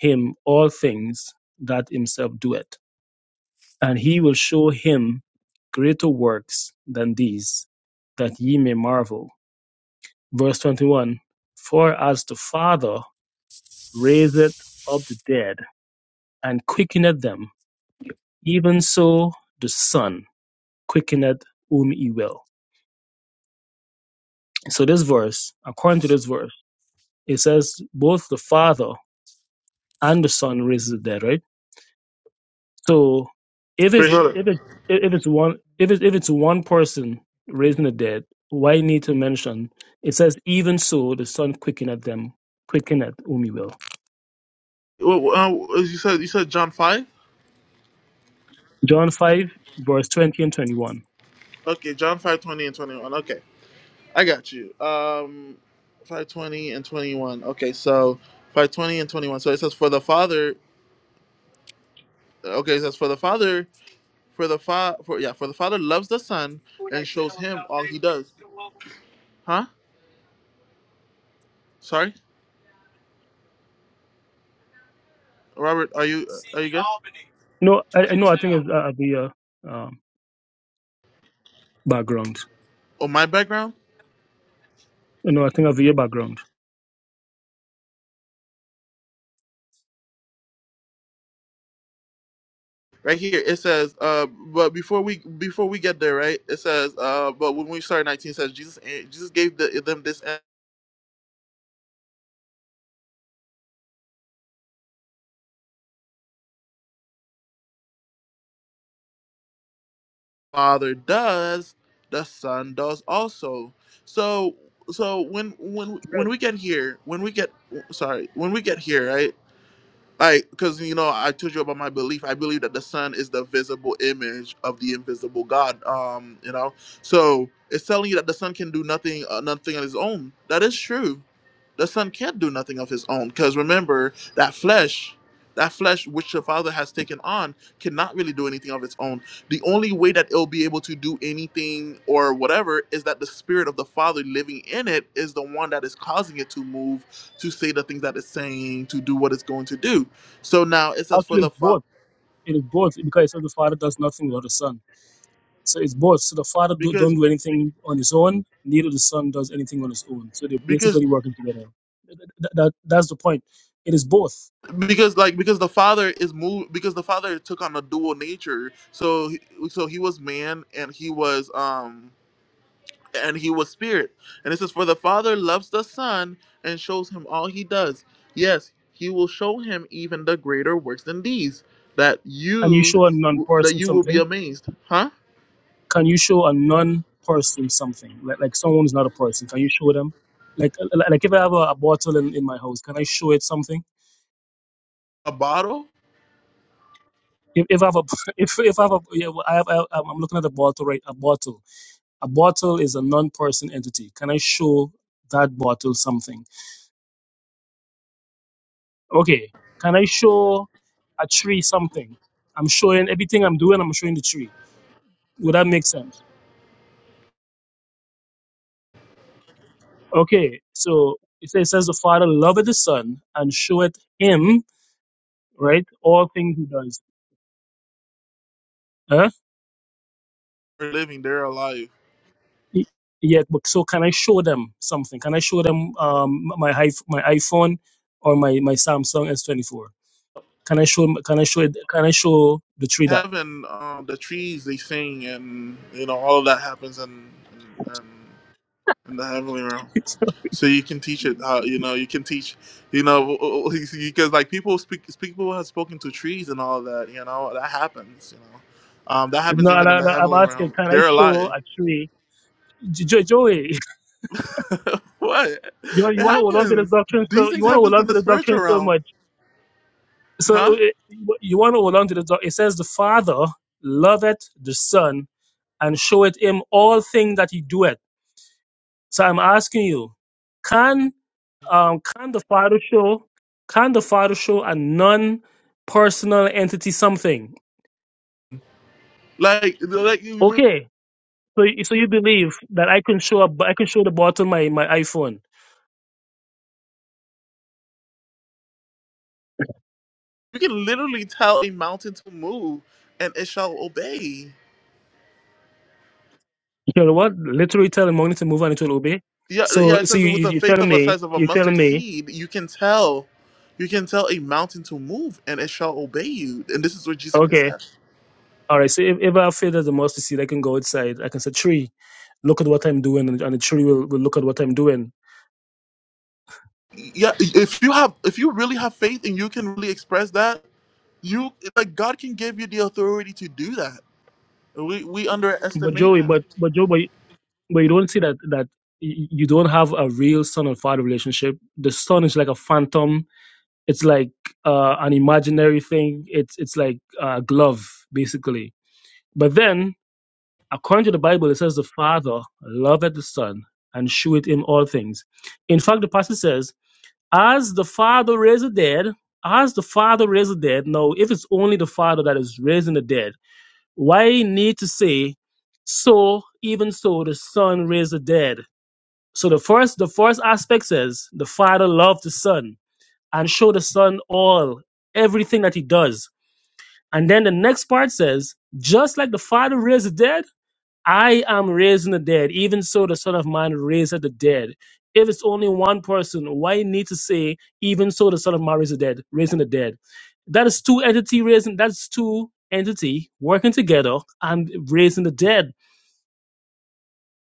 S3: him all things that himself doeth. And he will show him greater works than these, that ye may marvel. Verse 21, For as the Father raiseth up the dead, and quickeneth them, even so the Son quickeneth whom he will. So this verse, according to this verse, It says both the Father and the Son raises the dead, right? So if it's
S1: Wait, hold on.
S3: if it if it's one if it's if it's one person raising the dead, why need to mention? It says even so the Son quickeneth them, quickeneth whom he will.
S1: Well, uh, you said you said John five.
S3: John five verse twenty and twenty one.
S1: Okay, John five twenty and twenty one. Okay, I got you. Um, five twenty and twenty one. Okay, so. 520 and 21. So it says, For the Father Okay, it says for the Father, for the fa- for yeah, for the Father loves the Son and shows him all he does. Huh? Sorry, Robert, are you uh, are you good?
S3: No, I, I know. I think it's uh, Avia um, background.
S1: Oh, my background
S3: You know, I think Avia background.
S1: right here. It says, uh, but before we before we get there, right? It says, uh, but when we start nineteen, it says Jesus Jesus gave the, them this and Father does, the Son does also. So so when when when
S3: Right.
S1: we get here, when we get sorry, when we get here, right? like because you know i told you about my belief i believe that the sun is the visible image of the invisible god um you know so it's telling you that the sun can do nothing uh, nothing on his own that is true the son can't do nothing of his own because remember that flesh that flesh which the father has taken on cannot really do anything of its own the only way that it'll be able to do anything or whatever is that the spirit of the father living in it is the one that is causing it to move to say the things that it's saying to do what it's going to do so now it says for
S3: Actually,
S1: the
S3: it's
S1: fa-
S3: both. It is both because it says the Father does nothing without the Son. So it's both. So the Father do,
S1: because
S3: don't do anything on his own, neither the Son does anything on his own. So they're
S1: because
S3: basically working together. Th- th- that, that's the point. It is both.
S1: because like because the father is moved because the father took on a dual nature. So he, so he was man and he was um and he was spirit. And it says for the father loves the son and shows him all he does. Yes, he will show him even the greater works than these that
S3: Can you
S1: you
S3: show a
S1: that
S3: non-person
S1: you will be
S3: something?
S1: amazed. Huh?
S3: Can you show a non-person something? Like, like someone who's not a person, can you show them? Like like like if I have a, a bottle in, in my house, can I show it something?
S1: A bottle
S3: If, if I have a if if I have a yeah, well, I have, I, I'm I'm looking at a bottle right a bottle a bottle is a non-person entity. Can I show that bottle something? Okay, can I show a tree something? I'm showing everything I'm doing, I'm showing the tree. Would that make sense? Okay, so it says, it says the Father loveth the Son and showeth him, right, all things he does. Huh?
S1: or living they're alive.
S3: Y- Yeah, but so can I show them something? Can I show them um, my hi- my iPhone or my, my Samsung S24? Can I show can I show it, can I show the tree that?
S1: heaven, um, the trees they sing, and you know all of that happens in in, in, in the heavenly realm. So you can teach it. Uh, you know, you can teach. You know, because like people speak, people have spoken to trees and all that. You know, that happens. You know, um, that happens
S3: no,
S1: even in
S3: no,
S1: the
S3: no, I'm
S1: heavenly
S3: asking,
S1: realm.
S3: can I
S1: They're
S3: show
S1: alive.
S3: a tree? Jo- Joey,
S1: what?
S3: you know, you
S1: It
S3: want to hold on to this
S1: happens.
S3: doctrine
S1: These
S3: so you
S1: things
S3: want to hold
S1: happens
S3: on
S1: in
S3: to
S1: the
S3: this
S1: spiritual
S3: doctrine so
S1: realm,
S3: much. So uh,
S1: huh?
S3: uh, you want to hold on to this doctrine. It says the Father loveth the Son and showeth him all things that he doeth. So I'm asking you, can um can the Father show can the Father show a non personal entity something?
S1: Like, like you
S3: Okay. So, you- so you believe that I can show up, I can show the bottom my my iPhone.
S1: you can literally tell a mountain to move, and it shall obey.
S3: You know what? Literally telling money to move and it will obey.
S1: Yeah, uh, yeah.
S3: So,
S1: It
S3: so
S1: says
S3: you
S1: with
S3: you-
S1: the
S3: you're
S1: faith
S3: telling
S1: of a
S3: me,
S1: size of a
S3: you're telling
S1: mustard
S3: me
S1: seed, you can tell, you can tell a mountain to move, and it shall obey you. And this is what Jesus Christ
S3: Okay.
S1: said.
S3: All right. So if, if I fail as a mustard seed, I can go outside. I can say, tree, look at what I'm doing, and, and the tree will, will look at what I'm doing.
S1: Yeah, if you have, if you really have faith, and you can really express that, you like God can give you the authority to do that. We we
S3: But
S1: underestimate
S3: Joey,
S1: Him.
S3: but but Joe, but, you- but you don't see that that y- you don't have a real son and father relationship. The son is like a phantom. It's like uh, an imaginary thing. It's it's like a glove basically. But then According to the Bible, it says the Father loveth the Son and sheweth him all things. In fact, the passage says, as the Father raised the dead, as the Father raised the dead. Now, if it's only the Father that is raising the dead, why need to say, so even so the Son raised the dead? So the first, the first aspect says the Father loved the Son and showed the Son all everything that He does. And then the next part says, just like the Father raised the dead I am raising the dead, even so the Son of Man raised the dead. If it's only one person, why need to say, even so the Son of Man raised the dead, raising the dead? That is two entity raising, that's two entity working together and raising the dead.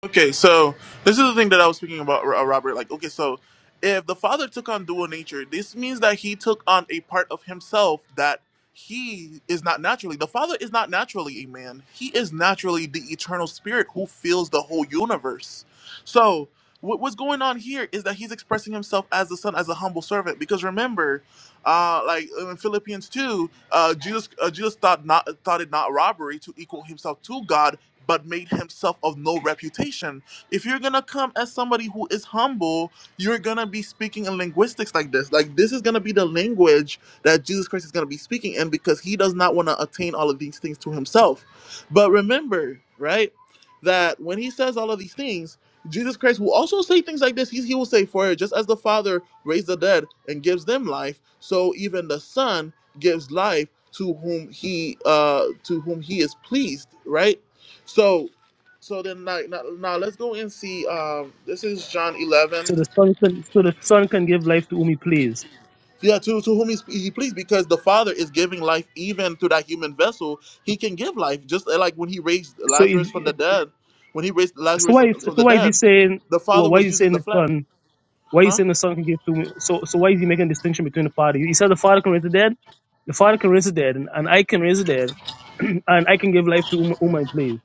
S1: Okay, so this is the thing that I was speaking about, Ro- Robert. Like, okay, so if the Father took on dual nature, this means that He took on a part of Himself that He is not naturally. The Father is not naturally a man. He is naturally the eternal Spirit who fills the whole universe. So what, what's going on here is that He's expressing Himself as the Son, as a humble servant. Because remember, uh, like in Philippians two, uh, Jesus, uh, Jesus thought not thought it not robbery to equal Himself to God but made himself of no reputation. If you're gonna come as somebody who is humble, you're gonna be speaking in linguistics like this. Like this is gonna be the language that Jesus Christ is gonna be speaking in because he does not want to attain all of these things to himself. But remember, right, that when he says all of these things, Jesus Christ will also say things like this. He, he will say, For just as the Father raised the dead and gives them life, so even the Son gives life to whom he uh to whom he is pleased, right? So, so then like now, now let's go and see. Um, this is John eleven.
S3: So the Son can, so the Son can give life to whom he please.
S1: Yeah, to to whom he, he pleased, because the Father is giving life even through that human vessel. He can give life, just uh, like when he raised
S3: So, it,
S1: Lazarus from the dead. When he raised
S3: so
S1: Lazarus
S3: why, is- so
S1: from the
S3: why is he
S1: dead,
S3: saying,
S1: the
S3: well,
S1: Father
S3: why is
S1: was
S3: he
S1: using
S3: saying
S1: the
S3: the
S1: flesh,
S3: Son? Why are you
S1: huh?
S3: saying the son can give two? mi- So so why is he making a distinction between the father? He said the father can raise the dead. The father can raise the dead, and, and I can raise the dead, and I can give life to whom, whom I please.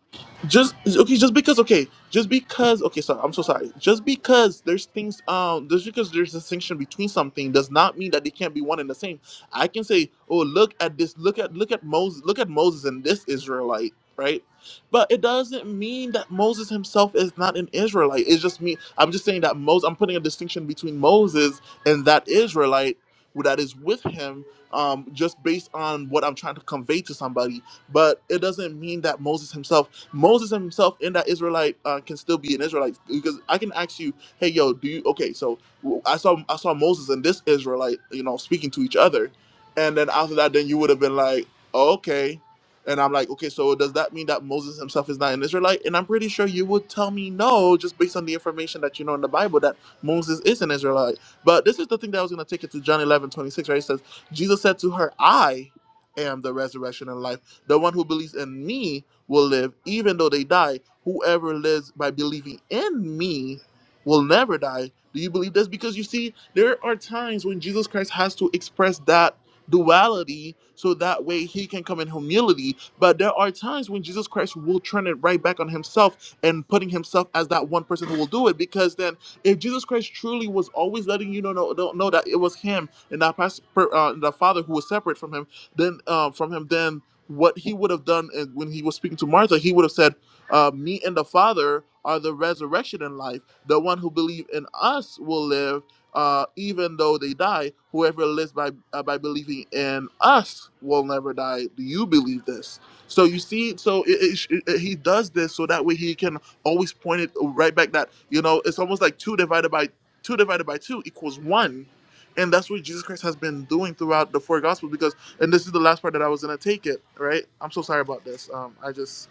S1: just okay just because okay just because okay Sorry, i'm so sorry just because there's things um just because there's a distinction between something does not mean that they can't be one and the same i can say oh look at this look at look at moses look at moses and this israelite right but it doesn't mean that moses himself is not an israelite it's just me i'm just saying that moses i'm putting a distinction between moses and that israelite who that is with him um just based on what i'm trying to convey to somebody but it doesn't mean that moses himself Moses himself and that Israelite uh, can still be an Israelite because I can ask you, hey, yo, do you okay? So w- I saw I saw Moses and this Israelite, you know, speaking to each other, and then after that, then you would have been like, oh, okay, and I'm like, okay, so does that mean that Moses himself is not an Israelite? And I'm pretty sure you would tell me no, just based on the information that you know in the Bible that Moses is an Israelite. But this is the thing that I was going to take it to John 11:26, 26, right? It says, Jesus said to her, I am the resurrection and life. The one who believes in me will live even though they die. Whoever lives by believing in me will never die. Do you believe this? Because you see, there are times when Jesus Christ has to express that duality so that way he can come in humility. But there are times when Jesus Christ will turn it right back on himself and putting himself as that one person who will do it. Because then, if Jesus Christ truly was always letting you know, know, know know that it was him and that past, per- uh, the Father who was separate from him, then uh, from him, then what he would have done is- when he was speaking to Martha, he would have said, uh, "Me and the Father are the resurrection and life. The one who believes in us will live, uh, even though they die. Whoever lives by uh, by believing in us will never die. Do you believe this?" So you see, so it, it, it, it- he does this so that way he can always point it right back. That you know, it's almost like two divided by two divided by two equals one. And that's what Jesus Christ has been doing throughout the four gospels because and this is the last part that I was gonna take it, right? I'm so sorry about this. Um, I just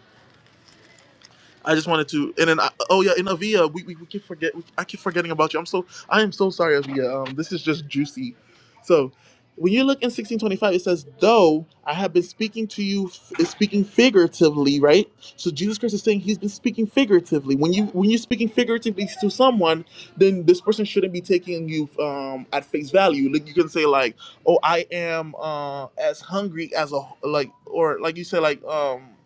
S1: I just wanted to, and then I, oh yeah, and Avia, we, we, we keep forget, we, I keep forgetting about you. I'm so I am so sorry, Avia. Um, this is just juicy. So, when you look in 1625, it says, "Though I have been speaking to you, f- speaking figuratively, right? So Jesus Christ is saying He's been speaking figuratively. When you when you're speaking figuratively to someone, then this person shouldn't be taking you um at face value. Like you can say like, "Oh, I am uh as hungry as a like," or like you say like um.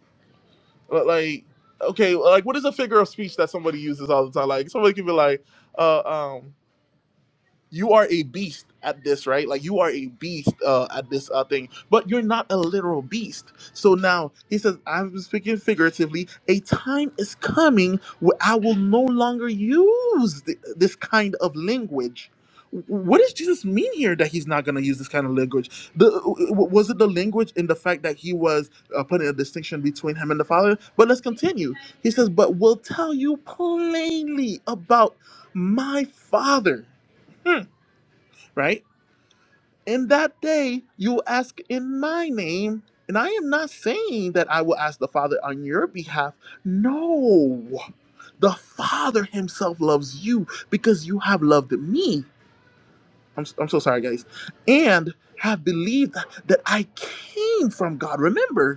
S1: But like, okay, like what is a figure of speech that somebody uses all the time? Like somebody can be like, uh, um, you are a beast at this, right? Like you are a beast uh, at this uh, thing, but you're not a literal beast. So now he says, I'm speaking figuratively. A time is coming where I will no longer use th- this kind of language. W- What does Jesus mean here that he's not going to use this kind of language? The, w- w- was it the language in the fact that he was uh, putting a distinction between him and the Father? But let's continue. He says, But will tell you plainly about my Father. Hmm right? In that day, you will ask in my name. And I am not saying that I will ask the Father on your behalf. No. The Father Himself loves you because you have loved me. I'm, i I'm so sorry, guys. And have believed that I came from God. Remember,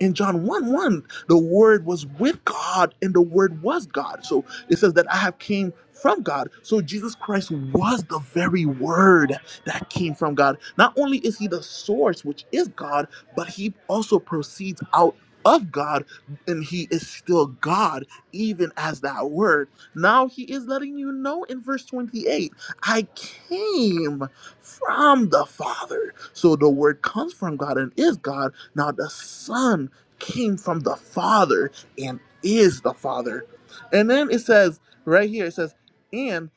S1: in John 1 1, the word was with God and the word was God. So it says that I have came from God. So Jesus Christ was the very word that came from God. Not only is he the source, which is God, but he also proceeds out of God and he is still God, even as that word. Now he is letting you know in verse 28 I came from the Father. So the word comes from God and is God. Now the Son came from the Father and is the Father. And then it says, right here, it says, and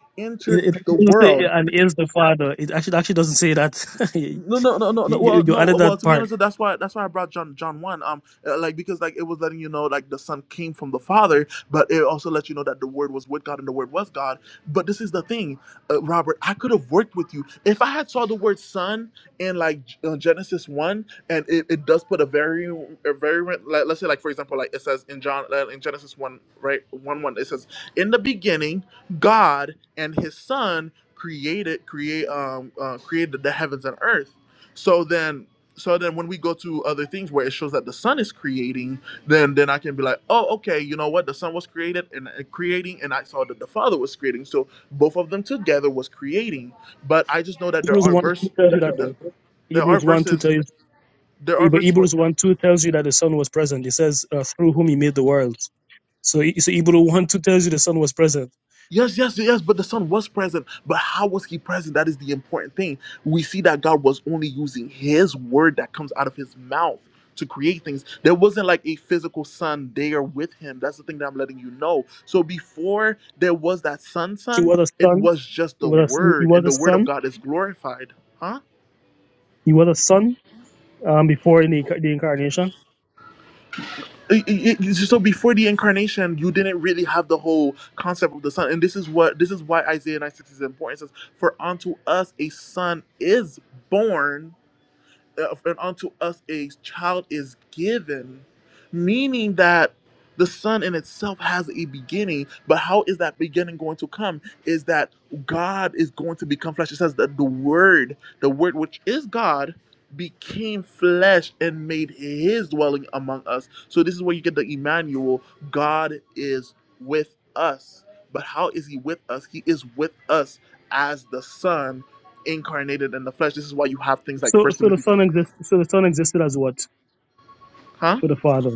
S3: It,
S1: entered
S3: it
S1: the
S3: doesn't say
S1: world
S3: and is the father. It actually actually doesn't say that. you,
S1: no, no, no, no, no.
S3: you,
S1: Well,
S3: you
S1: no.
S3: added
S1: Well,
S3: that
S1: to be
S3: part.
S1: honest, that's why that's why I brought John John one. Um, uh, like because like it was letting you know like the Son came from the Father, but it also let you know that the Word was with God and the Word was God. But this is the thing, uh, Robert. I could have worked with you if I had saw the word Son in like G- uh, Genesis one, and it, it does put a very a very like, let's say like for example like it says in John uh, in Genesis one right one one it says in the beginning God and His Son created create um uh, created the heavens and earth so then so then when we go to other things where it shows that the sun is creating then then i can be like oh okay you know what the sun was created and uh, creating and i saw that the father was creating so both of them together was creating but i just know that there
S3: Hebrews
S1: are
S3: one two
S1: verse
S3: tells you that
S1: the,
S3: though.
S1: there are
S3: Hebrews one two
S1: verses
S3: tells
S1: there are
S3: you, but
S1: verses where
S3: Hebrews one two tells you that the son was present. It says uh, through whom he made the world. So he- so Hebrews one two tells you the son was present.
S1: Yes, yes, yes, but the son was present. But how was he present? That is the important thing. We see that God was only using his word that comes out of his mouth to create things. There wasn't like a physical son there with him. That's the thing that I'm letting you know. So before there was that son,
S3: He
S1: son,
S3: was a
S1: it
S3: son.
S1: was just
S3: He
S1: the
S3: was a, he
S1: word, and
S3: was a
S1: the word of
S3: son.
S1: God is glorified. Huh?
S3: He was a son um, before in the, inca- the incarnation.
S1: Uh, y- y- so before the incarnation you didn't really have the whole concept of the son and this is what this is why isaiah nine six is important it says for unto us a son is born uh, and unto us a child is given, meaning that the Son in itself has a beginning, but how is that beginning going to come? Is that God is going to become flesh? It says that the Word, the Word which is God, became flesh and made his dwelling among us. So this is where you get the Emmanuel. God is with us. But how is he with us? He is with us as the Son incarnated in the flesh. This is why you have things like
S3: So,
S1: First
S3: so the
S1: Timothy 2
S3: son exists. So the son existed as what
S1: huh
S3: for the father?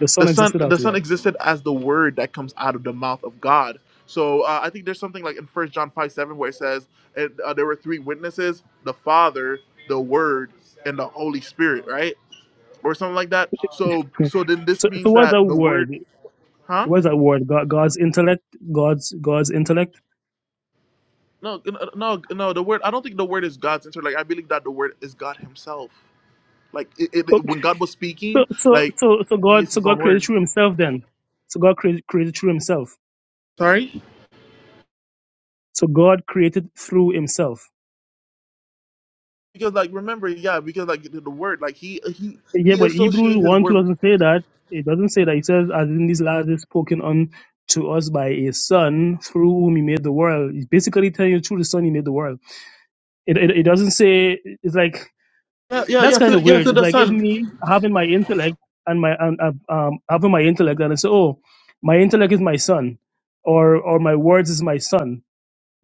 S3: The
S1: the
S3: son
S1: son
S3: existed as
S1: the son
S3: what?
S1: existed as the word that comes out of the mouth of god so uh, i think there's something like in first john 5 7 where it says and, uh, there were three witnesses the father the word and the holy spirit right or something like that so so then this
S3: so, so
S1: means
S3: what's
S1: that
S3: that
S1: the
S3: word?
S1: word huh
S3: What's that word? God, God's intellect. God's God's intellect.
S1: no n- n- no no the word i don't think the word is god's answer like i believe that the word is god himself like it,
S3: So,
S1: it, when god was
S3: so,
S1: speaking
S3: so,
S1: like
S3: so so
S1: he
S3: God,
S1: is
S3: so
S1: his own
S3: God created
S1: word
S3: through Himself. Then, so God created created through Himself.
S1: sorry
S3: So God created through Himself.
S1: because like remember yeah because like the, the word like he he
S3: Yeah,
S1: he
S3: but Hebrews
S1: associates his
S3: one two
S1: word
S3: doesn't say that. It doesn't say that. It says, "As in these last days spoken on to us by a son, through whom He made the world." It's basically telling you through the Son He made the world. It, it it doesn't say. It's like
S1: yeah yeah
S3: that's
S1: yeah
S3: kind
S1: to,
S3: of
S1: yeah
S3: weird.
S1: to
S3: It's
S1: the
S3: like if
S1: son
S3: me having my intellect and my and uh, um having my intellect and I say, oh, my intellect is my son, or or my words is my son.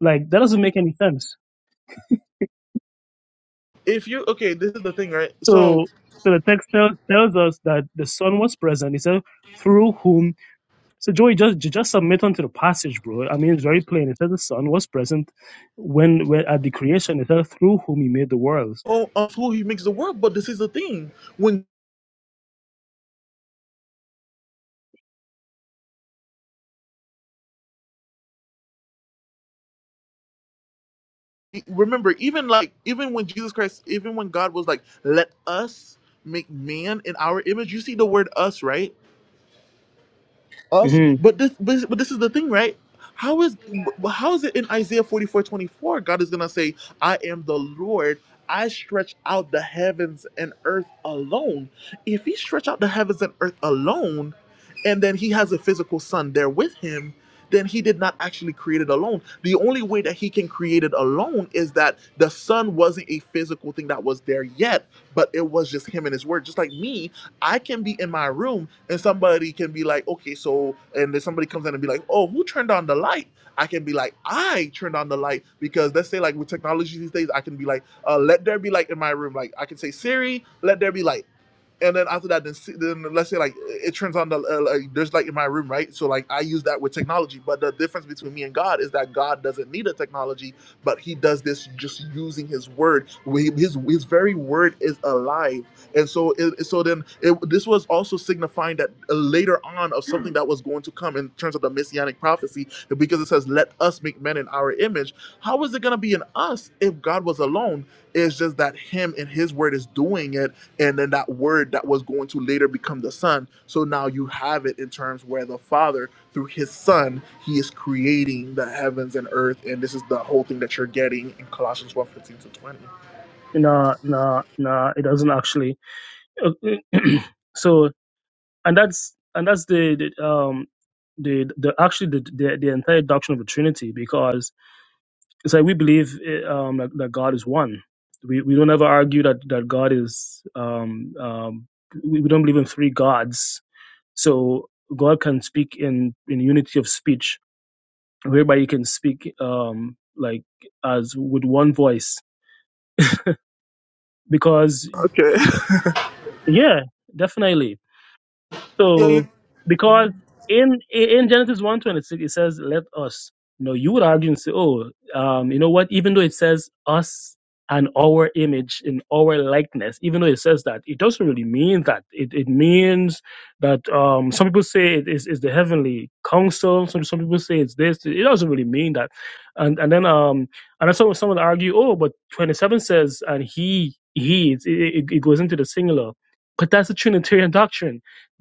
S3: Like that doesn't make any sense.
S1: if you okay this is the thing right so
S3: So so the text tell, tells us that the son was present. He said through whom. So Joey, just ju- just submit onto the passage, bro. I mean, it's very plain. It says the son was present when, when at the creation. It says through whom he made the worlds.
S1: oh of who he makes the world but this is the thing when remember even like even when jesus christ even when god was like let us make man in our image you see the word us right us
S3: hmm
S1: but this but, but this is the thing right how is wh- how is it in isaiah 44 24? god is gonna say i am the lord i stretch out the heavens and earth alone if he stretch out the heavens and earth alone and then he has a physical son there with him then he did not actually create it alone. The only way that he can create it alone is that the son wasn't a physical thing that was there yet, but it was just him and his word. Just like me, I can be in my room and somebody can be like, okay, so, and then somebody comes in and be like, oh, who turned on the light? I can be like, I turned on the light because let's say like with technology these days, I can be like, uh, let there be light in my room. Like I can say Siri, let there be light and then after that, then, see, then let's say like it turns on the uh, like there's like in my room, right? So like I use that with technology, but the difference between me and God is that God doesn't need a technology, but He does this just using His word. We- His His very word is alive, and so it, so then it, this was also signifying that uh, later on of something that was going to come in terms of the messianic prophecy, because it says, "Let us make men in our image." How is it going to be in us if God was alone? It's just that Him and His word is doing it and then that word that was going to later become the son so now you have it in terms where the father through his son he is creating the heavens and earth and this is the whole thing that you're getting in colossians 1 fifteen to 20
S3: Nah, nah, nah. It doesn't actually. Okay, so and that's and that's the, the um the the actually the, the the entire doctrine of the Trinity because it's like we believe eh, um that, that God is one. We we don't ever argue that that God is um um we, we don't believe in three gods. So God can speak in in unity of speech, whereby He can speak um like as with one voice because
S1: okay
S3: yeah definitely
S1: yeah
S3: So
S1: you,
S3: because in in Genesis one twenty six it says, "Let us." You know, you would argue and say, "Oh, um, you know what?" Even though it says "us" and "our image" in "our likeness," even though it says that, it doesn't really mean that. It it means that um, some people say it is is the heavenly council. Some some people say it's this. It doesn't really mean that. And and then um and then someone someone argue, "Oh, but twenty seven says and he he it, it, it goes into the singular." But that's a Trinitarian doctrine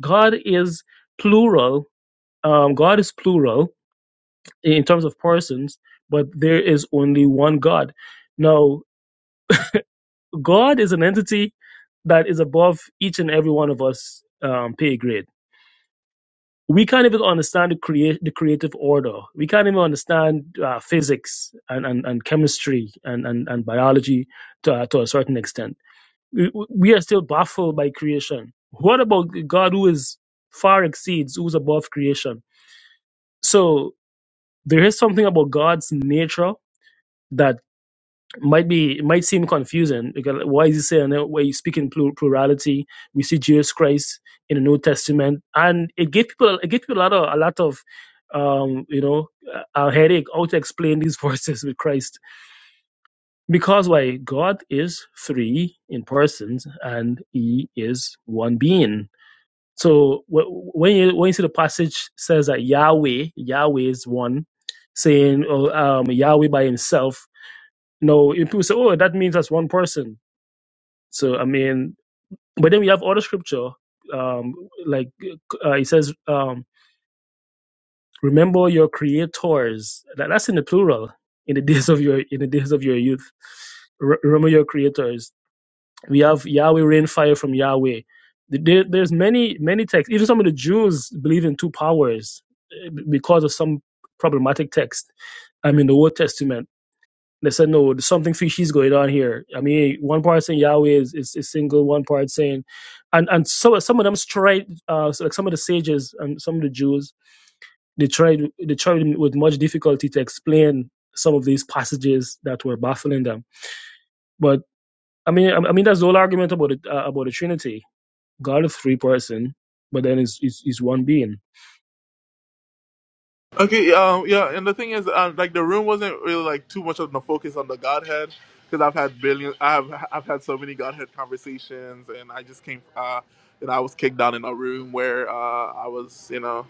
S3: God is plural. Um, God is plural in terms of persons, but there is only one God. Now, God is an entity that is above each and every one of us um, pay grade. We can't even understand the create the creative order. We can't even understand uh, physics and, and, and chemistry and, and, and biology to, uh, to a certain extent. We, we are still baffled by creation. What about God who is far exceeds, who's above creation? So there is something about God's nature that might be it might seem confusing because why is he saying that where you speak in plur- plurality we see Jesus Christ in the New Testament and it gave people it gave people a lot of a lot of um you know a a headache how to explain these verses with Christ because why God is three in persons and he is one being so when you when you see the passage says that Yahweh, Yahweh is one, saying oh, um, Yahweh by himself. No, and people say, oh, that means that's one person. So I mean, but then we have other scripture, um, like uh, it says, um, remember your creators. That, that's in the plural. In the days of your in the days of your youth, Re- remember your creators. We have Yahweh rain fire from Yahweh. There, there's many many texts. Even some of the Jews believe in two powers eh, because of some problematic text. I mean, the Old Testament. They said no, there's something fishy is going on here. I mean, one part saying Yahweh is, is, is single, one part saying, and and so some of them tried, uh, so like some of the sages and some of the Jews, they tried they tried with much difficulty to explain some of these passages that were baffling them. But I mean, I, I mean that's the whole argument about it, uh, about the Trinity God is three person, but then it's it's, it's one being.
S1: okay um, yeah and the thing is um, like the room wasn't really like too much of the focus on the godhead because i've had billions i've i've had so many godhead conversations and i just came uh and i was kicked down in a room where uh i was you know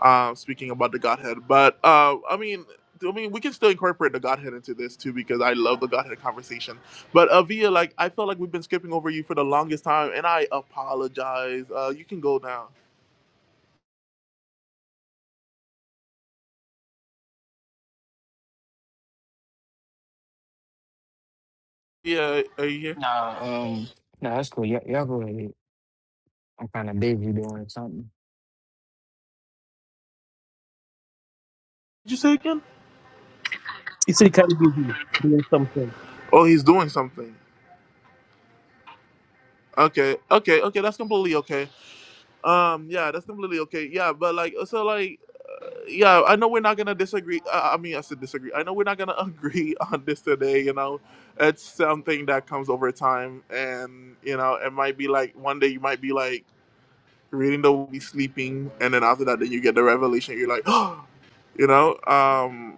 S1: uh, speaking about the Godhead. But uh, I mean, I mean, we can still incorporate the Godhead into this too because I love the Godhead conversation. But Avia, like, I felt like we've been skipping over you for the longest time, and I apologize. Uh, you can go now. Yeah, are you here?
S4: Nah, um, nah. That's cool. Y'all, y'all go ahead. I'm kind of busy doing something.
S1: Did you say again?
S3: He said, "Can you be doing something?
S1: Oh, he's doing something. Okay, okay, okay. That's completely okay. Um, yeah, that's completely okay. Yeah, but like, so like. yeah, I know we're not gonna disagree. Uh, I mean, I said disagree. I know we're not gonna agree on this today. You know, it's something that comes over time, and you know, it might be like one day you might be like reading the movie sleeping, and then after that, then you get the revelation. You're like, you know. Um,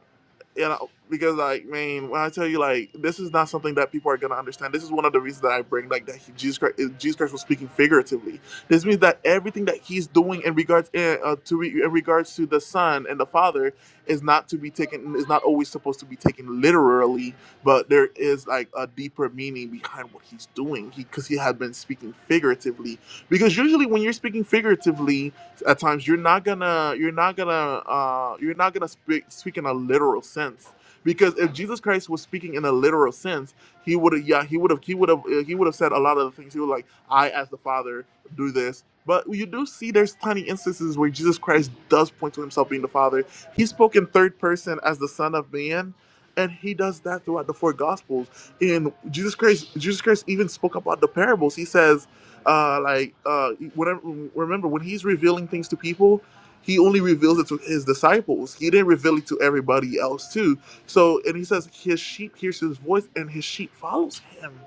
S1: you know, because like, man, when I tell you, like, this is not something that people are gonna understand. This is one of the reasons that I bring, like, that he, Jesus Christ, eh, Jesus Christ was speaking figuratively. This means that everything that he's doing in regards eh, uh, to re, in regards to the Son and the Father is not to be taken is not always supposed to be taken literally, but there is like a deeper meaning behind what he's doing. He because he had been speaking figuratively. Because usually when you're speaking figuratively, at times you're not gonna you're not gonna uh you're not gonna speak speak in a literal sense because if jesus christ was speaking in a literal sense he would have yeah he would have he would have he would have said a lot of the things he was like i as the father do this but you do see there's tiny instances where jesus christ does point to himself being the father he spoke in third person as the son of man and he does that throughout the four gospels in jesus christ jesus christ even spoke about the parables he says uh, like uh, whenever, remember when he's revealing things to people he only reveals it to his disciples he didn't reveal it to everybody else too so and he says his sheep hears his voice and his sheep follows him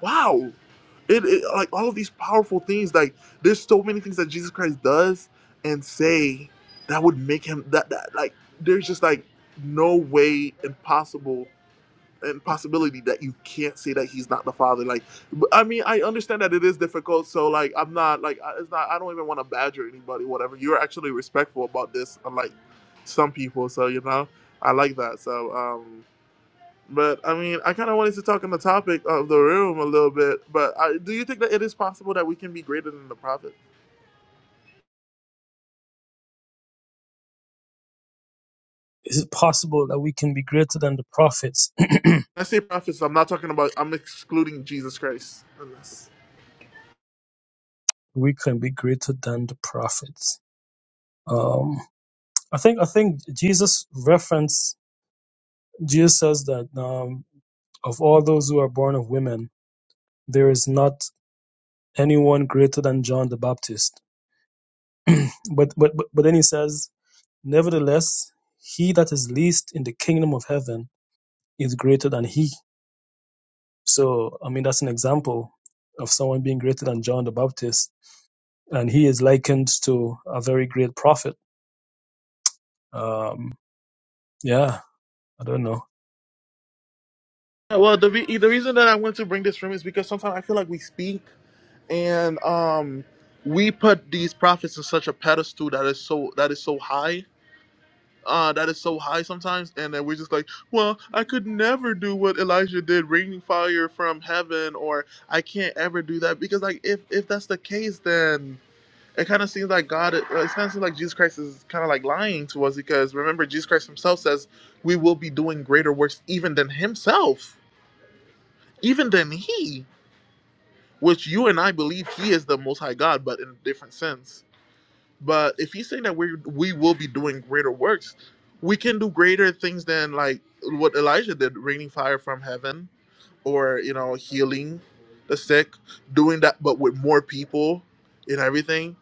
S1: wow it, it like all of these powerful things like there's so many things that jesus christ does and say that would make him that, that like there's just like no way impossible impossibility that you can't say that he's not the father. Like, I mean, I understand that it is difficult. So, like, I'm not like I- it's not. I don't even want to badger anybody. Whatever. You're actually respectful about this, unlike some people. So you know, I like that. So, um, but I mean, I kind of wanted to talk on the topic of the room a little bit. But I, do you think that it is possible that we can be greater than the prophet?
S3: Is it possible that we can be greater than the prophets?
S1: When I say prophets. I'm not talking about. I'm excluding Jesus Christ. in this.
S3: we can be greater than the prophets." Um, I think I think Jesus reference Jesus says that um, of all those who are born of women, there is not anyone greater than John the Baptist. But but but, but then he says, "Nevertheless, he that is least in the kingdom of heaven is greater than he." So, I mean, that's an example of someone being greater than John the Baptist. And he is likened to a very great prophet. Um, yeah, I don't know.
S1: Yeah, Well, the re- the reason that I want to bring this room is because sometimes I feel like we speak. and um we put these prophets in such a pedestal that is so that is so high uh that is so high sometimes and then we're just like well i could never do what elijah did raining fire from heaven or i can't ever do that because like if if that's the case then it kind of seems like god it kind of seems like jesus christ is kind of like lying to us because remember jesus christ himself says we will be doing greater works even than himself even than he which you and i believe he is the most high god but in a different sense But if he's saying that we we will be doing greater works, we can do greater things than like what Elijah did, raining fire from heaven, or you know healing the sick, doing that, but with more people and everything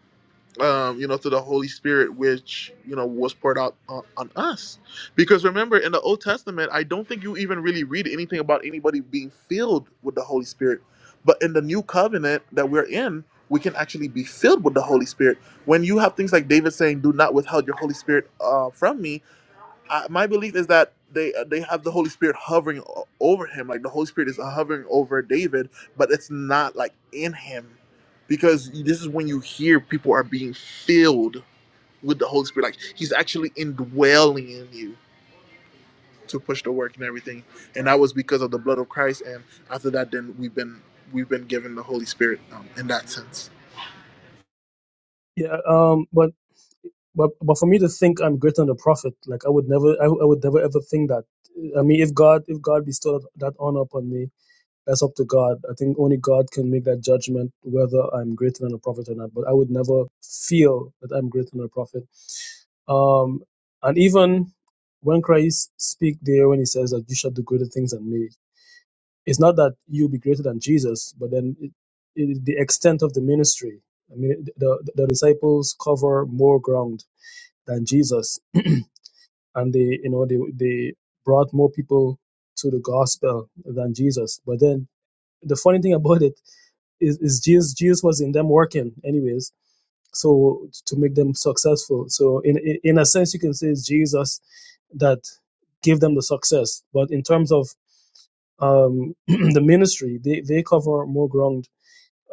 S1: um, you know, through the Holy Spirit, which you know was poured out on, on us. Because remember, in the Old Testament, I don't think you even really read anything about anybody being filled with the Holy Spirit. But in the New Covenant that we're in, we can actually be filled with the Holy Spirit. When you have things like David saying, "Do not withhold your Holy Spirit uh, from me," I, my belief is that they uh, they have the Holy Spirit hovering o- over him, like the Holy Spirit is hovering over David, but it's not like in him, because this is when you hear people are being filled with the Holy Spirit, like He's actually indwelling in you to push the work and everything, and that was because of the blood of Christ. And after that, then we've been we've been given the Holy Spirit um, in that sense.
S3: Yeah, um, but, but, but for me to think I'm greater than the prophet, like I would never, I, would- I would never ever think that. I mean, if God, if God bestowed that honor upon me, that's up to God. I think only God can make that judgment whether I'm greater than a prophet or not. But I would never feel that I'm greater than a prophet Um, and even when Christ speak there, when he says that you shall do greater things than me, it's not that you will be greater than Jesus, but then it, it, the extent of the ministry. I mean, the, the disciples cover more ground than Jesus, and they, you know, they they brought more people to the gospel than Jesus. But then the funny thing about it is, is Jesus, Jesus was in them working anyways so to make them successful so in in in a sense you can say it's jesus that gave them the success but in terms of um the ministry they, they cover more ground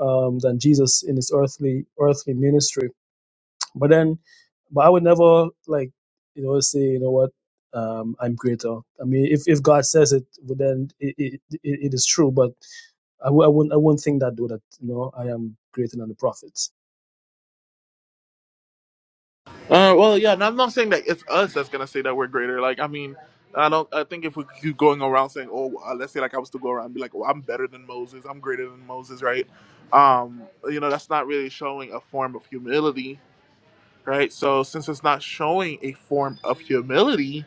S3: um than jesus in his earthly earthly ministry but then but i would never like you know say you know what um i'm greater i mean if if god says it well, then it it, it, it is true but I w- I wouldn't I wouldn't think that though that you know I am greater than the prophets.
S1: Uh, well, yeah, and I'm not saying that it's us that's gonna say that we're greater. Like, I mean, I don't. I think if we keep going around saying, "Oh, uh, let's say like I was to go around and be like, well, I'm better than Moses. I'm greater than Moses," right? Um, you know, that's not really showing a form of humility right? So since it's not showing a form of humility,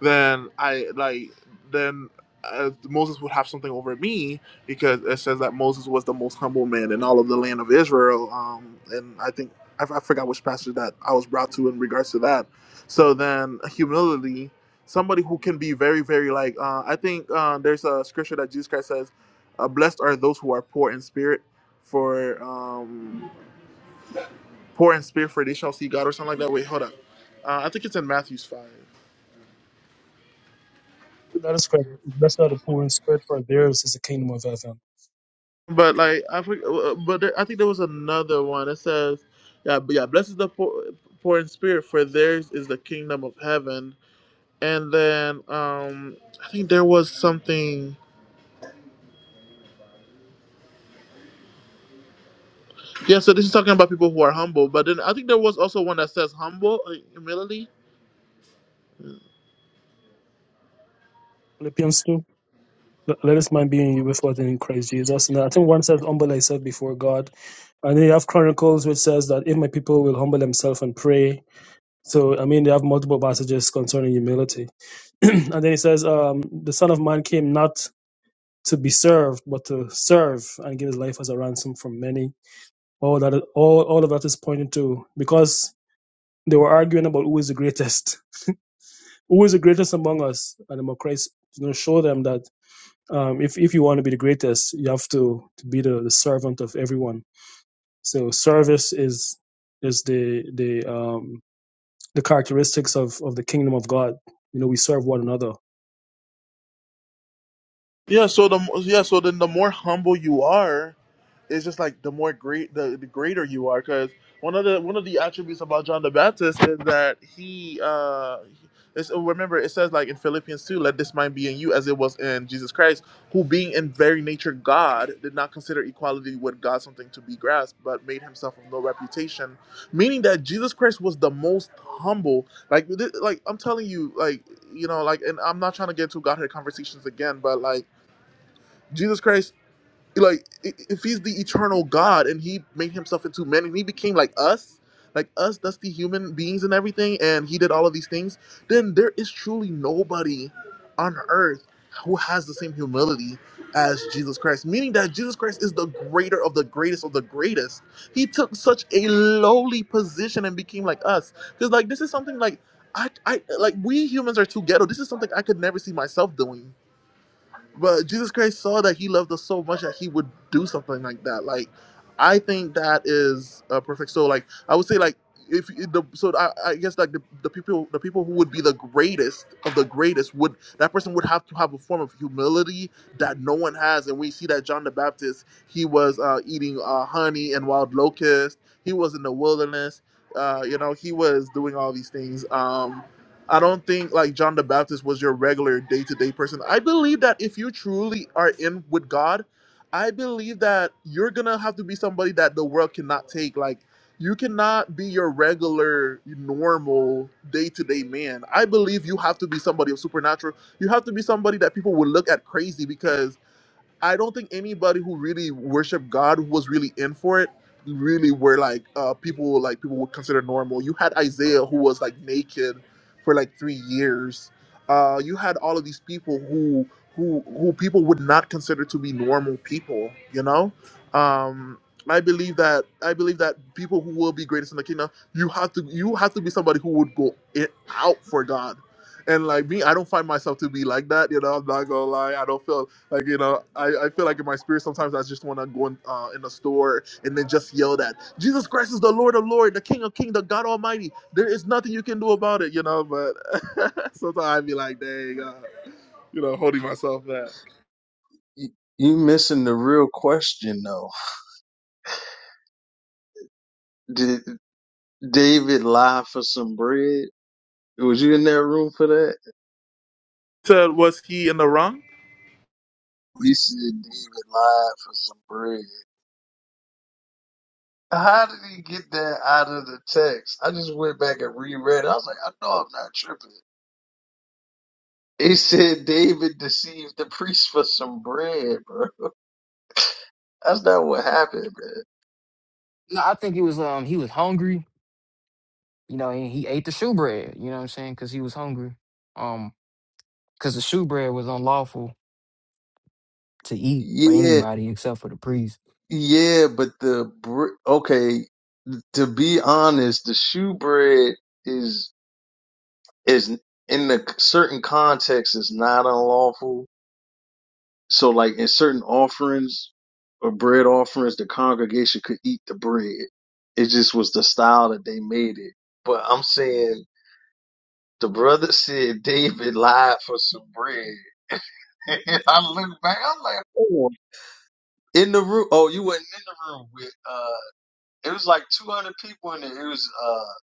S1: then I like then uh, Moses would have something over me because it says that Moses was the most humble man in all of the land of Israel. Um, and I think I, I forgot which passage that I was brought to in regards to that. So then humility, somebody who can be very very like uh, I think uh, there's a scripture that Jesus Christ says, uh, "Blessed are those who are poor in spirit." For um, poor in spirit for they shall see God or something like that. Wait, hold up. Uh, I think it's in Matthew's five.
S3: That is correct. Blessed are the poor in spirit, for theirs is the kingdom of heaven.
S1: But like I forget, but there, I think there was another one that says, yeah, but yeah, blessed is the poor, poor in spirit for theirs is the kingdom of heaven. And then um I think there was something. Yeah, so this is talking about people who are humble. But then I think there was also one that says humble like, humility.
S3: Philippians 2. Let let this mind be in you, which was in Christ Jesus. And I think one says, humble thyself before God. And then you have Chronicles, which says that if my people will humble themselves and pray. So, I mean, they have multiple passages concerning humility. and then he says, um, the Son of Man came not to be served, but to serve and give his life as a ransom for many. All that, all, all of that is pointing to, because they were arguing about who is the greatest who is the greatest among us and I'm a Christ, you know show them that um, if, if you want to be the greatest you have to, to be the, the servant of everyone so service is is the the um the characteristics of of the kingdom of god you know we serve one another
S1: Yeah. So the yeah. So then the more humble you are. it's just like the more great the, the greater you are because one of the one of the attributes about john the baptist is that he uh it's, remember it says like in philippians 2 let this mind be in you as it was in jesus christ who being in very nature god did not consider equality with god something to be grasped but made himself of no reputation meaning that jesus christ was the most humble like th- like i'm telling you like you know like and i'm not trying to get into godhead conversations again but like jesus christ like i- if he's the eternal god and he made himself into men and he became like us like us dusty human beings and everything and he did all of these things then there is truly nobody on earth who has the same humility as jesus christ meaning that jesus christ is the greater of the greatest of the greatest he took such a lowly position and became like us because like this is something like I, I like we humans are too ghetto this is something i could never see myself doing but Jesus Christ saw that he loved us so much that he would do something like that. Like, I think that is uh, perfect. So, like, I would say, like, if the so I, I guess like the, the people the people who would be the greatest of the greatest would that person would have to have a form of humility that no one has and we see that John the Baptist he was uh, eating uh, honey and wild locusts. he was in the wilderness uh, you know he was doing all these things Um, I don't think like John the Baptist was your regular day to day person. I believe that if you truly are in with God, I believe that you're gonna have to be somebody that the world cannot take. Like, you cannot be your regular, normal, day to day man. I believe you have to be somebody of supernatural. You have to be somebody that people will look at crazy because I don't think anybody who really worshiped God who was really in for it really were like uh, people like people would consider normal. You had Isaiah who was like naked for like three years. Uh, you had all of these people who who who people would not consider to be normal people. You know, um, I believe that I believe that people who will be greatest in the kingdom, you have to you have to be somebody who would go it out for God. And like me, I don't find myself to be like that. You know, I'm not gonna lie. I don't feel. Like you know, I, I feel like in my spirit sometimes I just want to go in, uh, in a store and then just yell that Jesus Christ is the Lord of Lord, the King of King, the God Almighty. There is nothing you can do about it, you know. But sometimes i be like, dang, uh, you know, holding myself back.
S6: You you missing the real question though. Did David lie for some bread? Was you in that room for that?
S1: Said was he in the wrong?
S6: We said David lied for some bread. How did he get that out of the text? I just went back and reread. it. I was like, I know I'm not tripping. It said David deceived the priest for some bread, bro. That's not what happened, man.
S4: No, I think he was um he was hungry you know, and he ate the shoe bread, you know what I'm saying? Cause he was hungry. Um, cause the shoe bread was unlawful to eat for
S6: Yeah,
S4: anybody except for the priest.
S6: yeah, but the br- okay. To be honest, the shoe bread is. is in the certain context is not unlawful. So like in certain offerings or bread offerings, the congregation could eat the bread. It just was the style that they made it. But I'm saying the brother said David lied for some bread. And I look back, I'm like, oh. In the room, oh, you wasn't in the room with, uh, it was like 200 people in there. It was, uh,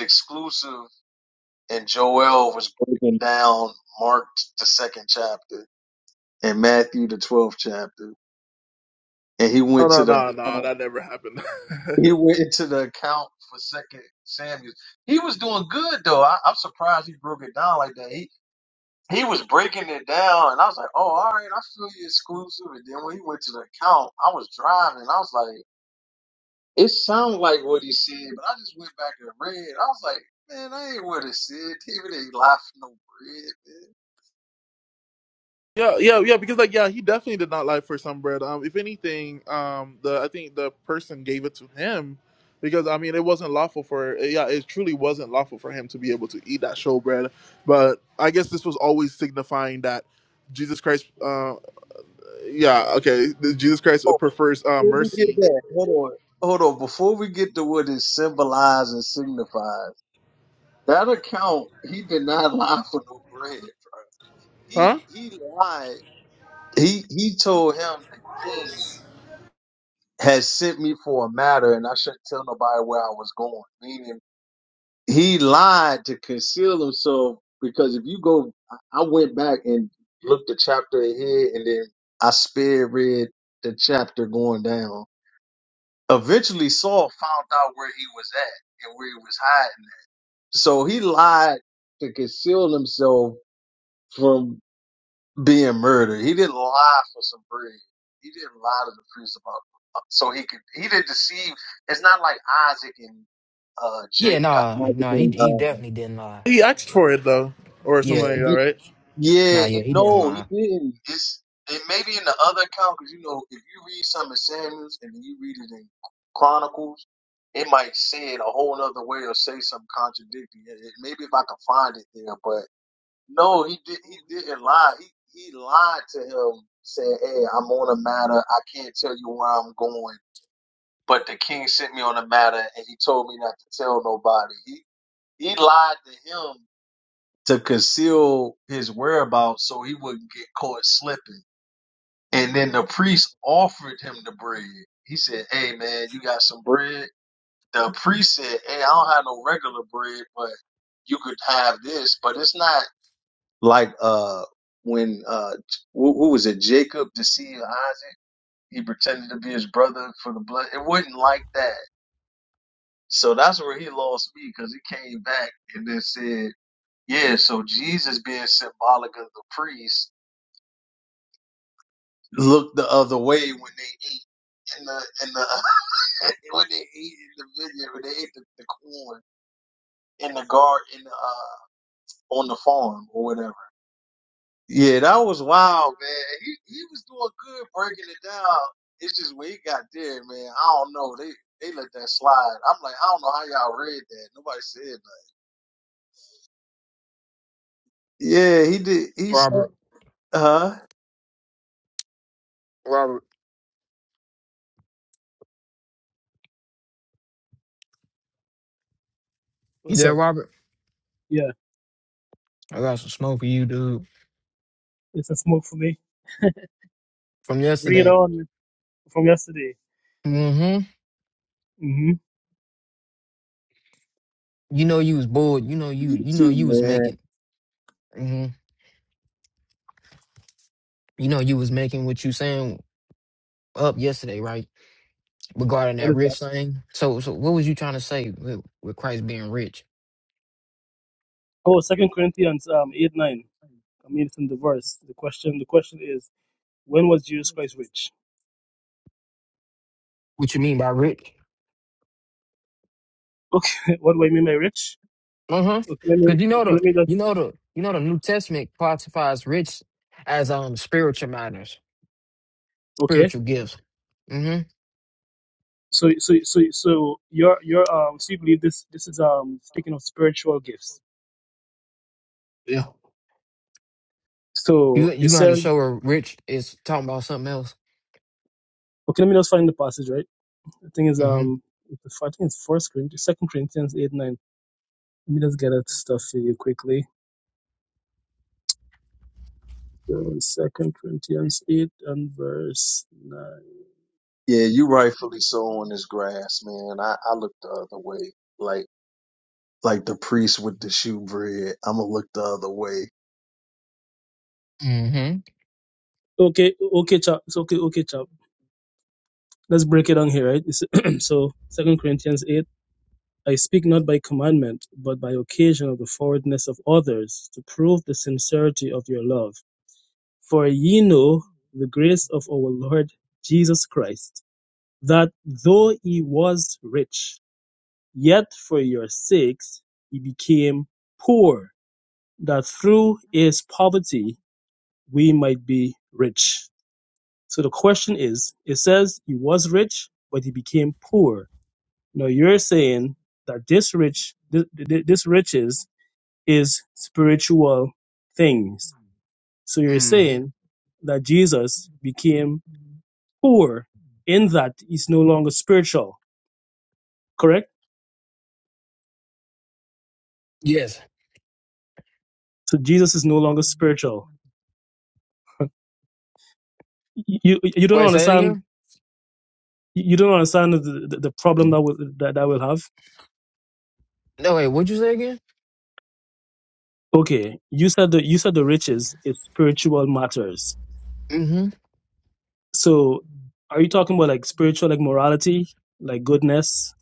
S6: exclusive. And Joel was breaking down Mark, the second chapter in Matthew the twelfth chapter, and he
S1: No,
S6: went
S1: no,
S6: to the
S1: no, no, that never happened.
S6: he went into the account for Second Samuel. He was doing good though. I, I'm surprised he broke it down like that. He he was breaking it down, and I was like, oh, all right, I feel you exclusive. And then when he went to the account, I was driving. I was like, it sounded like what he said, but I just went back and read. I was like, man, I ain't what it said. David ain't life no bread, man.
S1: Yeah, yeah, yeah. Because like, yeah, he definitely did not lie for some bread. Um, if anything, um, the I think the person gave it to him because I mean it wasn't lawful for yeah, it truly wasn't lawful for him to be able to eat that showbread. But I guess this was always signifying that Jesus Christ, uh, yeah, okay, the- Jesus Christ uh,
S6: Oh,
S1: prefers uh,
S6: before we get
S1: mercy,
S6: that, hold on. Hold on, before we get to what it symbolizes and signified. That account, he did not lie for no bread, bro. He
S1: huh?
S6: he lied. He he told him the king had sent me for a matter and I shouldn't tell nobody where I was going. Meaning he lied to conceal himself because if you go I I went back and looked the chapter ahead and then I spared read the chapter going down. Eventually Saul found out where he was at and where he was hiding. So he lied to conceal himself from. being murdered. He didn't lie for some bread. He didn't lie to the priest about uh, so he could. He didn't deceive. It's not like Isaac and uh
S4: Yeah,
S6: Jake. uh,
S4: nah,
S6: Isaac
S4: nah, he
S6: and,
S4: he
S6: uh,
S4: definitely didn't lie.
S1: He asked for it though, or something
S6: y-
S1: like
S4: Yeah,
S1: that,
S6: y-
S1: right?
S6: yeah,
S4: nah, yeah,
S6: it,
S4: he didn't
S6: no, he
S4: lie.
S6: didn't. It's it maybe in the other account because you know if you read some in Samuel's and then you read it in Chronicles, it might say it a whole other way or say something contradicting. It, it- maybe if I can find it there, but No, he did. He didn't lie. He he lied to him, saying, "Hey, I'm on a matter. I can't tell you where I'm going." But the king sent me on a matter, and he told me not to tell nobody. He he lied to him to conceal his whereabouts so he wouldn't get caught slipping. And then the priest offered him the bread. He said, "Hey, man, you got some bread?" The priest said, "Hey, I don't have no regular bread, but you could have this, but it's not." Like uh, when uh, who, who was it? Jacob deceived Isaac. He pretended to be his brother for the blood. It wasn't like that. So that's where he lost me because he came back and then said, "Yeah, so Jesus being symbolic of the priest looked the other way when they ate in the in the when they ate in the vineyard when they ate the, the corn in the garden in the, uh, on the farm or whatever." Yeah, that was wild, man. He he was doing good breaking it down. It's just when he got there, man. I don't know. They they let that slide. I'm like, I don't know how y'all read that. Nobody said nothing. Yeah, he did. He said,
S4: Robert,
S6: huh?
S4: Robert, you
S3: what's
S4: there,
S3: up
S4: Robert?
S3: yeah
S4: I got some smoke for you, dude.
S3: it's a smoke for me
S4: From
S3: bring it
S4: yesterday.
S3: on from yesterday
S4: Mm-hmm.
S3: mm-hmm.
S4: You know you was bored. You know you
S6: You
S4: you know
S6: too,
S4: you was
S6: man.
S4: making hmm you know you was making what you saying up yesterday, right? Regarding
S3: what
S4: that
S3: is that
S4: rich thing. So so what was you trying to say with, with Christ being rich?
S3: oh second corinthians um 8 9 i mean it's in the verse the question the question is when was jesus christ rich
S4: What you mean by rich?
S3: okay what do i mean by rich
S4: Uh-huh.
S3: okay let me
S4: Because you know
S3: okay
S4: the
S3: let me just
S4: you know the you know the New Testament classifies rich as um spiritual matters,
S3: Okay.
S4: spiritual gifts. Mm-hmm.
S3: So so so so you're you're um so you believe this this is um speaking of spiritual gifts.
S4: Yeah.
S3: So
S4: You
S3: it
S4: you gonna have
S3: says
S4: to show her rich is talking about something else.
S3: okay, let me just find the passage, right? The thing is
S4: Mm-hmm.
S3: um it's- I think it's first Corinthians second Corinthians eight nine. Let me just get that stuff for you quickly. So second Corinthians eight and verse nine.
S6: Yeah, you rightfully so on this grass, man. I I look the other way, like like the priest with the shoe bread. I'ma look the other way.
S4: Mm-hmm.
S3: Okay, okay, chap. It's okay, okay, chap. Let's break it down here, right? It's- so second Corinthians eight. I speak not by commandment, but by occasion of the forwardness of others, to prove the sincerity of your love. For ye know the grace of our Lord Jesus Christ, that though he was rich, yet for your sakes he became poor, that through his poverty we might be rich. So the question is, it says he was rich, but he became poor. Now you're saying that this rich, th- this riches is spiritual things. So you're
S4: Mm-hmm.
S3: saying that Jesus became poor in that he's no longer spiritual, correct?
S4: Yes.
S3: So Jesus is no longer spiritual. You you don't
S4: Wait, say it
S3: understand
S4: again?
S3: you don't understand the, the, the problem that will that, that will have.
S4: No, wait, what'd you say again?
S3: Okay, you said the you said the riches is spiritual matters.
S4: Mm-hmm.
S3: So are you talking about like spiritual like morality, like goodness?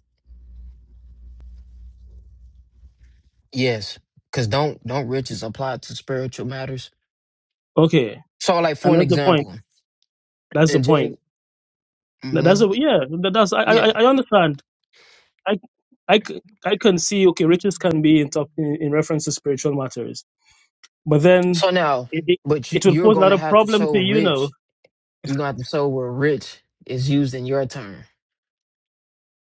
S4: Yes. Cause don't don't riches apply to spiritual matters.
S3: Okay,
S4: So like for
S3: and
S4: an
S3: that's the point.
S4: example,
S3: That's
S4: in
S3: the point.
S4: James,
S3: That- That's
S4: mm-hmm.
S3: a, yeah. that- That's I,
S4: yeah,
S3: I I understand. I, I, c- I can see, okay, riches can be in, top, in, in reference to spiritual matters, but then
S4: So now,
S3: it, it,
S4: but you,
S3: it will
S4: you're
S3: pose a
S4: going
S3: lot
S4: to
S3: of
S4: have to
S3: problem
S4: show
S3: to you now.
S4: rich. You're going to have to show where rich is used in your term.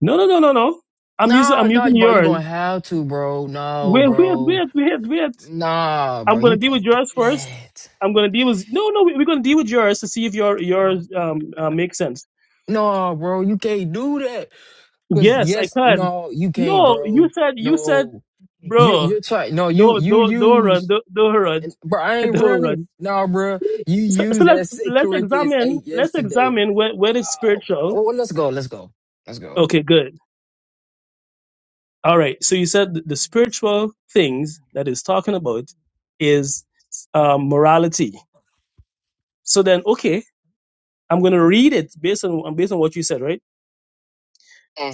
S3: No, no, no, no, no. I'm using,
S4: No,
S3: I'm
S4: no,
S3: using
S4: bro. You're
S3: yours.
S4: going to have to, bro. No,
S3: Wait, wait,
S4: bro.
S3: wait, wait, wait.
S4: Nah, bro.
S3: I'm going
S4: You
S3: to deal with
S4: can't do
S3: yours first.
S4: that.
S3: I'm going to deal with, no, no, we- we're going to deal with yours to see if your, yours, um, uh, makes sense.
S4: No, bro. You can't do that. Because,
S3: Yes, I
S4: yes,
S3: can.
S4: no, you can't,
S3: No, you
S4: bro.
S3: said, you said,
S4: No. You,
S3: bro,
S4: you're trying. No, you,
S3: don't,
S4: you
S3: don't, don't run,
S4: use.
S3: don't, don't run,
S4: Bro, I ain't
S3: don't run.
S4: running. No, bro. You
S3: so, so
S4: used
S3: let's
S4: that 6
S3: let's
S4: Corinthians
S3: examine
S4: 8
S3: let's
S4: yesterday.
S3: examine where where is
S4: Oh,
S3: spiritual
S4: well, let's go. Let's go. Let's go.
S3: okay good all right so you said th- the spiritual things that is talking about is um, morality so then okay i'm going to read it based on based on what you said right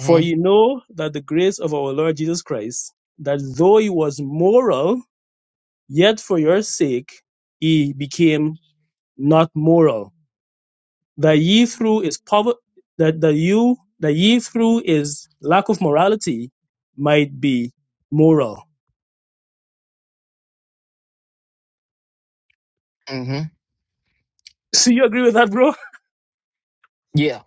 S3: for you know that the grace of our lord jesus christ that though he was moral yet for your sake he became not moral The ye through is poverty. The, the you, the ye through is lack of morality might be moral.
S4: Mm-hmm.
S3: So you agree with that, bro?
S4: Yeah.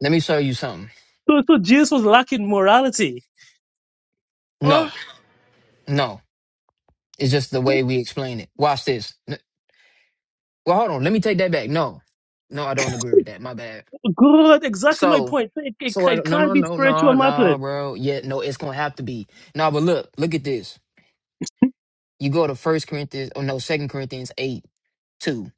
S4: Let me show you something.
S3: So, so Jesus was lacking morality.
S1: Oh,
S4: No, no. It's just the way we explain it. Watch this. N- Well, hold on. Let me take that back. No. No, I don't agree with that. My bad.
S3: Good. Exactly my
S4: So
S3: point. So It, it,
S4: so
S3: ca-
S4: I,
S3: it
S4: no
S3: can't
S4: no
S3: be
S4: no no
S3: spiritual
S4: no
S3: matters.
S4: bro. Yeah, no, it's gonna have to be. No, but look, look at this. You go to first Corinthians or no, second Corinthians eight, two.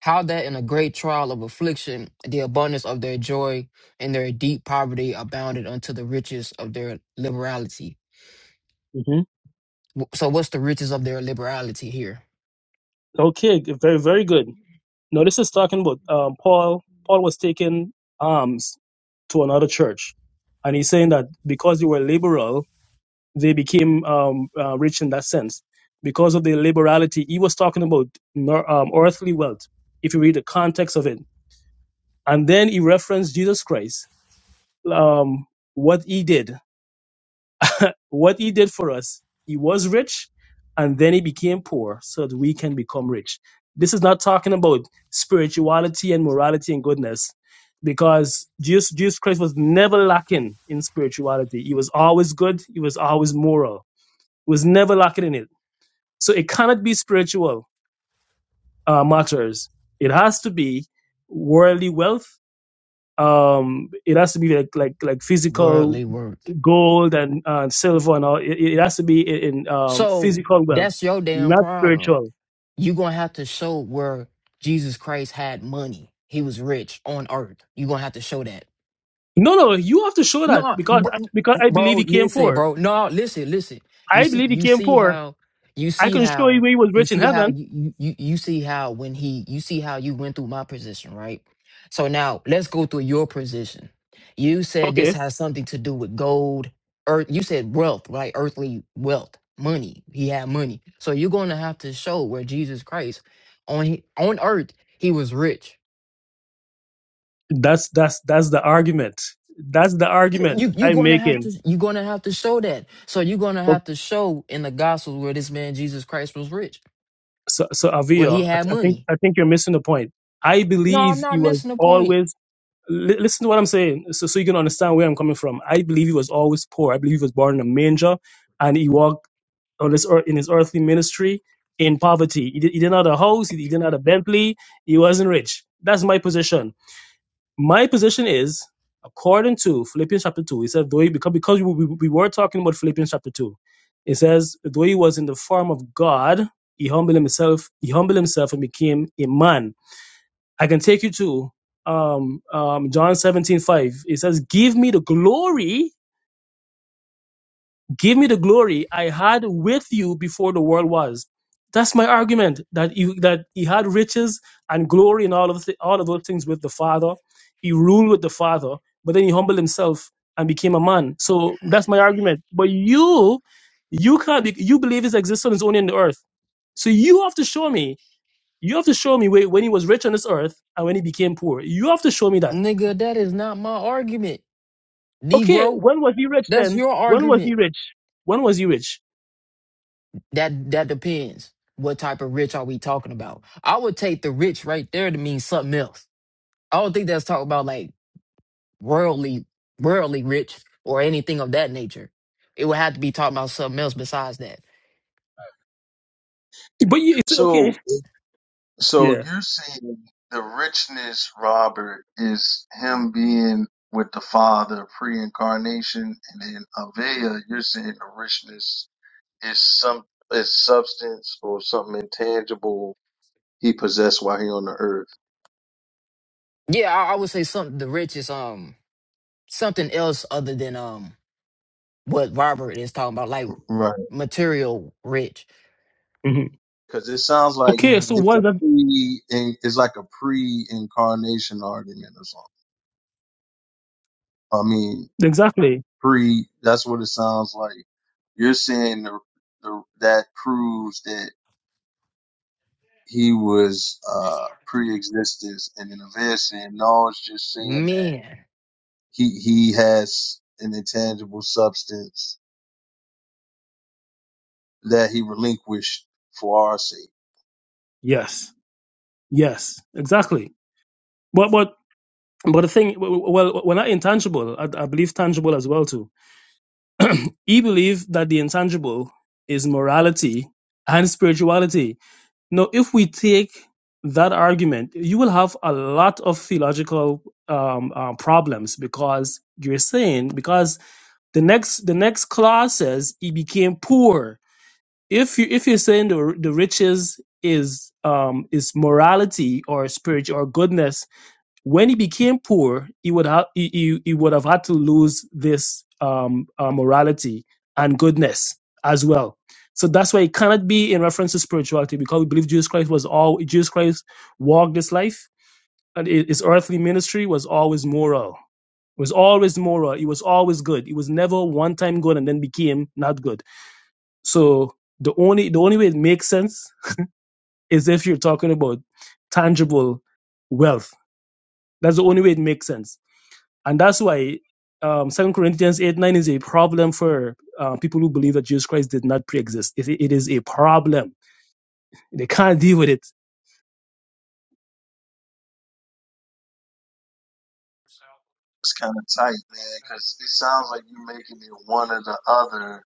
S4: How that in a great trial of affliction, the abundance of their joy and their deep poverty abounded unto the riches of their liberality
S3: hmm
S4: So what's the riches of their liberality here?
S3: Okay. g- Very, very good. Now this is talking about um, Paul. Paul was taking alms to another church. And he's saying that because you were liberal, they became um, uh, rich in that sense because of the liberality. He was talking about nor- um, earthly wealth, if you read the context of it. And then he referenced Jesus Christ, um, what he did, what he did for us. He was rich and then he became poor so that we can become rich. This is not talking about spirituality and morality and goodness because Jesus, Jesus Christ was never lacking in spirituality. He was always good, he was always moral, he was never lacking in it So it cannot be spiritual uh, matters. It has to be worldly wealth. Um, it has to be like like like physical
S4: Worldly worth.
S3: gold and uh, silver and all. It, it has to be in, in um,
S4: So
S3: physical wealth,
S4: that's your damn
S3: not
S4: problem.
S3: spiritual.
S4: You're gonna have to show where Jesus Christ had money. He was rich on earth. You're gonna have to show that.
S3: No, no, you have to show that
S4: No,
S3: because
S4: bro,
S3: because I
S4: bro,
S3: believe he came
S4: listen,
S3: poor.
S4: bro. No, listen, listen. You
S3: I
S4: see,
S3: believe he
S4: you
S3: came
S4: see
S3: poor.
S4: how, you
S3: I
S4: see
S3: can show you
S4: how,
S3: where he was
S4: you
S3: rich in
S4: see how
S3: heaven.
S4: you you you you see how when he, you see how you went through my position, right? So now let's go through your position. You said this
S3: Okay,
S4: has something to do with gold, earth. You said wealth, right? Earthly wealth, money. He had money, so you're going to have to show where Jesus Christ on he- on earth he was rich.
S3: that's that's that's the argument. That's the argument
S4: you you're
S3: I'm
S4: gonna have to
S3: making.
S4: you're gonna have to show that. So you're gonna have to show in the gospel where this man Jesus Christ was rich,
S3: so, so
S4: where he
S3: Avio, I,
S4: had
S3: I think
S4: money.
S3: I think you're missing the point. I
S4: No, I'm
S3: believe
S4: not
S3: he was
S4: missing a point,
S3: always li- listen to what I'm saying, so so you can understand where I'm coming from. I believe he was always poor. I believe he was born in a manger, and he walked on this earth in his earthly ministry in poverty. He, did, he didn't have a house. He, didn't have a Bentley. He wasn't rich. That's my position my position is according to Philippians chapter 2, He said, though he, because, because we, we were talking about Philippians chapter 2, it says, though he was in the form of God, he humbled himself, he humbled himself and became a man. I can take you to um, um, John 17 5. It says, give me the glory Give me the glory I had with you before the world was. That's my argument that you that he had riches and glory and all of th- all of those things with the Father. He ruled with the Father, but then he humbled himself and became a man. So that's my argument. But you, you can't be, you believe his existence is only in the earth. So you have to show me. You have to show me where, when he was rich on this earth and when he became poor. You have to show me that
S4: nigga. That is not my argument,
S3: okay,
S4: Negro.
S3: when was he rich
S4: That's
S3: then?
S4: your
S3: When was
S4: argument.
S3: he rich? When was he rich?
S4: That that depends. What type of rich are we talking about? I would take the rich right there to mean something else. I don't think that's talking about like worldly, worldly rich or anything of that nature. It would have to be talking about something else besides that.
S3: But you, it's okay.
S6: So So
S3: Yeah.
S6: you're saying the richness, Robert, is him being with the Father pre-incarnation, and then Avea, you're saying the richness is some is substance or something intangible he possessed while he on the earth.
S4: Yeah, I, I would say something. The richest, um something else other than um what Robert is talking about, like
S6: Right.
S4: material rich.
S3: hmm
S6: Because it sounds like
S3: Okay,
S4: hmm
S3: so
S6: it's
S3: what
S6: a
S3: is that
S6: pre, it's like a pre-incarnation argument or something. I mean,
S3: exactly?
S6: pre. That's what it sounds like. You're saying the, the that proves that. he was uh pre-existence and then Aved saying no it's just saying that
S4: Man.
S6: he he has an intangible substance that he relinquished for our sake
S3: Yes, yes, exactly. But but but the thing, well, we're not intangible. I, I believe tangible as well too. He believe that the intangible is morality and spirituality. Now, if we take that argument, you will have a lot of theological um, uh, problems because you're saying because the next the next clause says he became poor if you if you're saying the the riches is um is morality or spirit or goodness, when he became poor, he would have he, he, he would have had to lose this um uh, morality and goodness as well. So that's why it cannot be in reference to spirituality because we believe Jesus Christ was all Jesus Christ walked this life and his his earthly ministry was always moral. It was always moral. It was always good. It was never one time good and then became not good so the only the only way it makes sense is if you're talking about tangible wealth. That's the only way it makes sense, and that's why um, Second Corinthians eight nine is a problem for uh, people who believe that Jesus Christ did not pre-exist. It, it is a problem. They can't deal with it.
S6: it's kind of tight man because it sounds like you're making it one or the other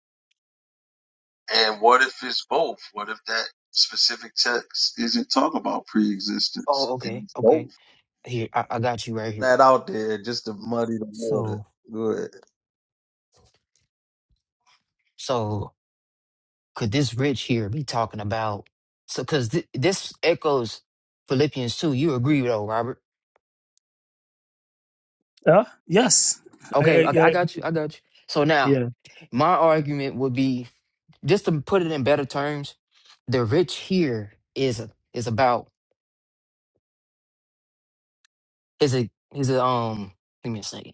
S6: and what if it's both what if that specific text isn't talk about
S4: Oh,
S6: pre-existence and
S4: okay,
S6: it's
S4: okay.
S6: both
S4: Here, I, I got you right here.
S6: that out there just to muddy the water
S4: So,
S6: good
S4: so could this rich here be talking about? So, because th- this echoes Philippians two. You agree though, Robert?
S3: Yeah. Yes. I, I,
S4: Okay, okay,
S3: yeah.
S4: I got you. I got you. So now,
S3: Yeah.
S4: my argument would be just to put it in better terms. The rich here is is about is a is a um. Let me see.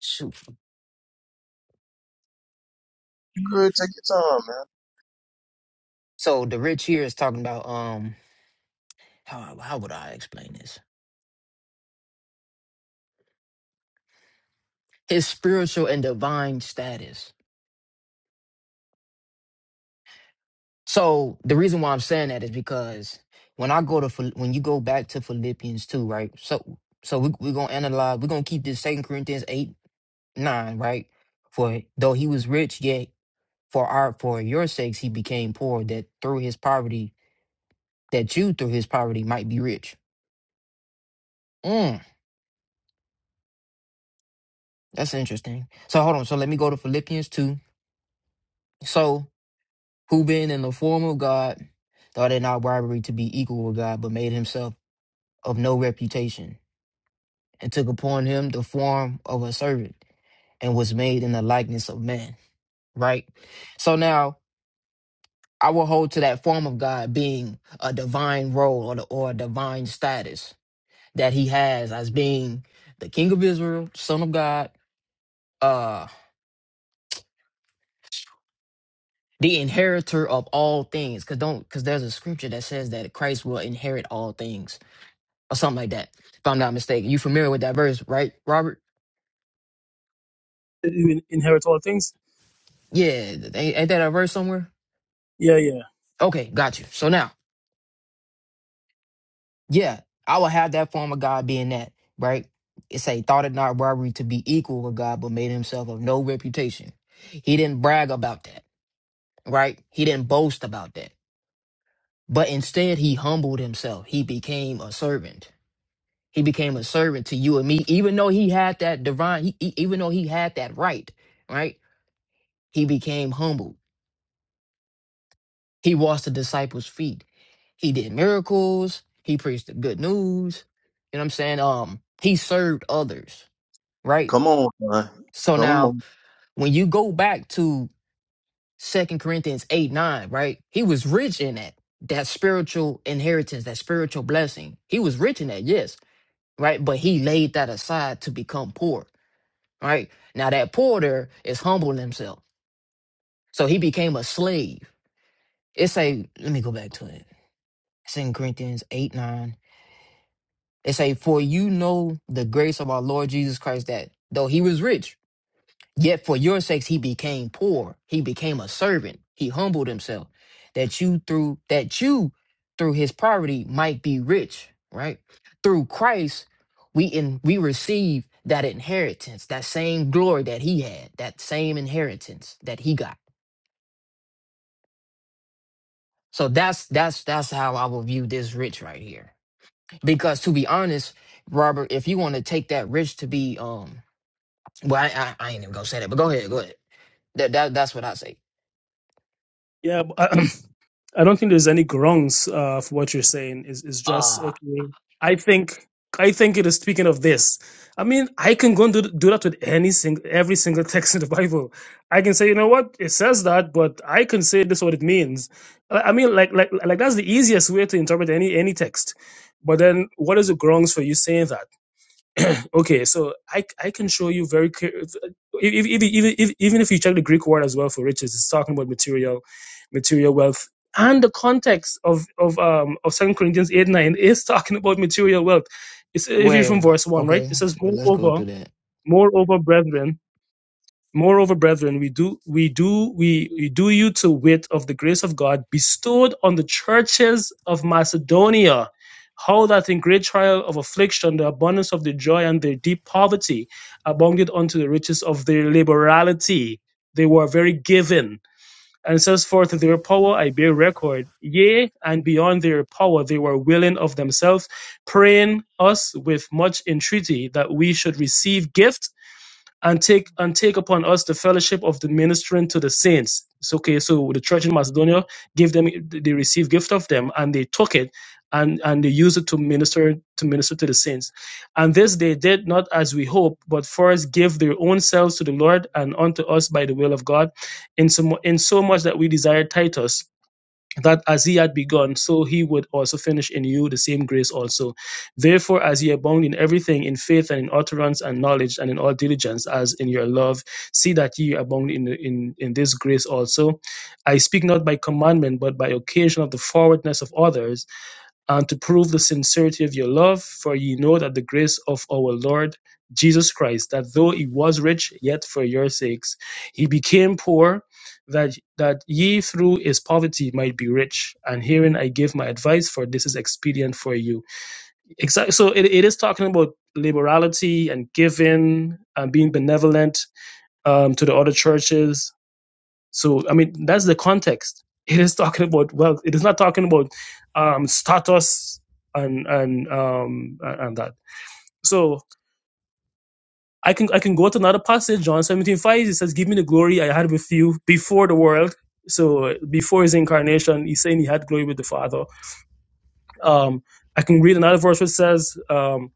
S4: shoot.
S6: good take your time man
S4: So the rich here is talking about um how how would I explain this? His spiritual and divine status. So the reason why I'm saying that is because when I go to Phil- when you go back to Philippians two, right? So so we we're gonna analyze. We're gonna keep this Second Corinthians eight nine, right? For though he was rich, yet for our for your sakes he became poor, that through his poverty, that you through his poverty might be rich. Mm, that's interesting. So hold on. So let me go to Philippians two. So, who being in the form of God, thought it not robbery to be equal with God, but made himself of no reputation, and took upon him the form of a servant, and was made in the likeness of man. Right? So now I will hold to that form of God being a divine role or, the, or a divine status that he has as being the king of Israel, son of God, uh, the inheritor of all things. Cause don't cause there's a scripture that says that Christ will inherit all things. or something like that, if I'm not mistaken. You familiar with that verse, right, Robert?
S3: You in- inherit all things.
S4: Yeah, ain't, ain't that a verse somewhere?
S3: Yeah. Yeah.
S4: Okay, got you. So now, yeah, I will have that form of God being that, right? It say, thought it not robbery to be equal with God, but made himself of no reputation. He didn't brag about that, right? He didn't boast about that. But instead, he humbled himself. He became a servant. He became a servant to you and me, even though he had that divine, he, he- even though he had that right, right? He became humble He washed the disciples' feet. He did miracles. He preached the good news. You know what I'm saying? Um, he served others, right?
S6: come on son.
S4: So
S6: come on
S4: now when you go back to Second Corinthians 8, 9, right? He was rich in that, that spiritual inheritance, that spiritual blessing. He was rich in that, yes, right? But he laid that aside to become poor, right? Now that poor there is humbling himself. So he became a slave. It's a let me go back to it. Second Corinthians 8, 9. It say, For you know the grace of our Lord Jesus Christ, that though he was rich, yet for your sakes he became poor. He became a servant. He humbled himself, that you through that you through his poverty might be rich, right? Through Christ, we in we receive that inheritance, that same glory that he had, that same inheritance that he got. So that's that's that's how I will view this rich right here. Because to be honest, Robert, if you want to take that rich to be um Well, I, I, I ain't even gonna say that, but go ahead, go ahead. That that that's what I say.
S3: Yeah. I don't think there's any grounds uh, for what you're saying. Is is just
S4: Uh
S3: okay. I think I think it is speaking of this. I mean, I can go and do, do that with any single every single text in the Bible. I can say, you know what, it says that, but I can say this what it means. I I mean, like like like that's the easiest way to interpret any any text. But then, what is the grounds for you saying that? Okay, so I I can show you very clear. If, if, if, if, even if you check the Greek word as well for riches, it's talking about material, material wealth, and the context of of um of Second Corinthians eight nine is talking about material wealth. It's if you're from
S4: where?
S3: verse one, right?
S4: Okay,
S3: It says,
S4: yeah, let's go
S3: moreover,
S4: through that.
S3: moreover, brethren. Moreover, brethren, we do we do we, we do you to wit of the grace of God bestowed on the churches of Macedonia, how that in great trial of affliction, the abundance of their joy and their deep poverty abounded unto the riches of their liberality. They were very given. And it says forth their power I bear record. Yea, and beyond their power they were willing of themselves, praying us with much entreaty that we should receive gifts and take and take upon us the fellowship of the ministering to the saints. It's okay. So the church in Macedonia gave them they received gift of them and they took it and and they used it to minister to minister to the saints. And this they did not as we hope, but first give their own selves to the Lord and unto us by the will of God, in so, mu- in so much that we desire Titus that as he had begun, so he would also finish in you the same grace also. Therefore, as ye abound in everything, in faith and in utterance and knowledge and in all diligence, as in your love, see that ye abound in, in, in this grace also. I speak not by commandment, but by occasion of the forwardness of others, and to prove the sincerity of your love, for ye know that the grace of our Lord Jesus Christ, that though he was rich, yet for your sakes he became poor, that that ye through his poverty might be rich. And herein I give my advice, for this is expedient for you. Exactly. So it, it is talking about liberality and giving and being benevolent um, to the other churches so, I mean, that's the context. It is talking about wealth. It is not talking about um, status and and um, and and that. So I can I can go to another passage, John seventeen five. It says, "Give me the glory I had with you before the world." So before his incarnation, he's saying he had glory with the Father. Um, I can read another verse which says. Um,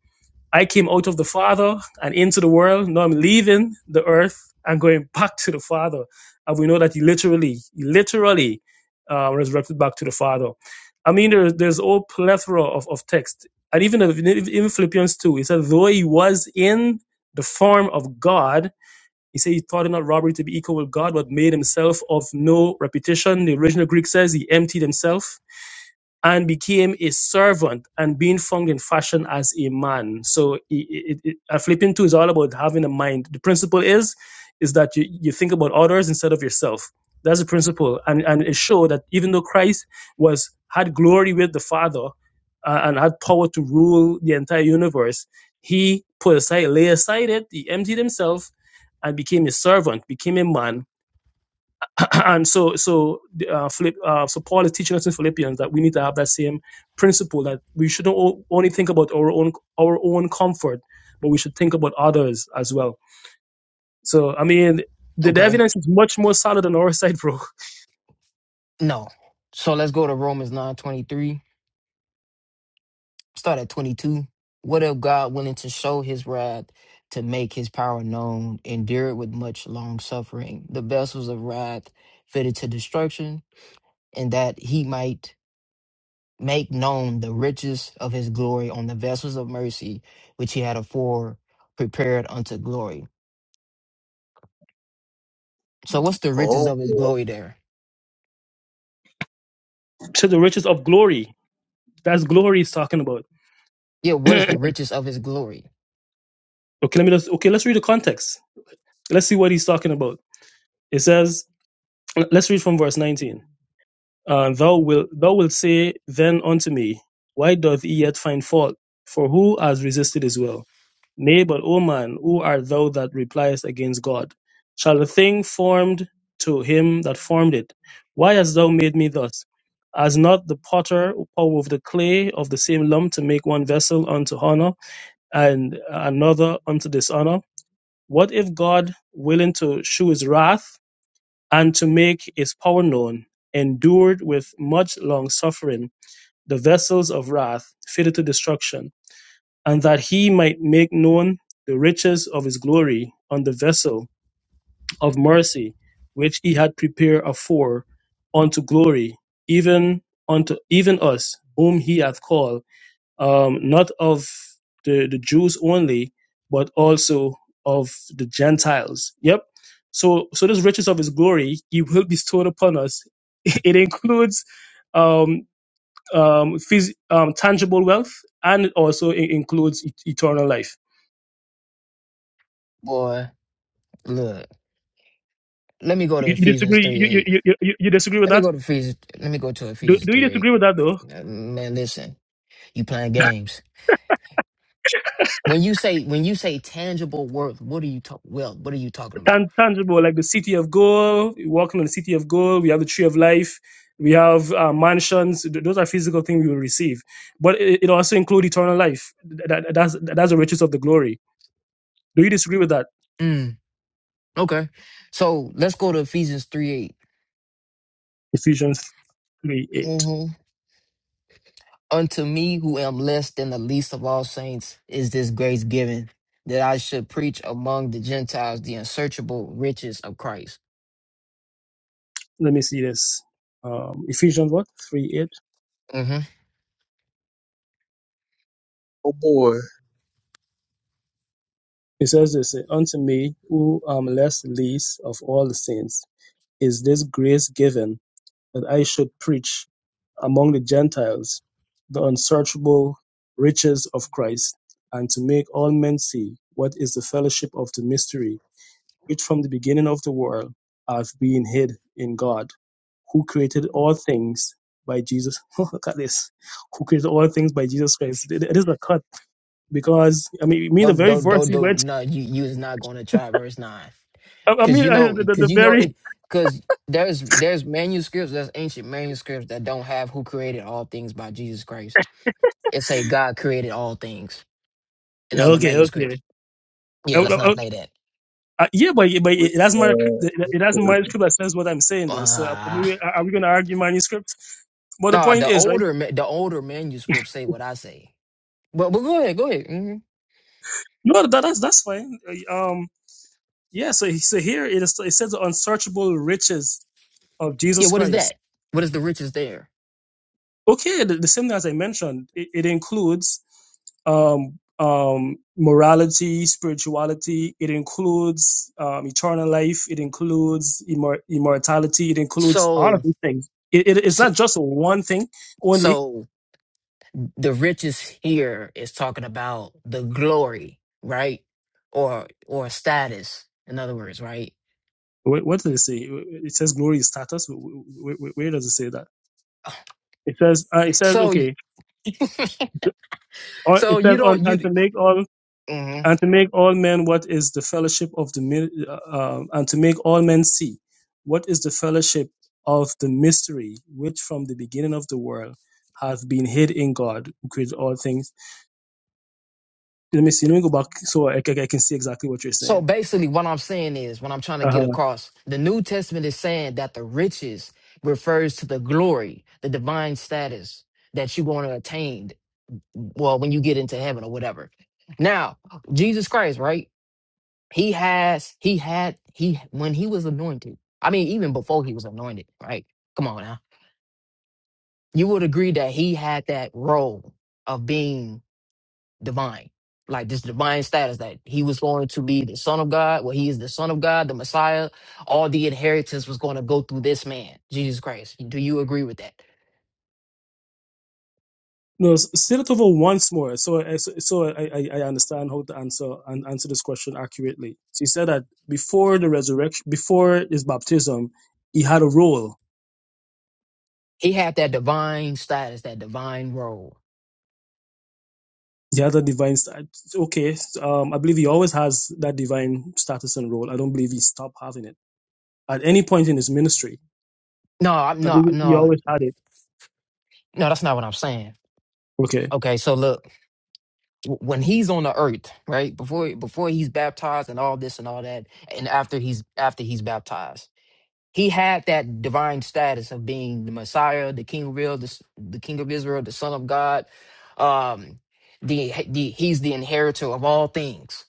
S3: I came out of the Father and into the world. Now I'm leaving the earth and going back to the Father. And we know that he literally, he literally uh, resurrected back to the Father. I mean, there, there's a whole plethora of, of text. And even in even Philippians 2, he said, though he was in the form of God, he said he thought it not robbery to be equal with God, but made himself of no reputation. The original Greek says he emptied himself and became a servant and being found in fashion as a man. So it, it, it, uh, Philippians 2 is all about having a mind. The principle is, is that you, you think about others instead of yourself. That's the principle. And, and it showed that even though Christ was had glory with the Father uh, and had power to rule the entire universe, he put aside, lay aside it, he emptied himself and became a servant, became a man, and so so uh, Philipp, uh, so Paul is teaching us in Philippians that we need to have that same principle that we shouldn't o- only think about our own our own comfort, but we should think about others as well. So I mean, the, the
S4: Okay,
S3: evidence is much more solid on our side, bro.
S4: no. So let's go to Romans nine twenty three. Start at twenty two. What if God willing to show His wrath to make His power known, endure it with much long suffering, the vessels of wrath fitted to destruction, and that He might make known the riches of His glory on the vessels of mercy which He had afore prepared unto glory So what's the riches
S6: Oh
S4: of his
S6: boy,
S4: glory there?
S3: To the riches of glory, that's glory he's talking about.
S4: Yeah, what is the riches of his glory?
S3: Okay, let me just okay. Let's read the context. Let's see what he's talking about. It says, let's read from verse nineteen. Uh, thou wilt thou wilt say then unto me, Why doth he yet find fault? For who has resisted his will? Nay, but O man, who art thou that repliest against God? Shall a thing formed to him that formed it? Why hast thou made me thus? Has not the potter power of the clay of the same lump to make one vessel unto honor and another unto dishonor? What if God, willing to shew his wrath, and to make his power known, endured with much long suffering the vessels of wrath fitted to destruction, and that he might make known the riches of his glory on the vessel of mercy which he had prepared afore unto glory, even unto even us, whom he hath called, um, not of the, the Jews only, but also of the Gentiles. Yep. So, so this riches of his glory he will bestow upon us it includes um, um, phys- um, tangible wealth, and it also i- includes e- eternal life.
S4: Boy, look. Let me go to
S3: You, you
S4: Ephesians
S3: disagree?
S4: 3
S3: You, you,
S4: 8.
S3: you, you you- disagree with
S4: Let me
S3: that?
S4: go to Ephesians let me go to
S3: Do,
S4: Ephesians
S3: do you
S4: 3 8.
S3: disagree with that though?
S4: Man, listen, you playing games. When you say when you say tangible worth, what are you talk well, what are you talking about?
S3: Tan- tangible, like the city of gold, You're walking on the city of gold. We have the tree of life. We have uh, mansions. Th- Those are physical things we will receive, but it, it also includes eternal life. Th- that- that's that's the riches of the glory. Do you disagree with that?
S4: Mm, okay. So let's go to Ephesians 3 8.
S3: Ephesians three eight.
S4: Mm-hmm. Unto me who am less than the least of all saints is this grace given that I should preach among the Gentiles the unsearchable riches of Christ.
S3: Let me see this. Um, Ephesians what three eight.
S4: Mm-hmm.
S6: oh boy.
S3: It says this Unto me, who am less least of all the saints, is this grace given that I should preach among the Gentiles the unsearchable riches of Christ, and to make all men see what is the fellowship of the mystery, which from the beginning of the world hath been hid in God, who created all things by Jesus. Look at this. Who created all things by Jesus Christ. It it is a cut because, I mean, you mean the
S4: Don't
S3: very
S4: don't
S3: verse
S4: don't
S3: he
S4: don't
S3: went,
S4: no you you is not gonna try verse nine.
S3: I I
S4: Cause
S3: mean,
S4: you
S3: I-
S4: know
S3: the, the, the
S4: cause you know
S3: very
S4: it cause there's there's manuscripts, there's ancient manuscripts that don't have who created all things by Jesus Christ. It say God created all things in
S3: Yeah,
S4: other
S3: Okay,
S4: manuscripts.
S3: okay.
S4: Yeah,
S3: Uh, uh,
S4: let's not
S3: uh,
S4: play that.
S3: uh, yeah, but but
S6: We-
S3: it has my it has
S6: uh,
S3: manuscript that says what I'm saying though. So I mean,
S4: Uh,
S3: we- are we going to argue manuscripts? But the
S4: no,
S3: point
S4: the
S3: is, right?
S4: older ma- the older manuscripts say what I say. But but go ahead, go ahead. hmm
S3: No, that, that's that's fine. Uh, Um, yeah. So so here it is. It says the unsearchable riches of
S4: Yeah,
S3: Jesus
S4: what is
S3: Christ.
S4: that? What is the riches there?
S3: Okay, the, the same thing as I mentioned, it, it includes um, um, morality, spirituality. It includes um, eternal life. It includes immor- immortality. It includes all of
S4: So
S3: these things. It, it, it's
S4: so,
S3: not just one thing only.
S4: so the riches here is talking about the glory, right? Or or status, in other words, right?
S3: Wh- What does it say? It says glory is status. Wh- wh- wh- Where does it say that? It says, uh, it says,
S4: So y-
S3: okay, or
S4: so
S3: it
S4: you
S3: says, "Un-
S4: don't
S3: and
S4: you
S3: to make all
S4: mhm.
S3: and to make all men what is the fellowship of the mi- uh, and to make all men see what is the fellowship of the mystery which from the beginning of the world hath been hid in God who created all things. Let me see. Let me go back so I, ca- I can see exactly what you're
S4: so
S3: saying.
S4: basically what I'm saying is what I'm trying to get
S3: Uh-huh.
S4: across. The New Testament is saying that the riches refers to the glory, the divine status that you're going to attain. Well, when you get into heaven or whatever. Now, Jesus Christ, right? He has, he had, he when he was anointed. I mean, even before he was anointed, right? Come on now. You would agree that he had that role of being divine, like this divine status that he was going to be the son of God. Well, he is the son of God, the Messiah. All the inheritance was going to go through this man, Jesus Christ. Do you agree with that?
S3: No, s- say it over once more, so I- so, so I, I I understand how to answer and answer this question accurately. So you said that before the resurrection, before his baptism, he had a role
S4: He had that divine status, that divine role.
S3: the other divine sta- okay um i believe he always has that divine status and role i don't believe he stopped having it at any point in his ministry
S4: No, I'm
S3: i
S4: not.
S3: believe he
S4: No,
S3: always had it
S4: no, that's not what I'm saying.
S3: okay
S4: Okay, so look. when he's on the earth, right? Before before he's baptized and all this and all that, and after he's after he's baptized, he had that divine status of being the Messiah, the King of Israel, the, s- the King of Israel, the Son of God. Um, the, the he's the inheritor of all things.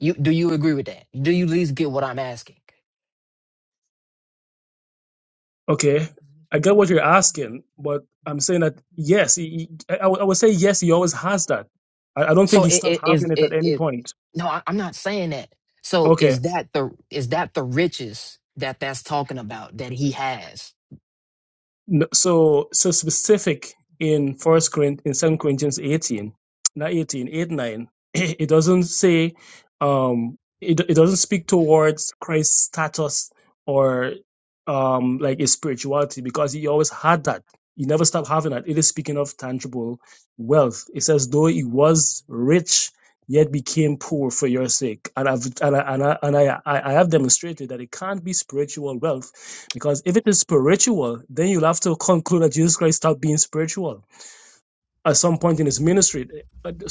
S4: You do you agree with that? Do you at least get what I'm asking?
S3: okay i get what you're asking but i'm saying that yes he, he- I, I would I would say yes he always has that I, I don't
S4: So
S3: think he
S4: it
S3: stopped
S4: it is
S3: having it at
S4: it,
S3: any
S4: it
S3: point
S4: no, I, I'm not saying that. So is that the is that the riches that that's talking about that he has?
S3: No, so so specific in First Corinthians in Second Corinthians eighteen, not eighteen, eight, 9, it doesn't say um it, it doesn't speak towards Christ's status or um like his spirituality because he always had that. He never stopped having that. It is speaking of tangible wealth. It says, though he was rich, yet became poor for your sake. And I've and I and I, and I, I I have demonstrated that it can't be spiritual wealth because if it is spiritual, then you'll have to conclude that Jesus Christ stopped being spiritual at some point in his ministry.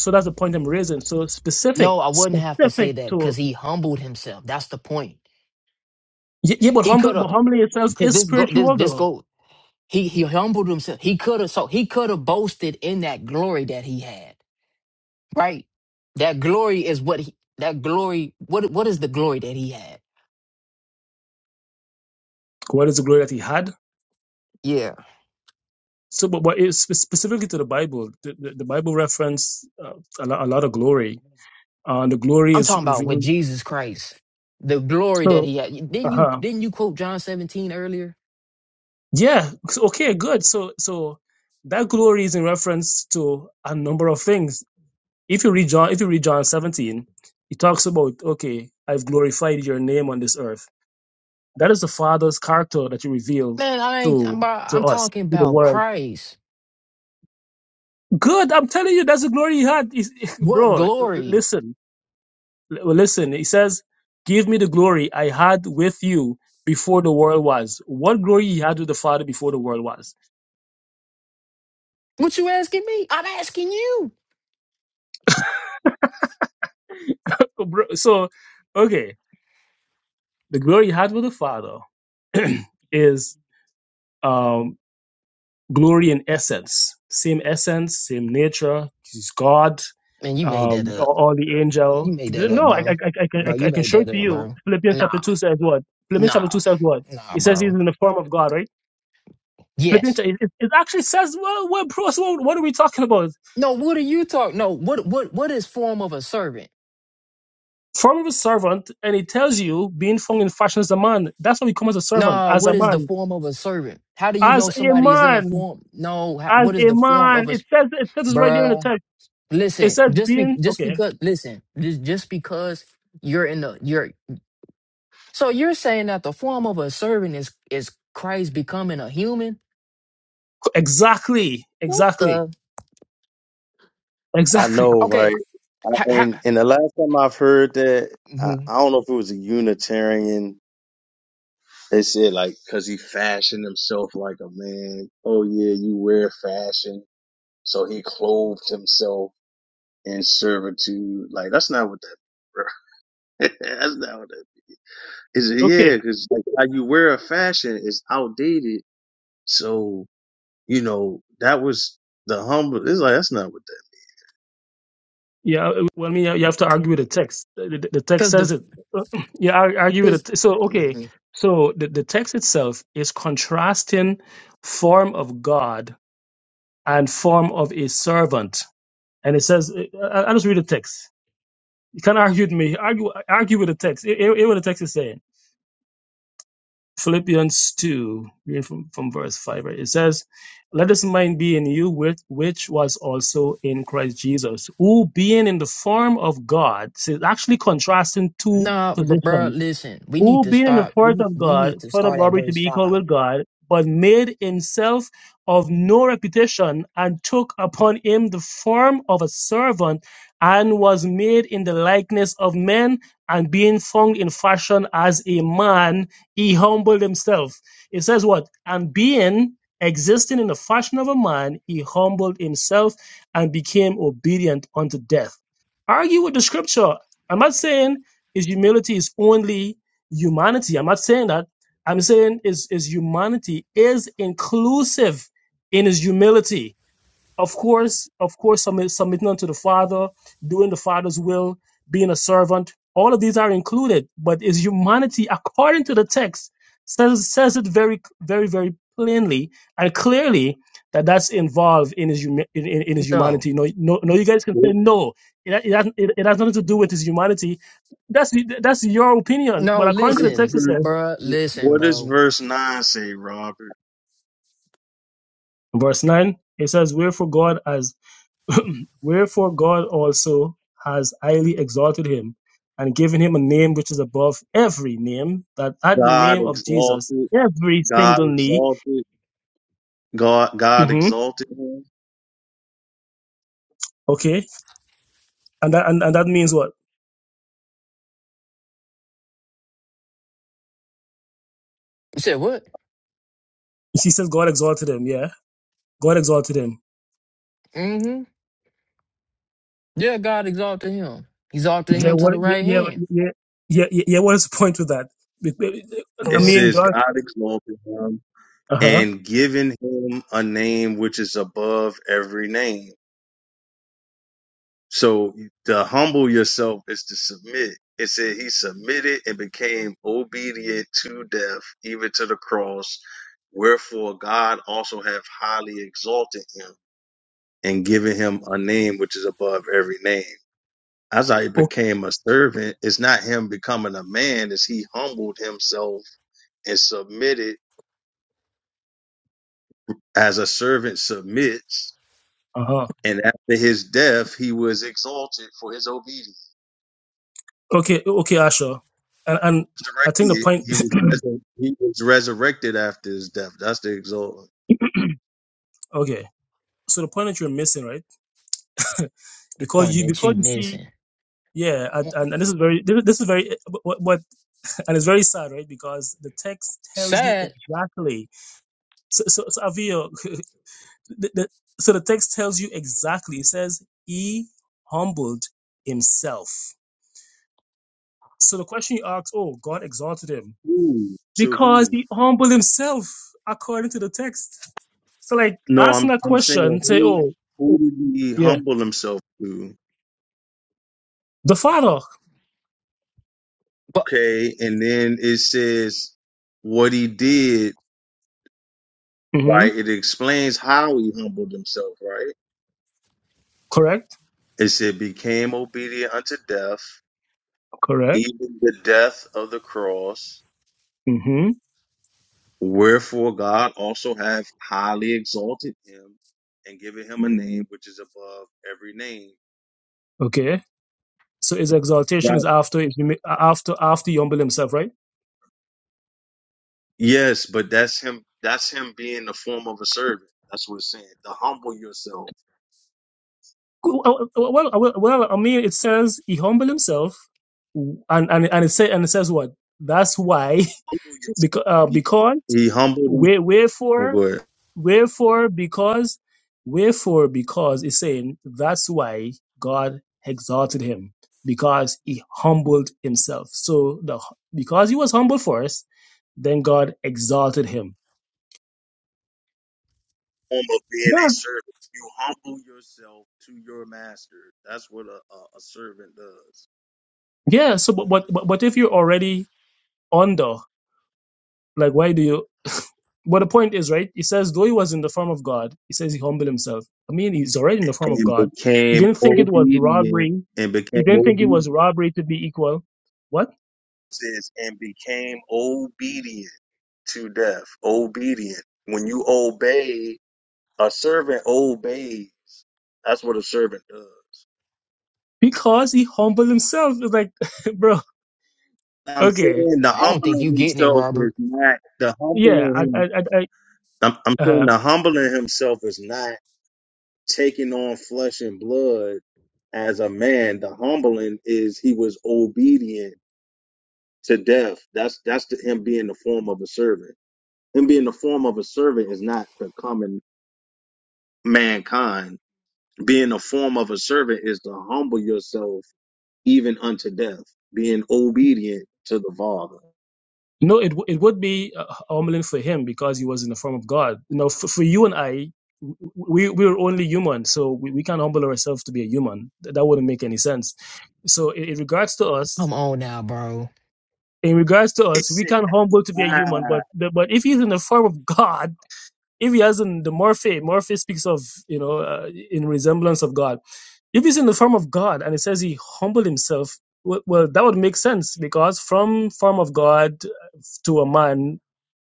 S3: So that's the point I'm raising. So specific,
S4: No, I wouldn't have to say
S3: specific
S4: that
S3: to
S4: because he humbled himself. That's the point.
S3: yeah, yeah, but
S4: He
S3: humble,
S4: could
S3: but
S4: have
S3: humbling itself
S4: could
S3: is
S4: this go this
S3: spiritual
S4: this
S3: though.
S4: go he he humbled himself. He could have so he could have boasted in that glory that he had. Right? That glory is what he that glory what what is the glory that he had?
S3: What is the glory that he had?
S4: Yeah.
S3: So, but, but it's spe- specifically to the Bible, the, the, the Bible reference uh, a, lot, a lot of glory, uh, the glory
S4: I'm
S3: is
S4: talking about with
S3: revealed.
S4: Jesus Christ. The glory that
S3: So,
S4: he had. Didn't you
S3: uh-huh.
S4: didn't you quote John 17 earlier?
S3: yeah, so- okay, good. So, so that glory is in reference to a number of things If you read John, if you read John 17, he talks about, okay, I've glorified your name on this earth. That is the Father's character that you revealed
S4: Man, I ain't I'm,
S3: to
S4: about-
S3: to
S4: I'm
S3: us,
S4: talking
S3: to the
S4: about
S3: world.
S4: Christ.
S3: Good, I'm telling you, that's the glory he had. He's-
S4: What
S3: Bro,
S4: glory?
S3: listen, L- listen. He says, "Give me the glory I had with you before the world was." What glory he had with the Father before the world was?
S4: What you asking me? I'm asking you.
S3: Oh, Bro, So, okay, the glory he had with the Father is. um. glory and essence, same essence, same nature. He's God,
S4: Man, you made that
S3: um,
S4: up.
S3: or, or the
S4: You
S3: angel.
S4: made that up,
S3: No, I, I,
S4: bro.
S3: I, I,
S4: Bro,
S3: can,
S4: you
S3: I can
S4: made
S3: show
S4: that
S3: it to
S4: up,
S3: you.
S4: bro.
S3: Philippians chapter
S4: Nah,
S3: two says what? Philippians chapter
S4: nah,
S3: two says what?
S4: nah,
S3: It says he's
S4: bro.
S3: in the form of God, right? Philippians,
S4: Yes.
S3: it, it it actually says, well, well, bro, so what what are we talking about?
S4: No, what are you talking? No, what what what is form of a servant?
S3: Form of a servant, and it tells you being formed in fashion as a man. That's why we come as a servant,
S4: Nah,
S3: as
S4: what
S3: a
S4: is the
S3: man,
S4: form of a servant? How do you know
S3: as a
S4: somebody is in a
S3: man,
S4: form? No, how,
S3: as
S4: what is
S3: a
S4: the form
S3: man.
S4: of a
S3: It
S4: s-
S3: says, it says it right there in the
S4: bruh?
S3: text. It
S4: Listen,
S3: says
S4: just be
S3: being,
S4: just
S3: okay,
S4: because listen, just just because you're in the you're so you're saying that the form of a servant is is Christ becoming a human?
S3: exactly,
S4: What
S3: exactly
S4: the?
S6: I
S3: Exactly.
S6: know,
S4: Okay,
S6: right? I, and and the last time I've heard that, I, I
S4: Because
S6: don't know if it was a Unitarian. They said like, cause he fashioned himself like a man. Oh yeah, you wear fashion. So he clothed himself in servitude. Like that's not what that. Bro. that's not what that is.
S3: Okay.
S6: yeah, cause like how you wear a fashion is outdated. So you know that was the humble. It's like that's not what that.
S3: Yeah. uh, Well, I mean, you have to argue with the text. The, the- the text says
S4: the
S3: it. Yeah. ar- Argue with
S4: because
S3: it. So, okay. So the, the text itself is contrasting form of God and form of a servant. And it says, I- I- I'll just read the text. You can't argue with me. Argue, argue with the text. Hear hear what the text is saying. Philippians 2, reading from, from verse 5, right, it says, Let this mind be in you, which, which was also in Christ Jesus, who being in the form of God, so it's actually contrasting two
S4: nah, br-
S3: positions
S4: bruh, Listen, we need
S3: who
S4: to
S3: being in the
S4: start.
S3: form
S4: We
S3: of
S4: we
S3: God,
S4: need to
S3: thought not
S4: start at
S3: robbery to
S4: verse
S3: be equal
S4: five.
S3: with God, but made himself of no reputation, and took upon him the form of a servant, and was made in the likeness of men, and being found in fashion as a man, he humbled himself. It says what? And being existing in the fashion of a man, he humbled himself and became obedient unto death. Argue with the scripture. I'm not saying his humility is only humanity. I'm not saying that. I'm saying is is humanity is inclusive in his humility of course, of course, submit, submitting unto the Father, doing the Father's will, being a servant. All of these are included, but is humanity, according to the text, says says it very, very, very plainly and clearly that that's involved in his humi- in, in, in his
S4: No,
S3: humanity. No, no, no, you guys can say no. It, ha- it, has, it, it has nothing to do with his humanity. That's that's your opinion,
S4: no.
S3: but
S6: What
S3: according to the
S6: is
S4: Listen,
S3: text, it
S6: verse,
S3: says,
S4: bruh, Listen,
S6: what does
S4: bro. You
S6: verse nine say, Robert?
S3: verse nine, it says, "Wherefore God as Wherefore God also has highly exalted him and given him a name which is above every name, that at the
S6: God
S3: name of Jesus,
S6: exalted,
S3: every
S6: God
S3: single knee.
S6: exalted, God God
S3: hmm
S6: exalted him.
S3: Okay. And that, and, and that means what?
S4: said what?
S3: She says God exalted him. Yeah. God exalted him.
S4: Mm-hmm. Yeah, God exalted him. Exalted
S3: Yeah.
S4: him to
S3: What,
S4: the
S3: yeah,
S4: right
S3: yeah,
S4: hand.
S3: yeah, yeah, yeah. What is the point with that? I
S6: It
S3: mean,
S6: says
S3: John.
S6: God exalted him
S3: Uh huh.
S6: and given him a name which is above every name. So to humble yourself is to submit. It said he submitted and became obedient to death, even to the cross. Wherefore God also have highly exalted him and giving him a name which is above every name. As I became a servant, it's not him becoming a man, it's he humbled himself and submitted as a servant submits.
S3: Uh huh.
S6: And after his death, he was exalted for his obedience.
S3: Okay. Okay, Asha. And, and I think the
S6: Resurrected,
S3: point,
S6: he was resur- he was resurrected after his death. That's the exaltation.
S3: okay. So the point that you're missing, right?
S4: The
S3: because
S4: point
S3: you
S4: that
S3: because
S4: you
S3: you see
S4: missing.
S3: Yeah, and, and, and this is very this is very what, what and it's very sad, right? Because the text tells you
S4: Sad,
S3: exactly. So so, so Avio, the, the, so the text tells you exactly. It says he humbled himself. So the question you ask, oh, God exalted him
S6: Who to
S3: because
S6: who?
S3: he humbled himself according to the text. So like
S6: No,
S3: asking
S6: I'm
S3: that
S6: I'm saying
S3: question, say,
S6: who
S3: oh,
S6: who
S3: oh,
S6: did he
S3: yeah,
S6: humble himself to?
S3: the Father.
S4: but
S6: Okay, and then it says what he did
S3: hmm
S6: right? It explains how he humbled himself, right?
S3: Correct.
S6: It said, became obedient unto death,
S3: Correct.
S6: even the death of the cross.
S3: hmm
S6: Wherefore God also hath highly exalted him and given him a name which is above every name.
S3: Okay. So his exaltation is
S6: Right.
S3: after after after he humbled himself, right?
S6: Yes, but that's him. That's him being the form of a servant. That's what it's saying. To humble yourself.
S3: Cool. Uh, uh, Well, uh, well, well, I mean, it says he humbled himself, and and and it say and it says what? That's why
S6: Humble
S3: because
S6: yourself.
S3: uh,
S6: He,
S3: because
S6: he humbled him.
S3: where
S6: Oh,
S3: wherefore
S6: go ahead.
S3: wherefore because wherefore because it's saying that's why God exalted him because he humbled himself. So the because he was humble first, then God exalted him.
S6: form of being a servant. You humble yourself to your master. That's what a, a, a servant does.
S3: Yeah. So, but, but but but if you're already under, like, why do you? But the point is, right? He says, though he was in the form of God, he says he humbled himself. I mean, he's already in the form of
S6: And
S3: God. He
S6: became
S3: didn't think it was
S6: obedient.
S3: robbery.
S6: And
S3: He
S6: became
S3: didn't think it
S6: obedient.
S3: was robbery to be equal. What?
S6: It Says and became obedient to death. Obedient. When you obey, a servant obeys. That's what a servant does.
S3: Because he humbled himself. It's like, bro,
S6: I'm
S3: okay,
S6: saying the
S4: I don't think
S6: humbling
S4: you getting it,
S6: himself is
S4: Robert.
S6: not the
S3: yeah,
S6: humbling
S3: I, I,
S6: him.
S3: I, I
S6: I'm, I'm
S3: uh-huh.
S6: saying the humbling himself is not taking on flesh and blood as a man. The humbling is he was obedient to death. That's that's the, him being the form of a servant. Him being the form of a servant is not becoming mankind. Being the form of a servant is to humble yourself even unto death, being obedient to the Father.
S3: No, it w- it would be uh, humbling for him because he was in the form of God. You know, for, for you and I, w- we we're only human, so we, we can't humble ourselves to be a human. Th- That wouldn't make any sense. So, in, in regards to us,
S4: Come on now, bro.
S3: in regards to us, we can't humble to be a human. But but but if he's in the form of God, if he hasn't the morphe, morphe speaks of you know uh, in resemblance of God. If he's in the form of God and it says he humbled himself, well, well that would make sense because from form of God to a man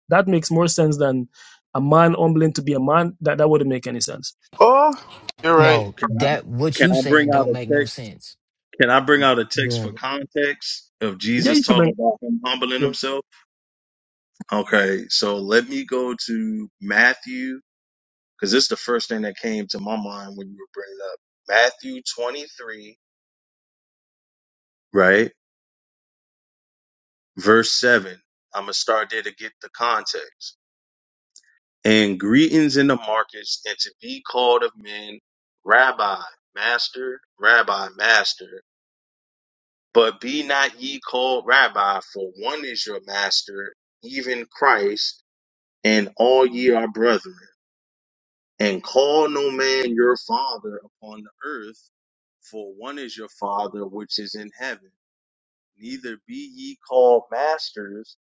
S3: that makes more sense than a man humbling to be a man. That that wouldn't make any sense.
S1: oh, you're right.
S4: No,
S6: Can I,
S4: that what
S6: can
S4: you
S6: I bring
S4: saying
S6: out
S4: don't
S6: a
S4: make no
S6: text?
S4: sense.
S6: Can I bring out a text for
S4: Good.
S6: context of
S3: Yeah,
S6: Jesus
S3: you can bring.
S6: talking about him humbling
S3: Yeah,
S6: himself? Okay, so let me go to Matthew because this is the first thing that came to my mind when you were bringing up Matthew 23, right? Verse 7. I'm going to start there to get the context. And greetings in the markets, and to be called of men, Rabbi, Master, Rabbi, Master. But be not ye called Rabbi, for one is your Master, even Christ, and all ye are brethren. And call no man your Father upon the earth, for one is your Father which is in heaven Neither be ye called masters,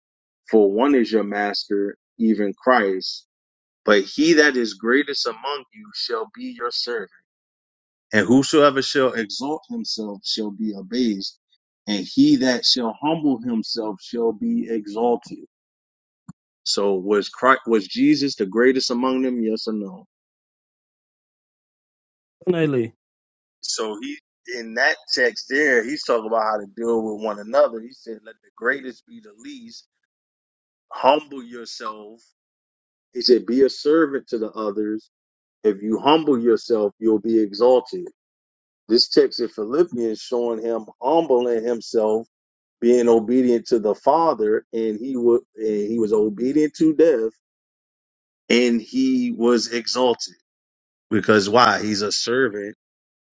S6: for one is your master, even Christ. But he that is greatest among you shall be your servant. And whosoever shall exalt himself shall be abased, and he that shall humble himself shall be exalted. So was Christ, was Jesus the greatest among them? Yes or no?
S3: definitely.
S6: So he in that text there, he's talking about how to deal with one another. He said, "Let the greatest be the least. Humble yourself." He said, Be a servant to the others. If you humble yourself, you'll be exalted. This text in Philippians showing him humbling himself, being obedient to the Father, and he would and he was obedient to death, and he was exalted. Because why? He's a servant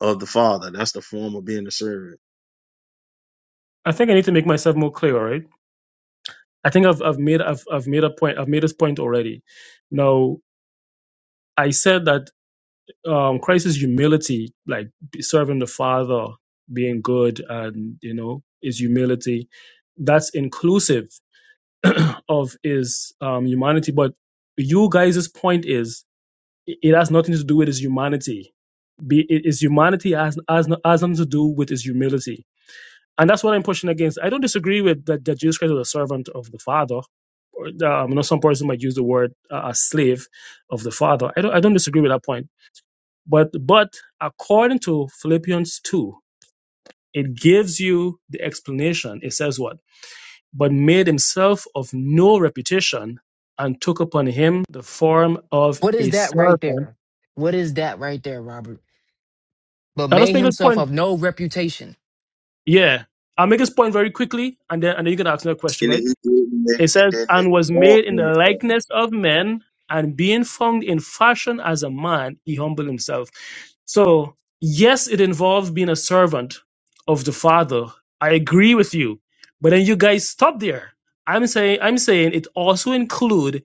S6: of the Father. That's the form of being a servant.
S3: I think I need to make myself more clear. All right. I think I've I've made I've I've made a point. I've made this point already. Now I said that um, Christ's humility, like serving the Father, being good, and you know, is humility. That's inclusive of his um, humanity. But you guys' point is it it has nothing to do with his humanity Be, it is humanity has, has, no- has nothing to do with his humility. And that's what I'm pushing against. I don't disagree with that, that Jesus Christ was a servant of the Father. Or, uh, I know some person might use the word uh, a slave of the Father. I don't, I don't disagree with that point. But, but according to Philippians 2, it gives you the explanation. It says what? But made himself of no reputation and took upon him the form of
S4: What is
S3: a
S4: that right
S3: servant.
S4: there? What is that right there, Robert? But
S3: Now let's
S4: made
S3: make the
S4: himself
S3: point
S4: of no reputation.
S3: Yeah. I'll make this point very quickly and then and then you can ask another question,
S6: And he
S3: right?
S6: didn't
S3: It
S6: he
S3: says,
S6: didn't
S3: and was
S6: exalt
S3: made in the
S6: himself.
S3: likeness of men, and being found in fashion as a man, he humbled himself. So yes, it involves being a servant of the Father. I agree with you. But then you guys stop there. I'm saying I'm saying it also include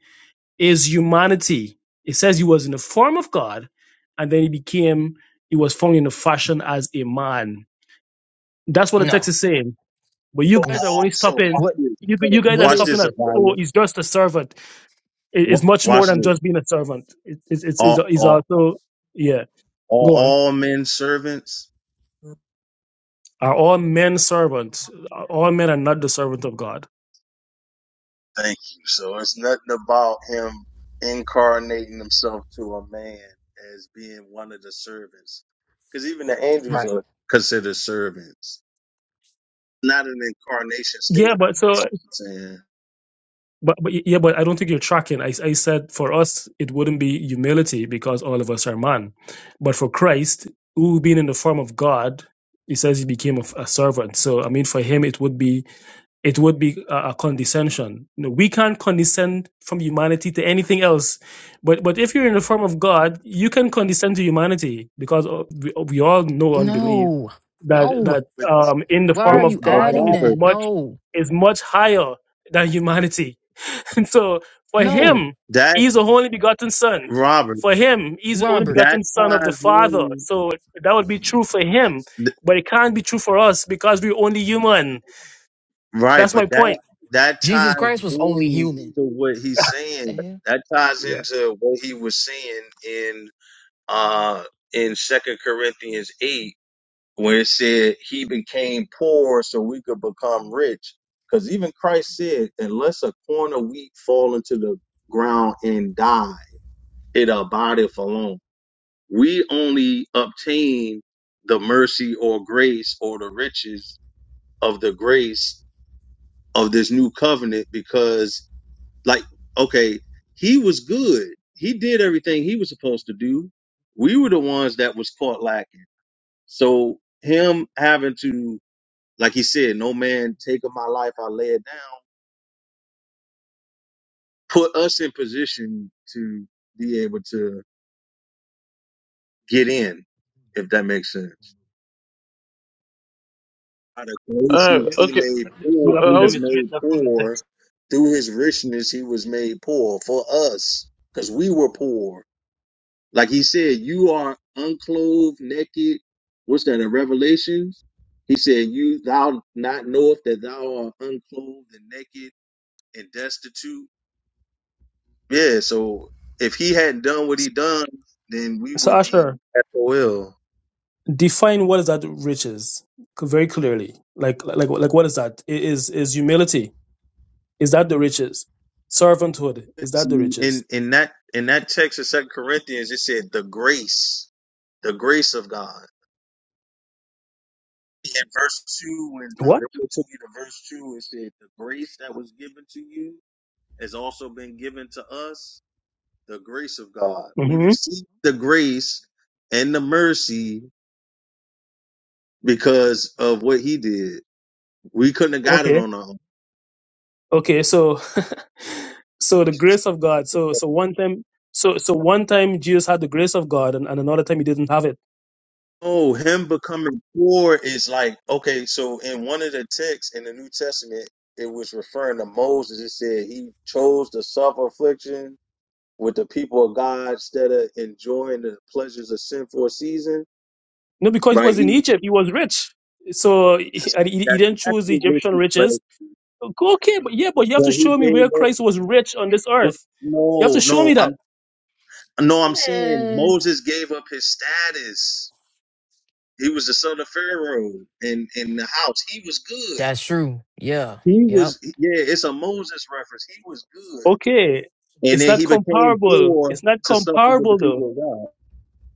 S3: his humanity. It says he was in the form of God, and then he became he was found in the fashion as a man. That's what the text
S4: No,
S3: is saying. But you
S6: So
S3: guys
S4: no.
S3: are
S6: all
S3: only
S6: so
S3: stopping.
S6: watch
S4: What
S3: You
S6: this.
S3: you guys are
S4: what
S6: Watch
S4: is
S3: stopping
S6: this,
S3: at oh,
S6: Abaya.
S3: he's just a servant. It- it's
S6: Wa-
S3: much more
S6: Watch
S3: than
S6: this.
S3: just being a servant. It, it's it's it's
S6: All,
S3: it's
S6: all,
S3: also yeah.
S6: Are
S3: Go on.
S6: all men servants?
S3: Are all men servants? All men are not the servant of God.
S6: Thank you. So it's nothing about him incarnating himself to a man as being one of the servants. Because even the angels
S4: right?
S6: are considered servants. Not an incarnation state.
S3: Yeah, but
S6: That's
S3: so
S6: all I'm saying.
S3: but, but yeah, but I don't think you're tracking. I I said for us it wouldn't be humility because all of us are man, but for Christ, who being in the form of God, he says he became a, a servant. So I mean, for him it would be it would be a, a condescension. You know, we can't condescend from humanity to anything else, but but if you're in the form of God, you can condescend to humanity because uh, we, we all know and believe
S4: No.
S3: that
S4: No.
S3: that
S6: But
S3: um, in the
S4: Why
S6: the
S4: are
S3: form
S4: you
S3: of
S6: but
S3: God
S4: adding
S3: is
S6: Robert,
S4: that?
S3: much
S4: No.
S3: is much higher than humanity, and so for
S4: No.
S3: Him,
S6: that
S3: He's the only begotten Son.
S6: Robert,
S3: For Him, He's the only
S4: Robert.
S6: that
S3: begotten Son of the
S6: ties
S3: Father.
S6: in,
S3: So that would be true for Him,
S6: th-
S3: but it can't be true for us because we're only human.
S6: right?
S3: That's my
S6: But that
S3: point.
S6: that
S4: Jesus
S6: ties
S4: Christ was only
S6: in
S4: human.
S6: to what he's
S4: The
S6: saying.
S4: hell?
S6: That ties into what he was saying uh, in Second Corinthians eight, where it said he became poor so we could become rich. Because even Christ said, unless a corn of wheat fall into the ground and die, it abideth alone. We only obtain the mercy or grace or the riches of the grace of this new covenant because, like, okay, he was good. He did everything he was supposed to do. We were the ones that was caught lacking So him having to, like he said, no man take of my life, I lay it down, put us in position to be able to get in, if that makes sense. By the
S1: Uh,
S3: But
S6: Galatians,
S3: you,
S6: he
S1: okay,
S6: made
S1: uh,
S3: you'll
S6: poor,
S3: have
S6: he
S3: to
S1: I
S6: was
S1: was
S3: demonstrate
S6: made
S3: that from the
S6: poor.
S3: text.
S6: Through his richness, he was made poor for us, because we were poor. Like he said, you are unclothed, naked. What's that in Revelations? He said, You thou not knowest that thou art unclothed and naked and destitute. Yeah, so if he hadn't done what he done, then we
S3: So
S6: would be
S3: Asher,
S6: SOL.
S3: define what is that riches c- very clearly. Like like like what is that? I- Is is humility? Is that the riches? Servanthood is that the
S6: See,
S3: riches?
S6: in in that in that text of Second Corinthians, it said the grace, the grace of God. Yeah, In verse two, when I
S3: What?
S6: really took you to verse two, it said the grace that was given to you has also been given to us, the grace of God. We
S3: hmm
S6: received the grace and the mercy because of what he did. We couldn't have got it
S3: Okay.
S6: on our
S3: Okay. So so the grace of God.
S6: own.
S3: So so one time so so one time Jesus had the grace of God, and, and another time he didn't have it.
S6: Oh, him becoming poor is like okay. So in one of the texts in the New Testament, it was referring to Moses. It said he chose to suffer affliction with the people of God instead of enjoying the pleasures of sin for a season.
S3: No, because he
S6: Right?
S3: was in
S6: He
S3: Egypt, he was rich. So he,
S6: that's
S3: and he he
S6: that's
S3: didn't
S6: that's
S3: choose the Egyptian
S6: wicked
S3: riches
S6: place.
S3: Okay, but yeah, but you have
S6: But
S3: to
S6: he
S3: show me
S6: gave
S3: where
S6: up.
S3: Christ was rich on this
S6: But
S3: earth. You have to
S6: no,
S3: show
S6: no,
S3: me
S6: I'm
S3: that.
S6: no, I'm saying
S4: Man.
S6: Moses gave up his status. He was the son of Pharaoh in in the house. He was good.
S4: That's true. Yeah.
S6: He was,
S4: Yep.
S6: yeah, it's a Moses reference. He was good.
S3: Okay,
S6: And
S3: it's
S6: then
S3: not
S6: he became
S3: comparable.
S6: poor
S3: It's not
S6: to suffer with the
S3: comparable though.
S6: people of God.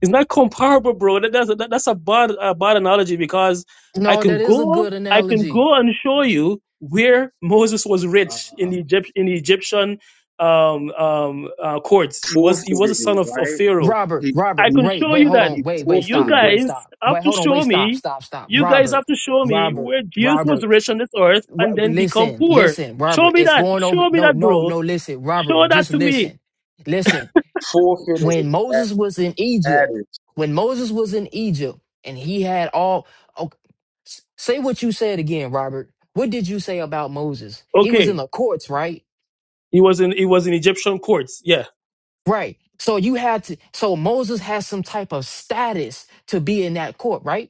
S3: It's not comparable, bro. That, that's that, that's a bad a bad analogy because I
S4: No, that
S3: can
S4: is a
S3: go
S4: good
S3: I can
S4: analogy.
S3: go and show you where Moses was rich in the
S4: Um
S3: Egypt in the Egyptian um um uh, courts. He was he was a
S6: Forfeited
S3: son
S6: it,
S3: of, of
S6: right?
S3: Pharaoh.
S4: Robert,
S6: He,
S3: I
S4: Robert,
S6: he,
S3: can
S4: wait,
S3: show
S4: wait,
S3: you
S4: hold
S3: that.
S4: on.
S6: he
S4: Wait, wait,
S3: You
S4: stop.
S6: forfeited it.
S4: Wait,
S3: guys
S4: stop.
S3: have
S4: Wait,
S3: to
S4: hold on. Wait,
S3: show
S4: stop.
S3: me.
S4: Stop, stop.
S3: You guys
S4: Robert.
S3: have to show me
S4: Robert.
S3: where Jesus was
S4: Robert.
S3: rich on this earth
S4: Ro-
S3: and then become
S4: listen,
S3: poor.
S4: listen,
S3: Show
S4: Robert.
S3: me
S4: It's
S3: that.
S4: going over.
S3: Show me
S4: No,
S3: that,
S4: no,
S3: bro.
S4: no. Listen,
S3: Show
S4: Robert.
S3: that
S4: Just
S3: to me.
S4: listen, listen.
S6: Forfeited
S4: When
S6: his status.
S4: Moses was in Egypt, when Moses was in Egypt, and he had all. Oh, s- say what you said again, Robert. What did you say about Moses? He was in
S3: Okay.
S4: the courts, right?
S3: He was in. He was in Egyptian courts. Yeah.
S4: Right. So you had to. So Moses has some type of status to be in that court, right?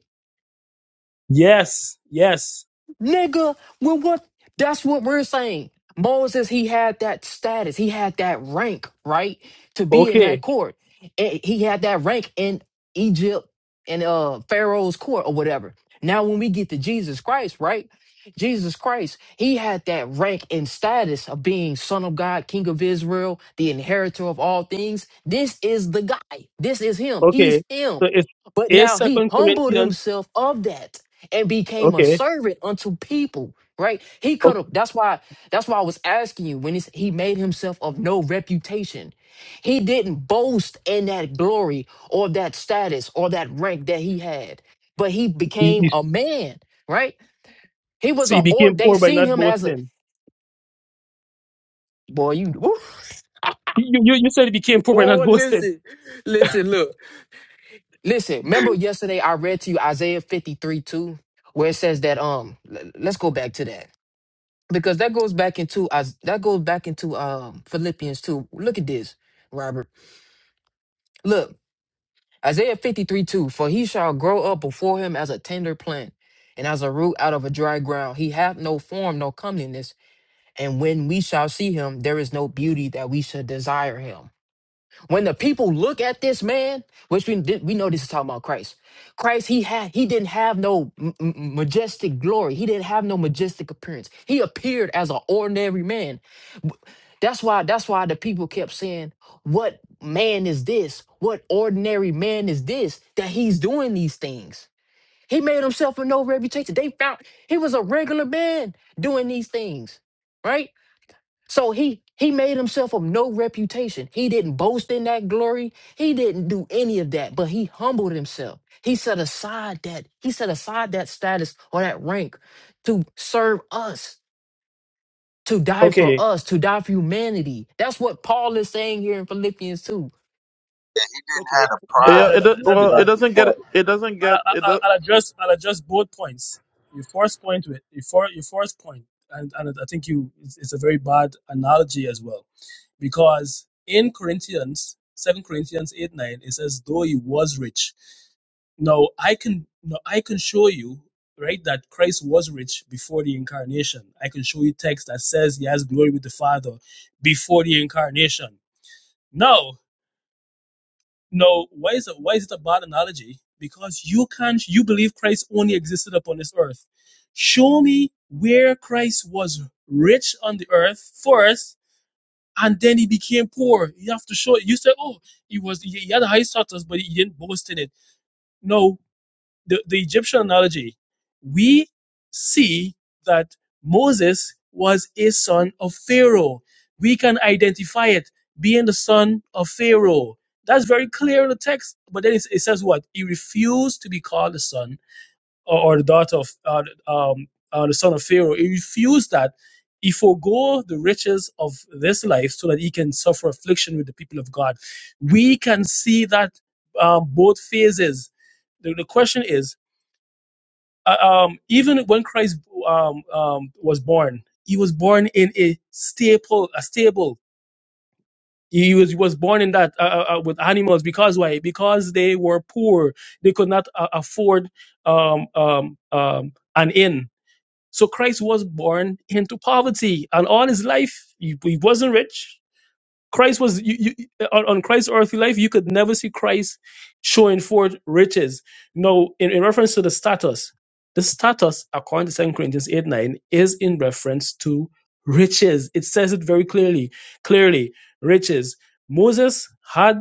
S3: Yes. Yes.
S4: Nigga, well, what? That's what we're saying. Moses, he had that status, he had that rank, right, to be in that
S3: Okay.
S4: court. And he had that rank in Egypt and uh Pharaoh's court or whatever. Now, when we get to Jesus Christ, right? Jesus Christ, he had that rank and status of being Son of God, King of Israel, the inheritor of all things. This is the guy. This is him. He's
S3: Okay.
S4: him.
S3: So it's
S4: But
S3: is
S4: now he
S3: Second
S4: humbled
S3: Corinthians.
S4: himself of that and became a
S3: Okay.
S4: servant unto people right he could
S3: okay.
S4: have that's why that's why i was asking you when it's, he made himself of no reputation he didn't boast in that glory or that status or that rank that he had but he
S3: He-
S4: became
S3: he-
S4: a man right he was
S3: So
S4: a
S3: he
S4: or
S3: became
S4: they
S3: poor by
S4: seen
S3: not
S4: him as a
S3: boasting.
S4: boy you woo.
S3: You, you you said he became poor by not
S4: oh
S3: boasting.
S4: listen listen look listen remember yesterday i read to you isaiah 53 2 where it says that um l- let's go back to that because that goes back into Is- that goes back into um Philippians 2. Look at this, Robert. Look, Isaiah 53 2. For he shall grow up before him as a tender plant and as a root out of a dry ground. He hath no form, no comeliness. And when we shall see him, there is no beauty that we should desire him. When the people look at this man, which we did, we know this is talking about Christ. Christ, he had he didn't have no m- m- majestic glory. He didn't have no majestic appearance. He appeared as an ordinary man That's why that's why the people kept saying, "What man is this? What ordinary man is this that he's doing these things?" He made himself a no reputation. They found he was a regular man doing these things, right? So he he made himself of no reputation. He didn't boast in that glory. He didn't do any of that, but he humbled himself. He set aside that he set aside that status or that rank to serve us to die for
S3: Okay.
S4: us, to die for humanity. That's what Paul is saying here in Philippians 2.
S6: He didn't
S3: Okay.
S6: have the
S3: That-
S1: yeah.
S6: pride
S3: that-
S1: It
S6: that
S1: do-
S3: that- that's
S1: well,
S6: lifted
S1: it
S6: up
S3: bad.
S6: his
S1: doesn't
S6: heart.
S1: get it doesn't get
S3: I'll, I'll,
S1: it.
S3: I'll address I'll address both points. Your first point with your for your first point, and, and I think you it's, it's a very bad analogy as well, because in Corinthians, Second Corinthians eight nine, it says, "Though he was rich." Now I can now I can show you right that Christ was rich before the incarnation. I can show you text that says he has glory with the Father before the incarnation. No, no, why is it why is it a bad analogy? Because you can't you believe Christ only existed upon this earth. Show me where Christ was rich on the earth first, and then he became poor. You have to show it. You say, oh, he was he he had a high status, but he didn't boast in it. No, the, the Egyptian analogy, we see that Moses was a son of Pharaoh. We can identify it being the son of Pharaoh. That's very clear in the text. But then it, it says what? He refused to be called the son or, or the daughter of uh, um, uh, the son of Pharaoh. He refused that. He forego the riches of this life so that he can suffer affliction with the people of God. We can see that um, both phases the, the question is uh, um, even when Christ um, um, was born, he was born in a stable, a stable. He was, he was born in that uh, uh, uh, with animals because why? Because they were poor, they could not uh, afford um, um, um, an inn. So Christ was born into poverty, and all his life he, he wasn't rich. Christ was you, you, on, on Christ's earthly life. You could never see Christ showing forth riches. No, in, in reference to the status, the status according to Second Corinthians eight nine is in reference to riches. It says it very clearly. Clearly, riches. Moses had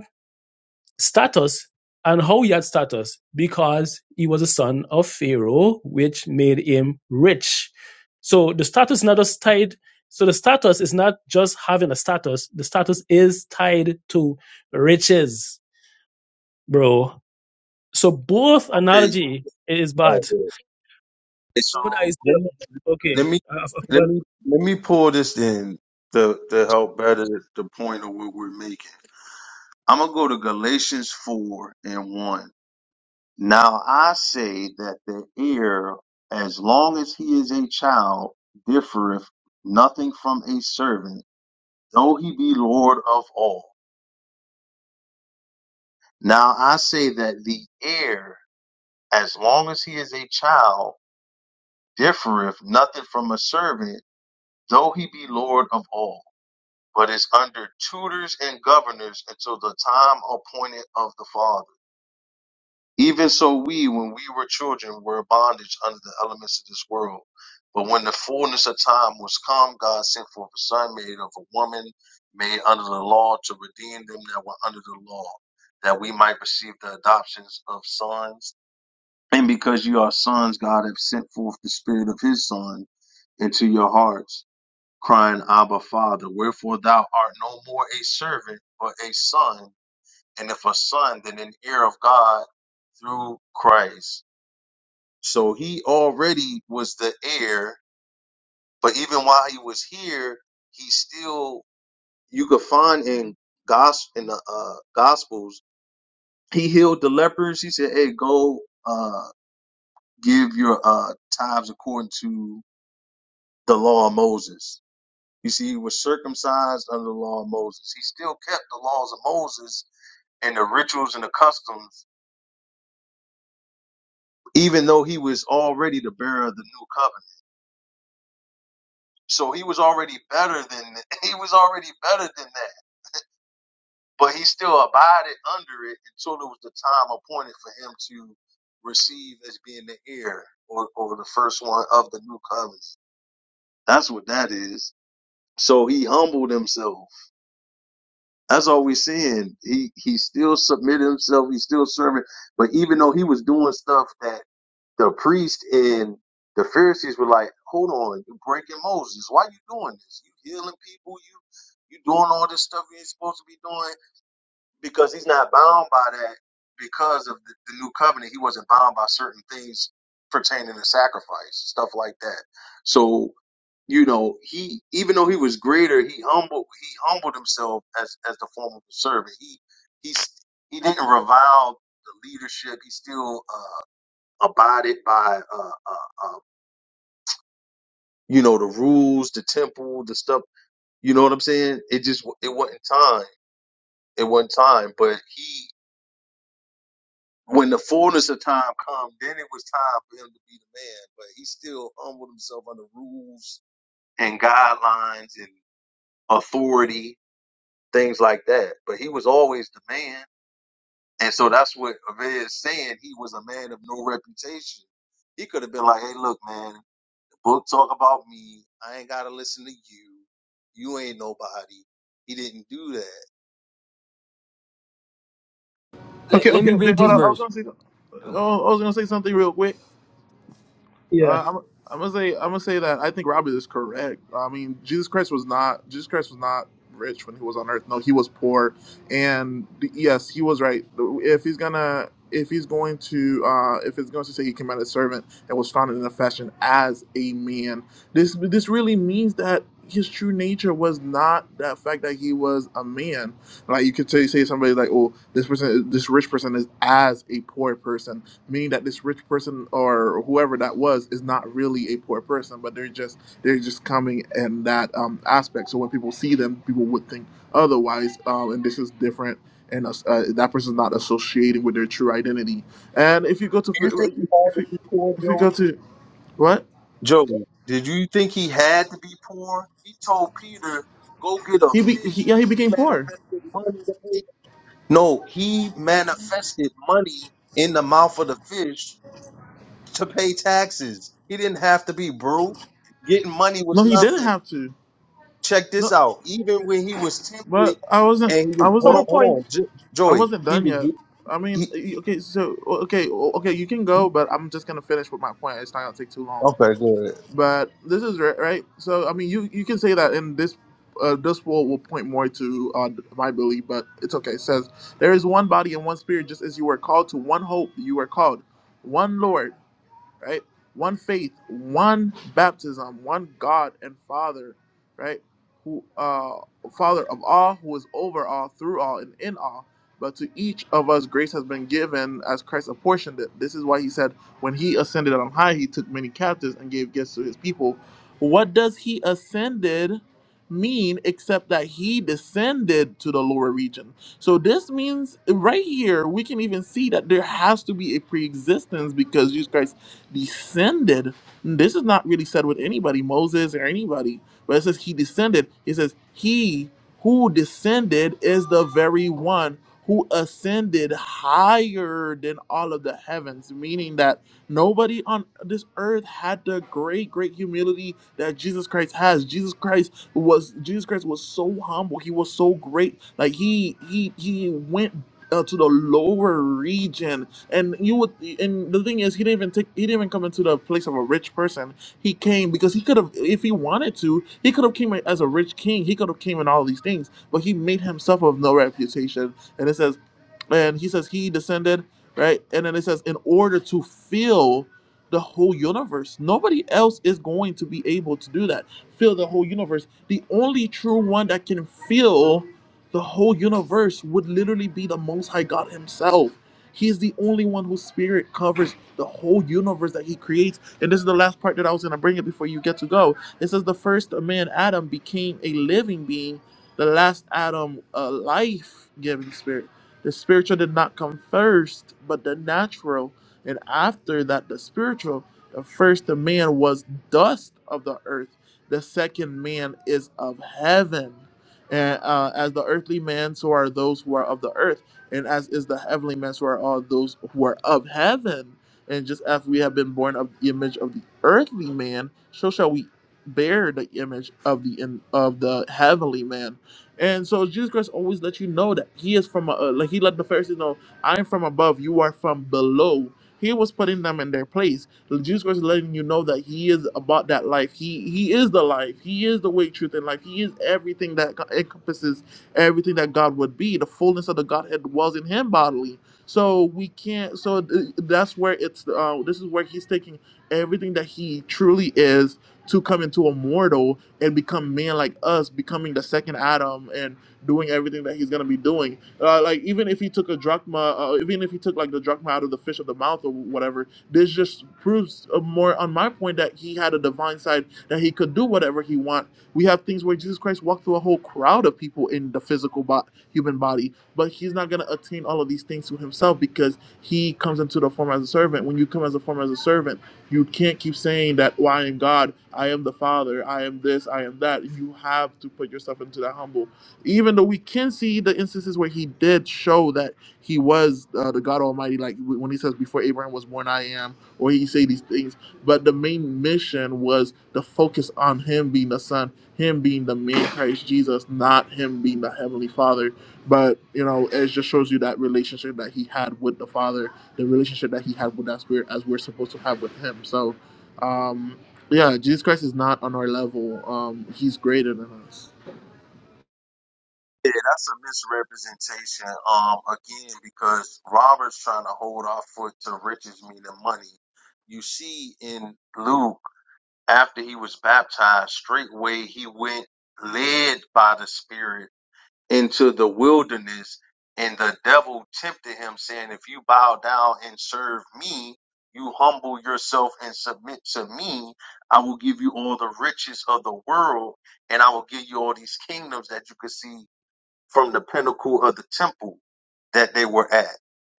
S3: status and how he had status because he was a son of Pharaoh, which made him rich. So the status is not just tied. So the status is not just having a status. The status is tied to riches, bro. So both
S6: Okay.
S3: analogy is
S6: Oh,
S3: bad.
S6: good. And so
S3: What I say,
S6: let me, let
S3: okay,
S6: me,
S3: I, I
S6: let
S3: forgot.
S6: me, let me pull this in to, to help better the point of what we're making. I'm going to go to Galatians 4 and 1. Now I say that the heir, as long as he is a child, differeth nothing from a servant, though he be Lord of all. Now I say that the heir, as long as he is a child, differeth nothing from a servant, though he be Lord of all, but is under tutors and governors until the time appointed of the Father. Even so, we, when we were children, were in bondage under the elements of this world. But when the fullness of time was come, God sent forth a son made of a woman, made under the law, to redeem them that were under the law, that we might receive the adoptions of sons. And because you are sons, God hath sent forth the spirit of his son into your hearts, crying, Abba, Father. Wherefore thou art no more a servant, but a son and if a son, then an heir of God through Christ. So he already was the heir, but even while he was here, he still you could find in gos in the uh, gospels he healed the lepers. He said, "Hey, go uh, give your uh, tithes according to the law of Moses." You see, he was circumcised under the law of Moses. He still kept the laws of Moses and the rituals and the customs even though he was already the bearer of the new covenant. So he was already better than he was already better than that. But he still abided under it until it was the time appointed for him to receive as being the heir or, or the first one of the new covenant. That's what that is. So he humbled himself. That's all we're seeing. He he still submitted himself. He still serving. But even though he was doing stuff that The priest and the Pharisees were like, "Hold on, you breaking Moses. Why you doing this? You healing people. You you doing all this stuff you ain't supposed to be doing because he's not bound by that because of the, the new covenant. He wasn't bound by certain things pertaining to sacrifice, stuff like that. So." You know, he even though he was greater, he humbled he humbled himself as as the form of a servant. He he he didn't revile the leadership. He still uh abided by uh, uh, uh, you know the rules, the temple, the stuff. You know what I'm saying? It just it wasn't time. It wasn't time. But he, when the fullness of time come, then it was time for him to be the man. But he still humbled himself under rules and guidelines and authority, things like that. But he was always the man. And so that's what Aved is saying. He was a man of no reputation. He could have been like, "Hey, look, man. Book talk about me. I ain't gotta listen to you. You ain't nobody. He didn't do that.
S4: Look at
S1: Okay,
S3: Be-
S1: okay,
S3: be-
S1: wait, hold
S4: This
S1: on.
S3: be-
S1: I was
S4: verse.
S1: gonna say,
S4: Oh,
S1: oh, I was gonna say something real quick. Uh,
S3: yeah,
S1: I'm, I'm gonna say I'm gonna say that I think Robert is correct. I mean, Jesus Christ was not Jesus Christ was not rich when he was on earth. No, he was poor, and the- yes, he was right. If he's gonna if he's going to uh, if it's going to say he came out as a servant and was found in a fashion as a man, this this really means that his true nature was not that fact that he was a man. Like you could say say somebody like, oh, this person this rich person is as a poor person meaning that this rich person or whoever that was is not really a poor person, but they're just they're just coming in that um, aspect. So when people see them, people would think otherwise, um, and this is different. And us- uh, that person's not associating with their true identity. And if you go
S6: Do you think he
S1: to
S6: had
S1: if
S6: to
S1: you,
S6: be poor,
S1: if you go
S6: Joey?
S1: to what
S6: Joey, did you think he had to be poor? He told Peter, go get a
S1: he, be, he
S6: fish,
S1: yeah he
S6: and he
S1: became poor.
S6: manifested money. To pay. No, he manifested money in the mouth of the fish to pay taxes. He didn't have to be broke. Getting money
S1: No,
S6: was
S1: he
S6: nothing.
S1: didn't have to.
S6: check this
S1: No,
S6: out. Even when he was tempted
S1: but I wasn't.
S6: and he
S1: I
S6: was hold
S1: wasn't.
S6: on, hold
S3: PowerPoint.
S6: on, Jo-
S1: I
S6: Joey.
S1: wasn't
S6: He
S1: done yet.
S6: was
S1: I mean,
S6: he,
S1: y- okay, so okay, o- okay, you can go, but I'm just gonna finish with my point. It's not gonna take too long.
S6: okay, good.
S1: But this is right, right? So I mean, you you can say that in this. Uh, this will will point more to uh, my belief, but it's okay. It says there is one body and one spirit, just as you were called to one hope you were called, one Lord right? One faith, one baptism, one God and Father, right? Who uh Father of all, who is over all, through all, and in all. But to each of us grace has been given as Christ apportioned it. This is why he said, when he ascended on high, he took many captives and gave gifts to his people. What does he ascended mean except that he descended to the lower region? So this means right here we can even see that there has to be a pre-existence because Jesus Christ descended. This is not really said with anybody, Moses or anybody, but it says he descended. It says he who descended is the very one who ascended higher than all of the heavens, meaning that nobody on this earth had the great, great humility that Jesus Christ has. Jesus Christ was Jesus Christ was so humble. He was so great. Like he he he went uh, to the lower region and you would, and the thing is, he didn't even take, he didn't even come into the place of a rich person. He came because he could have, if he wanted to, he could have came as a rich king. He could have came in all these things, but he made himself of no reputation. And it says, and he says he descended, right? And then it says, in order to fill the whole universe, nobody else is going to be able to do that. Fill the whole universe. The only true one that can fill the whole universe would literally be the Most High God Himself. He is the only one whose spirit covers the whole universe that he creates. And this is the last part that I was going to bring it before you get to go. It says the first man, Adam, became a living being, the last Adam, a life giving spirit. The spiritual did not come first, but the natural. And after that, the spiritual. The first man was dust of the earth, the second man is of heaven. And uh, as the earthly man, so are those who are of the earth and as is the heavenly man, so are all those who are of heaven. And just as we have been born of the image of the earthly man, so shall we bear the image of the in, of the heavenly man. And so Jesus Christ always let you know that he is from uh, like he let the Pharisees know, I am from above, you are from below. He was putting them in their place. Jesus Christ is letting you know that he is about that life. He he is the life. He is the way, truth, and life. He is everything that encompasses everything that God would be. The fullness of the Godhead was in him bodily. So we can't. So th- that's where it's. Uh, this is where he's taking everything that he truly is to come into a mortal and become man like us, becoming the second Adam and doing everything that he's gonna be doing. Uh, like even if he took a drachma, uh, even if he took like the drachma out of the fish of the mouth or whatever, this just proves uh, more on my point that he had a divine side that he could do whatever he want we have things where Jesus Christ walked through a whole crowd of people in the physical bo- human body, but he's not going to attain all of these things to himself because he comes into the form as a servant. When you come as a form as a servant, you can't keep saying that, well, I am God, I am the Father, I am this, I am that. You have to put yourself into that humble. Even though we can see the instances where he did show that he was uh, the God Almighty, like w- when he says, before Abraham was born, I am, or he say these things but the main mission was the focus on him being the son him being the man Christ Jesus, not him being the Heavenly Father. But you know, it just shows you that relationship that he had with the Father, the relationship that he had with that Spirit, as we're supposed to have with Him. So, um, yeah, Jesus Christ is not on our level. Um, he's greater than us.
S6: Yeah, that's a misrepresentation. Um, again, because Robert's trying to hold our foot to riches, meaning money. You see, in Luke, after he was baptized, straightway he went led by the Spirit into the wilderness, and the devil tempted him, saying, If you bow down and serve me, you humble yourself and submit to me, I will give you all the riches of the world, and I will give you all these kingdoms that you could see from the pinnacle of the temple that they were at,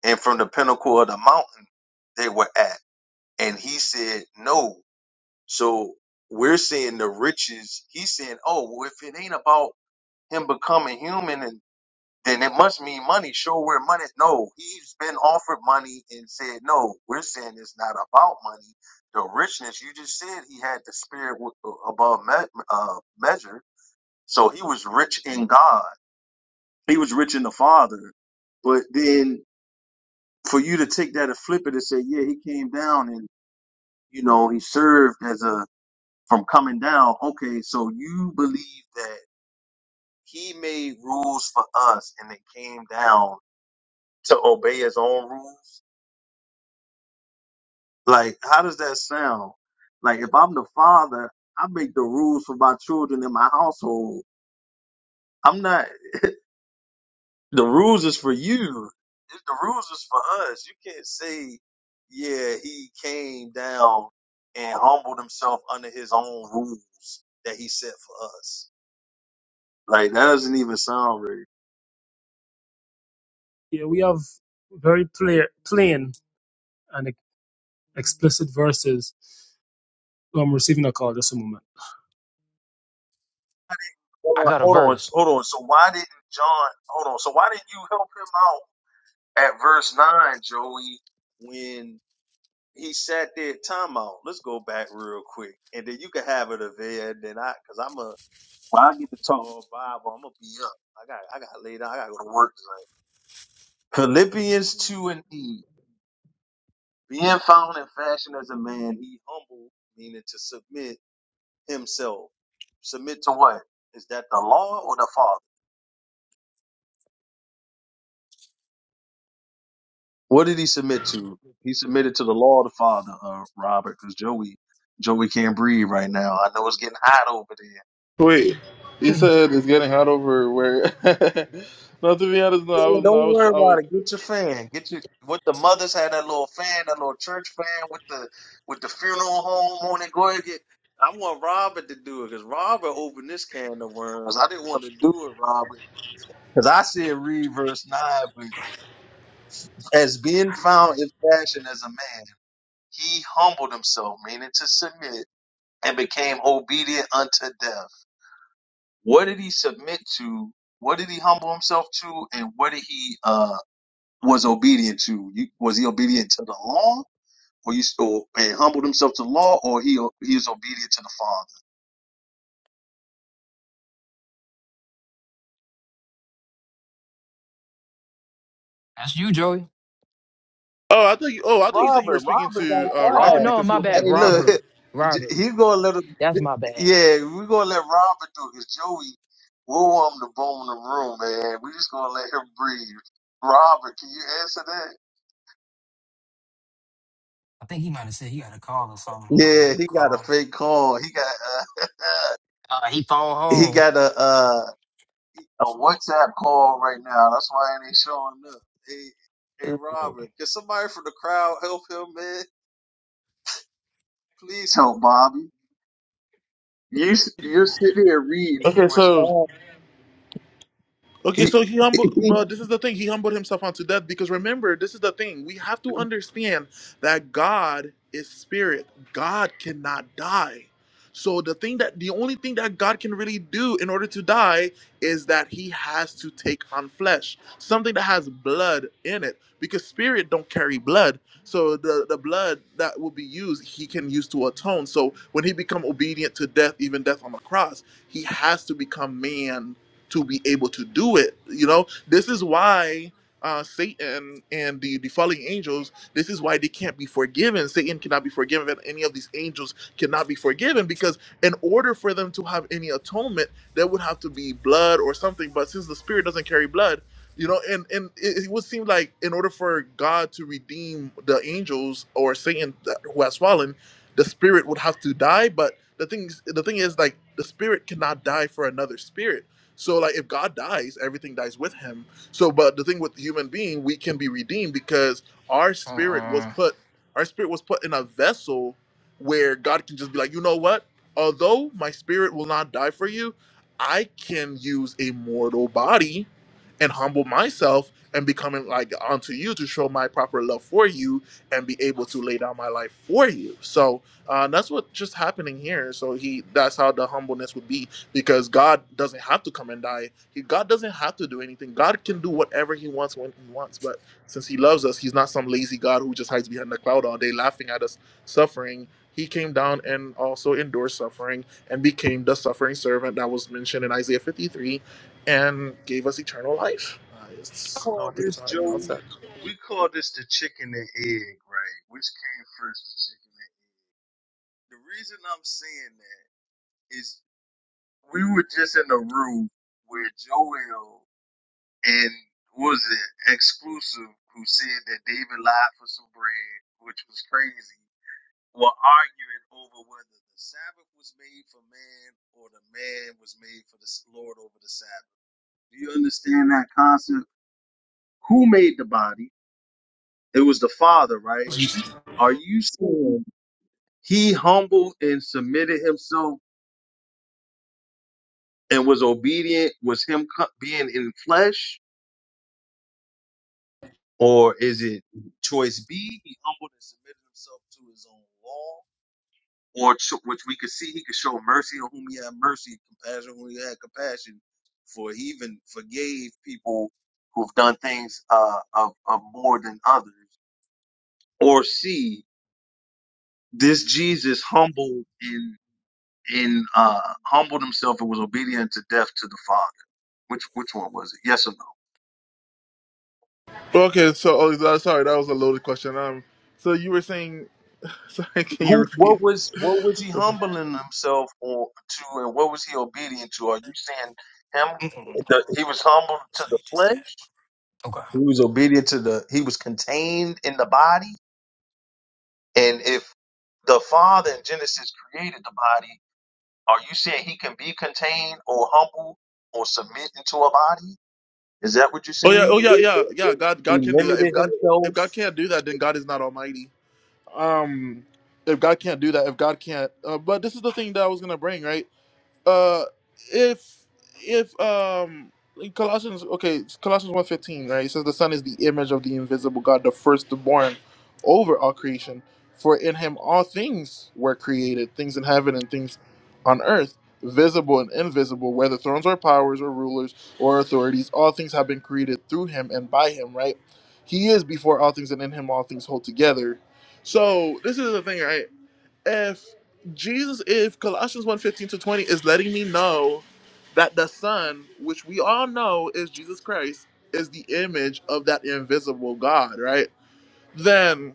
S6: and from the pinnacle of the mountain they were at. And he said, No. So we're seeing the riches. He's saying, Oh, well, if it ain't about him becoming human and then it must mean money. Show where money. No, he's been offered money and said no. We're saying it's not about money. The richness you just said he had the spirit w- above me- uh, measure, so he was rich in God. He was rich in the Father. But then for you to take that and flip it and say, yeah, he came down and you know he served as a from coming down. Okay, so you believe that he made rules for us and they came down to obey his own rules Like, how does that sound? Like, if I'm the father, I make the rules for my children in my household. I'm not, the rules is for you. If The rules is for us. You can't say, yeah, he came down and humbled himself under his own rules that he set for us. Like, that doesn't even sound right.
S3: Yeah, we have very clear, plain, and explicit verses So I'm receiving a call. Just a moment.
S4: I
S6: Hold on,
S4: got a
S6: hold on,
S4: verse.
S6: hold on. So why didn't John, hold on. So why didn't you help him out at verse 9, Joey? when he sat there, time out. Let's go back real quick, and then you can have it, Avia, and then I, cause I'm a, when I get to talk to Bible, I'm gonna be up. I got, I got laid down. I gotta go to work tonight. Philippians two and E, being found in fashion as a man, he humbled, meaning to submit himself. Submit to what? Is that the law or the Father? What did he submit to? He submitted to the law of the Father, uh, Robert, cause Joey, Joey can't breathe right now. I know it's getting hot over there.
S1: Wait, you said it's getting hot over where? no, to be honest, no, I
S6: Man,
S1: was, no, I
S6: Don't
S1: was, I
S6: worry about
S1: was.
S6: it. Get your fan. Get your what the mothers had that little fan, that little church fan with the with the funeral home on it. Go ahead and get. I want Robert to do it because Robert opened this can of worms. I didn't want to do it, Robert, because I said read verse nine. But as being found in fashion as a man, he humbled himself, meaning to submit, and became obedient unto death. What did he submit to? What did he humble himself to? And what did he? uh? was obedient to? You, was he obedient to the law, or you or, and humbled himself to the law, or he he is obedient to the Father?
S4: That's you, Joey.
S1: Oh, I thought you. Oh, I thought you said you were
S6: Robert,
S1: speaking
S6: Robert got
S1: to uh,
S4: Oh
S1: Robert
S6: quiet.
S4: no,
S1: because he
S4: my
S1: opened a
S4: bad.
S6: Hey,
S1: can of
S6: look,
S1: worms.
S4: Robert. Robert.
S6: he gonna let him.
S4: That's my bad.
S6: Yeah, we gonna let Robert do it 'cause Joey. We'll warm the bone in the room, man. We just gonna let him breathe. Robert, can you answer that?
S4: I think he might have said he had a call or something. He had to
S6: Yeah,
S4: make a
S6: he got a
S4: call.
S6: fake call. He got uh,
S4: Uh, he phoned
S6: he
S4: home.
S6: got a uh, a WhatsApp call right now. That's why it ain't showing up. Hey, hey,
S4: Mm-mm.
S6: Robert, can somebody from the crowd help him, man? Please help Bobby. You s- you're sitting here reading. He
S1: Okay,
S6: was
S1: so
S6: fine.
S1: Okay, so he
S6: He,
S1: humbled,
S6: he
S1: but this is the thing. He humbled himself unto death because remember, this is the thing. We have to
S6: we
S1: understand that God is spirit. God cannot die. So the thing that the only thing that God can really do in order to die is that he has to take on flesh, something that has blood in it, because spirit don't carry blood. So the the blood that will be used, he can use to atone. So when he become obedient to death, even death on the cross, he has to become man to be able to do it. You know, this is why uh, Satan and the, the fallen angels, this is why they can't be forgiven. Satan cannot be forgiven, and any of these angels cannot be forgiven because in order for them to have any atonement, there would have to be blood or something. But since the spirit doesn't carry blood, you know, and and it, it would seem like in order for God to redeem the angels or Satan that, who has fallen, the spirit would have to die. But the thing, is- the thing is, like the spirit cannot die for another spirit so like if God dies, everything dies with him. So but the thing with the human being, we can be redeemed because our spirit was put our spirit was put in a vessel where God can just be like, "You know what? Although my spirit will not die for you, I can use a mortal body and humble myself and becoming like unto you to show my proper love for you and be able to lay down my life for you." So, uh, that's what just happening here. So he that's how the humbleness would be because God doesn't have to come and die. He, God doesn't have to do anything. God can do whatever He wants when He wants. But since He loves us, He's not some lazy God who just hides behind the cloud all day laughing at us suffering. He came down and also endured suffering and became the suffering servant that was mentioned in Isaiah 53 and gave us eternal life. Uh, it's, I
S6: call
S1: don't think it's
S6: this
S1: a high
S6: Joey.
S1: concept.
S6: We call this the chicken and egg, right? Which came first, the chicken and egg? The reason I'm saying that is we were just in a room where Joel and what was it exclusive who said that David lied for some bread, which was crazy, were arguing over whether the Sabbath was made for man or the man was made for the Lord over the Sabbath. Do you understand that concept? Who made the body? It was the Father, right? Are you saying he humbled and submitted himself and was obedient? Was him co- being in flesh? Or is it choice B? He humbled and submitted himself to his own law or cho- which we could see he could show mercy on whom he had mercy, compassion on whom he had compassion. For he even forgave people who've done things uh, of, of more than others. Or see this Jesus humbled and and uh, humbled himself and was obedient to death to the Father. Which which one was it? Yes or no?
S1: Okay, so oh, sorry, that was a loaded question. Um, so you were saying, sorry, can you
S6: Who?
S1: repeat?
S6: What was what was he humbling himself or to, and what was he obedient to? Are you saying him?
S4: Mm-mm.
S6: The, he was humbled to
S4: So
S6: the
S4: he just said.
S6: flesh
S4: Okay.
S6: He was obedient to the, he was contained in the body. And if the Father in Genesis created the body, are you saying he can be contained or humble or submit into a body? Is that what you're
S1: Oh yeah,
S6: saying?
S1: oh yeah, yeah, yeah. God, God
S6: He
S1: can do that. If
S6: limited
S1: God, if
S6: himself.
S1: God can't do that, then God is not Almighty. Um, if God can't do that, if God can't, uh, but this is the thing that I was gonna bring, right? uh if if um in colossians okay it's colossians one fifteen right it says the son is the image of the invisible god the firstborn over all creation for in him all things were created things in heaven and things on earth visible and invisible whether thrones or powers or rulers or authorities all things have been created through him and by him right he is before all things and in him all things hold together so this is the thing right if Jesus, if Colossians one fifteen to 20 is letting me know that the Son, which we all know is Jesus Christ, is the image of that invisible God, right? Then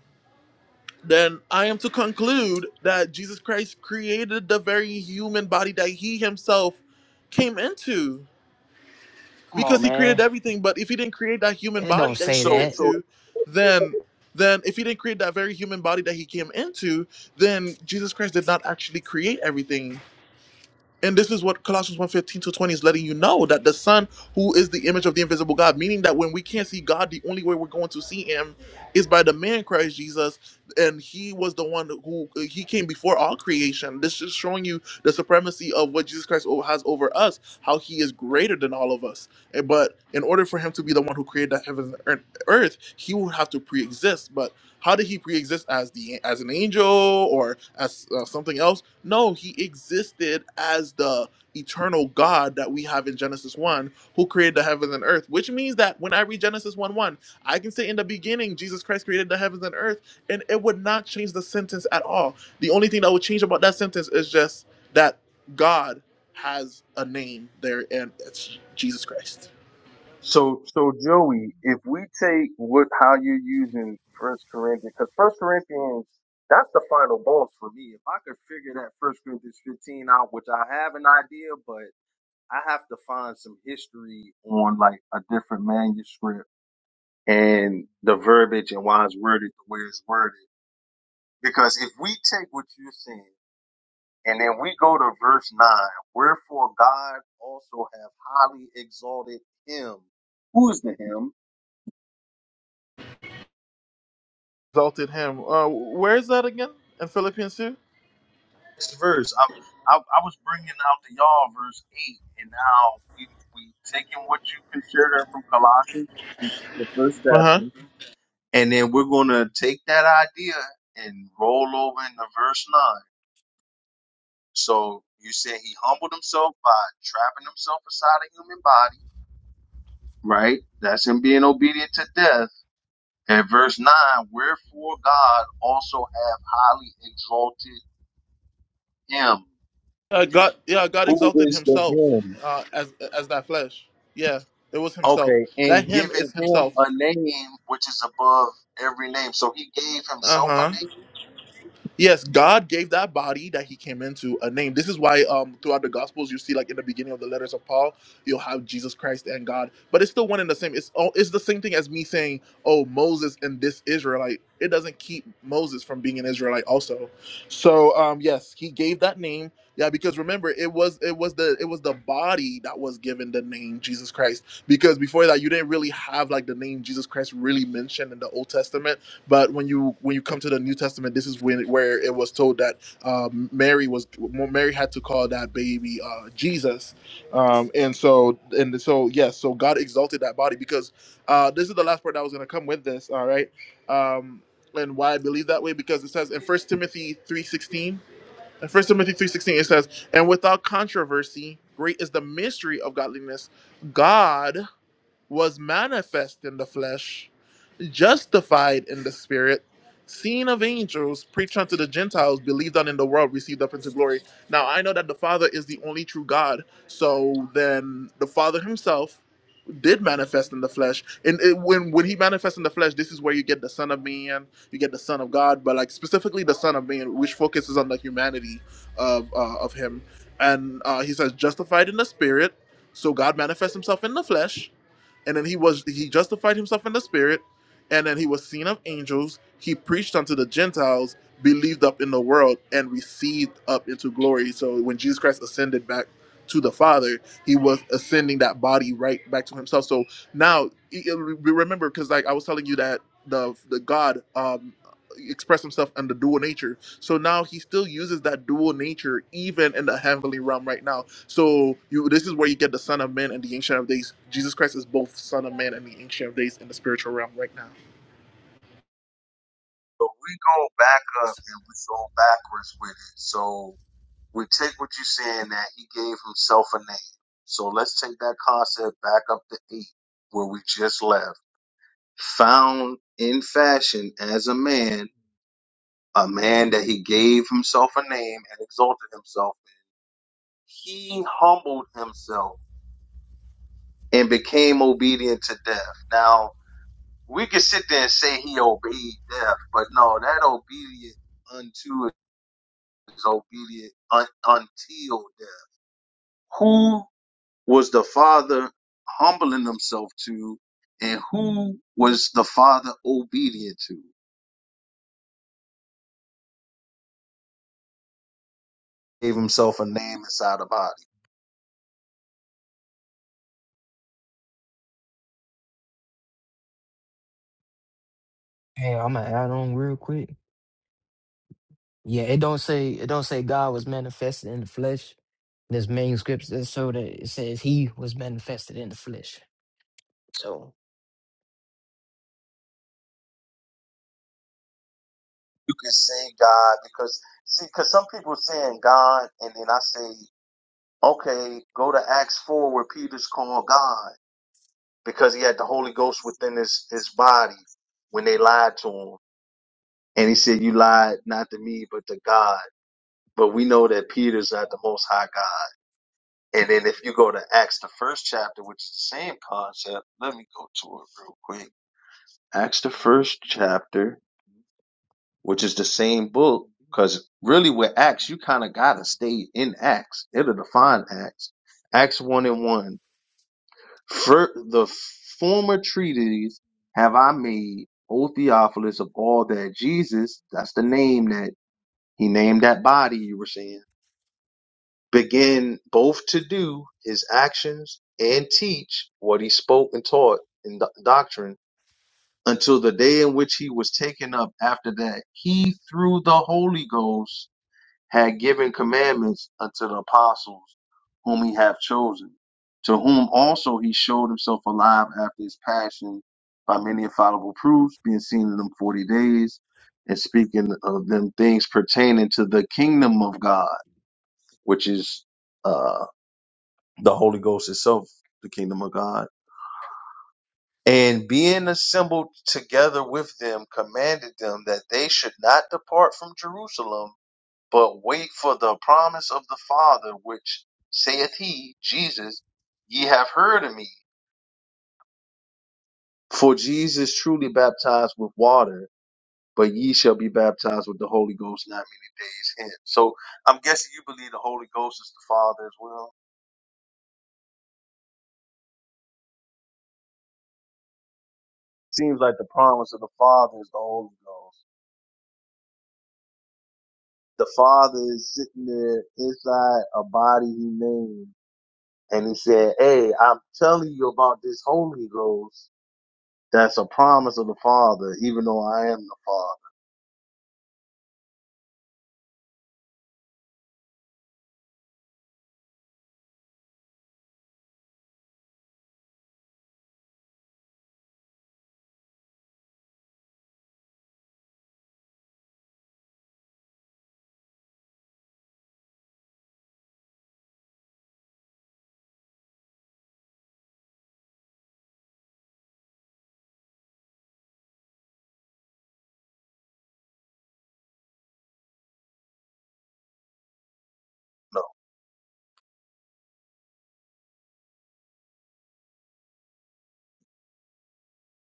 S1: then I am to conclude that Jesus Christ created the very human body that he himself came into
S4: Come
S1: because
S4: on,
S1: he created
S4: man.
S1: everything but if he didn't create that human
S4: Eh,
S1: body
S4: Don't
S1: that he
S4: say
S1: came
S6: So,
S4: that.
S6: so,
S1: into then then if he didn't create that very human body that he came into then jesus christ did not actually create everything and this is what Colossians one fifteen to 20 is letting you know that the Son, who is the image of the invisible God, meaning that when we can't see God, the only way we're going to see Him is by the man Christ Jesus. And He was the one who He came before all creation. This is showing you the supremacy of what Jesus Christ o- has over us, how He is greater than all of us. And- But in order for Him to be the one who created the heavens and earth, He would have to pre exist. How did he pre-exist as the as an angel or as uh, something else? No, he existed as the eternal God that we have in Genesis one, who created the heavens and earth. Which means that when I read Genesis one one, I can say in the beginning Jesus Christ created the heavens and earth, and it would not change the sentence at all. The only thing that would change about that sentence is just that God has a name there, and it's Jesus Christ.
S6: so, so, Joey, if we take what, how you're using First Corinthians, because First Corinthians, that's the final boss for me. If I could figure that First Corinthians 15 out, which I have an idea, but I have to find some history on like a different manuscript and the verbiage and why it's worded the way it's worded. Because if we take what you're saying and then we go to verse nine, wherefore God also have highly exalted him. Who is the him?
S1: Exalted him. Uh, where is that again? In Philippians two.
S6: This verse. I, I, I was bringing out the y'all verse eight, and now we we taking what you consider from Colossians, the first
S1: Uh
S6: chapter,
S1: huh.
S6: And then we're going to take that idea and roll over into verse 9. So you said he humbled himself by trapping himself inside a human body, right? That's him being obedient to death. And verse 9, wherefore God also have highly exalted him.
S1: Uh, God, yeah, God
S6: Who
S1: exalted
S6: is the
S1: Himself
S6: him?
S1: uh, as as that flesh. Yeah, it was Himself.
S6: Okay,
S1: That
S6: and
S1: Him
S6: given
S1: is
S6: him
S1: Himself.
S6: a name which is above every name. So he gave
S1: Uh
S6: himself
S1: huh.
S6: a name.
S1: Yes, God gave that body that he came into a name. This is why um throughout the gospels you see like in the beginning of the letters of Paul, you'll have Jesus Christ and God, but it's still one and the same. It's all it's the same thing as me saying, "Oh, Moses and this Israelite." It doesn't keep Moses from being an Israelite also. So, um yes, he gave that name. Yeah, because remember, it was it was the it was the body that was given the name Jesus Christ. Because before that, you didn't really have like the name Jesus Christ really mentioned in the Old Testament but when you when you come to the New Testament, this is when where it was told that um, Mary was well, Mary had to call that baby uh, Jesus, um, and so and so yes, so God exalted that body because uh, this is the last part that I was going to come with this. All right, um, and why I believe that way because it says in First Timothy three sixteen. In First Timothy 3.16, it says, And without controversy, great is the mystery of godliness. God was manifest in the flesh, justified in the spirit, seen of angels, preached unto the Gentiles, believed on in the world, received up into glory. Now I know that the Father is the only true God. So then the Father himself did manifest in the flesh. And it, when when he manifests in the flesh, this is where you get the Son of Man, you get the Son of God, but like specifically the Son of Man, which focuses on the humanity of uh, of him. And uh, he says justified in the spirit. So God manifests himself in the flesh and then he was he justified himself in the spirit and then he was seen of angels he preached unto the gentiles believed up in the world and received up into glory so when jesus christ ascended back to the father he was ascending that body right back to himself so now e- e- re- remember because like i was telling you that the the god um expressed himself in the dual nature so now he still uses that dual nature even in the heavenly realm right now so you this is where you get the Son of Man and the Ancient of Days. Jesus Christ is both Son of Man and the Ancient of Days in the spiritual realm right now.
S6: But we go back up and we go backwards with it. So we take what you're saying that he gave himself a name. So let's take that concept back up to eight, where we just left. Found in fashion as a man, a man that he gave himself a name and exalted himself. He humbled himself and became obedient to death. Now, we could sit there and say he obeyed death, but no, that obedient unto is obedient un- until death. Who was the Father humbling himself to, and who was the Father obedient to? Gave himself a name inside the body.
S4: Hey, I'm gonna add on real quick. Yeah, it don't say it don't say God was manifested in the flesh. There's manuscripts that show that it says he was manifested in the flesh. So
S6: You can say God because see, because some people saying God, and then I say, okay, go to Acts four where Peter's called God because he had the Holy Ghost within his his body when they lied to him, and he said, "You lied not to me, but to God." But we know that Peter's not the Most High God. And then if you go to Acts, the first chapter, which is the same concept, let me go to it real quick. Acts, the first chapter, which is the same book, because really with Acts, you kind of got to stay in Acts. It'll define Acts. Acts 1 and 1. For the former treatises have I made, O Theophilus, of all that Jesus, that's the name that he named that body you were saying began both to do his actions and teach what he spoke and taught in do- doctrine until the day in which he was taken up after that he through the holy ghost had given commandments unto the apostles whom he hath chosen to whom also he showed himself alive after his passion by many infallible proofs being seen in them 40 days and speaking of them things pertaining to the kingdom of god which is uh, the Holy Ghost itself, the kingdom of God. And being assembled together with them, commanded them that they should not depart from Jerusalem, but wait for the promise of the Father, which saith he, Jesus, ye have heard of me. For Jesus truly baptized with water, but ye shall be baptized with the Holy Ghost not many days hence. So I'm guessing you believe the Holy Ghost is the Father as well. Seems like the promise of the Father is the Holy Ghost. the father is sitting there inside a body he named, and he said, "Hey, I'm telling you about this Holy Ghost. That's a promise of the Father, even though I am the Father." No.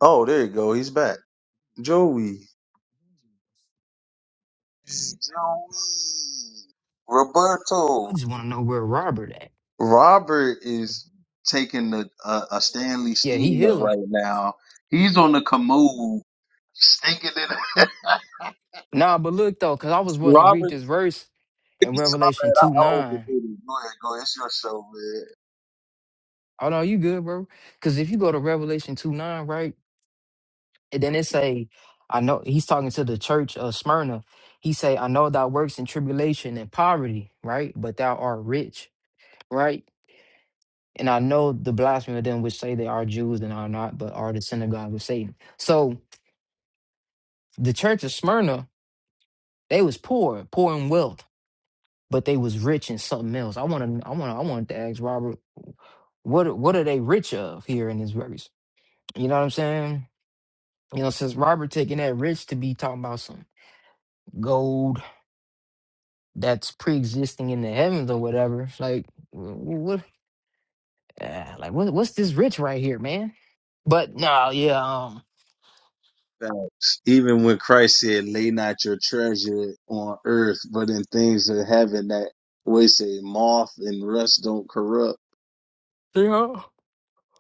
S6: Oh, there you go. He's back, Joey. Joey.
S4: I
S6: Roberto.
S4: just want to know where Robert at.
S6: Robert is taking a, a, a Stanley
S4: Yeah, he
S6: steamer
S4: healing.
S6: right now. He's on the commode, stinking it.
S4: Nah, but look though, cause I was wanting to read
S6: Robert's
S4: this verse
S6: If
S4: in
S6: you did, my
S4: Revelation
S6: bad.
S4: two
S6: I
S4: nine.
S6: overdid it. Go ahead, go ahead. It's your show, man.
S4: Oh no, you good, bro? Cause if you go to Revelation two nine, right, and then it say, I know he's talking to the church of Smyrna. He say, I know thou works in tribulation and poverty, right? But thou art rich, right? And I know the blasphemy of them which say they are Jews and are not, but are the synagogue of Satan. So the church of Smyrna, they was poor, poor in wealth, but they was rich in something else. I wanna I wanna I wanted to ask Robert, what what are they rich of here in this verse? You know what I'm saying? You know, since Robert taking that rich to be talking about some gold that's pre-existing in the heavens or whatever, like wh- wh- what, uh, like what, what's this rich right here, man? But no, yeah,
S6: Facts. Even when Christ said, lay not your treasure on earth, but in things of heaven that way say moth and rust don't corrupt
S4: um,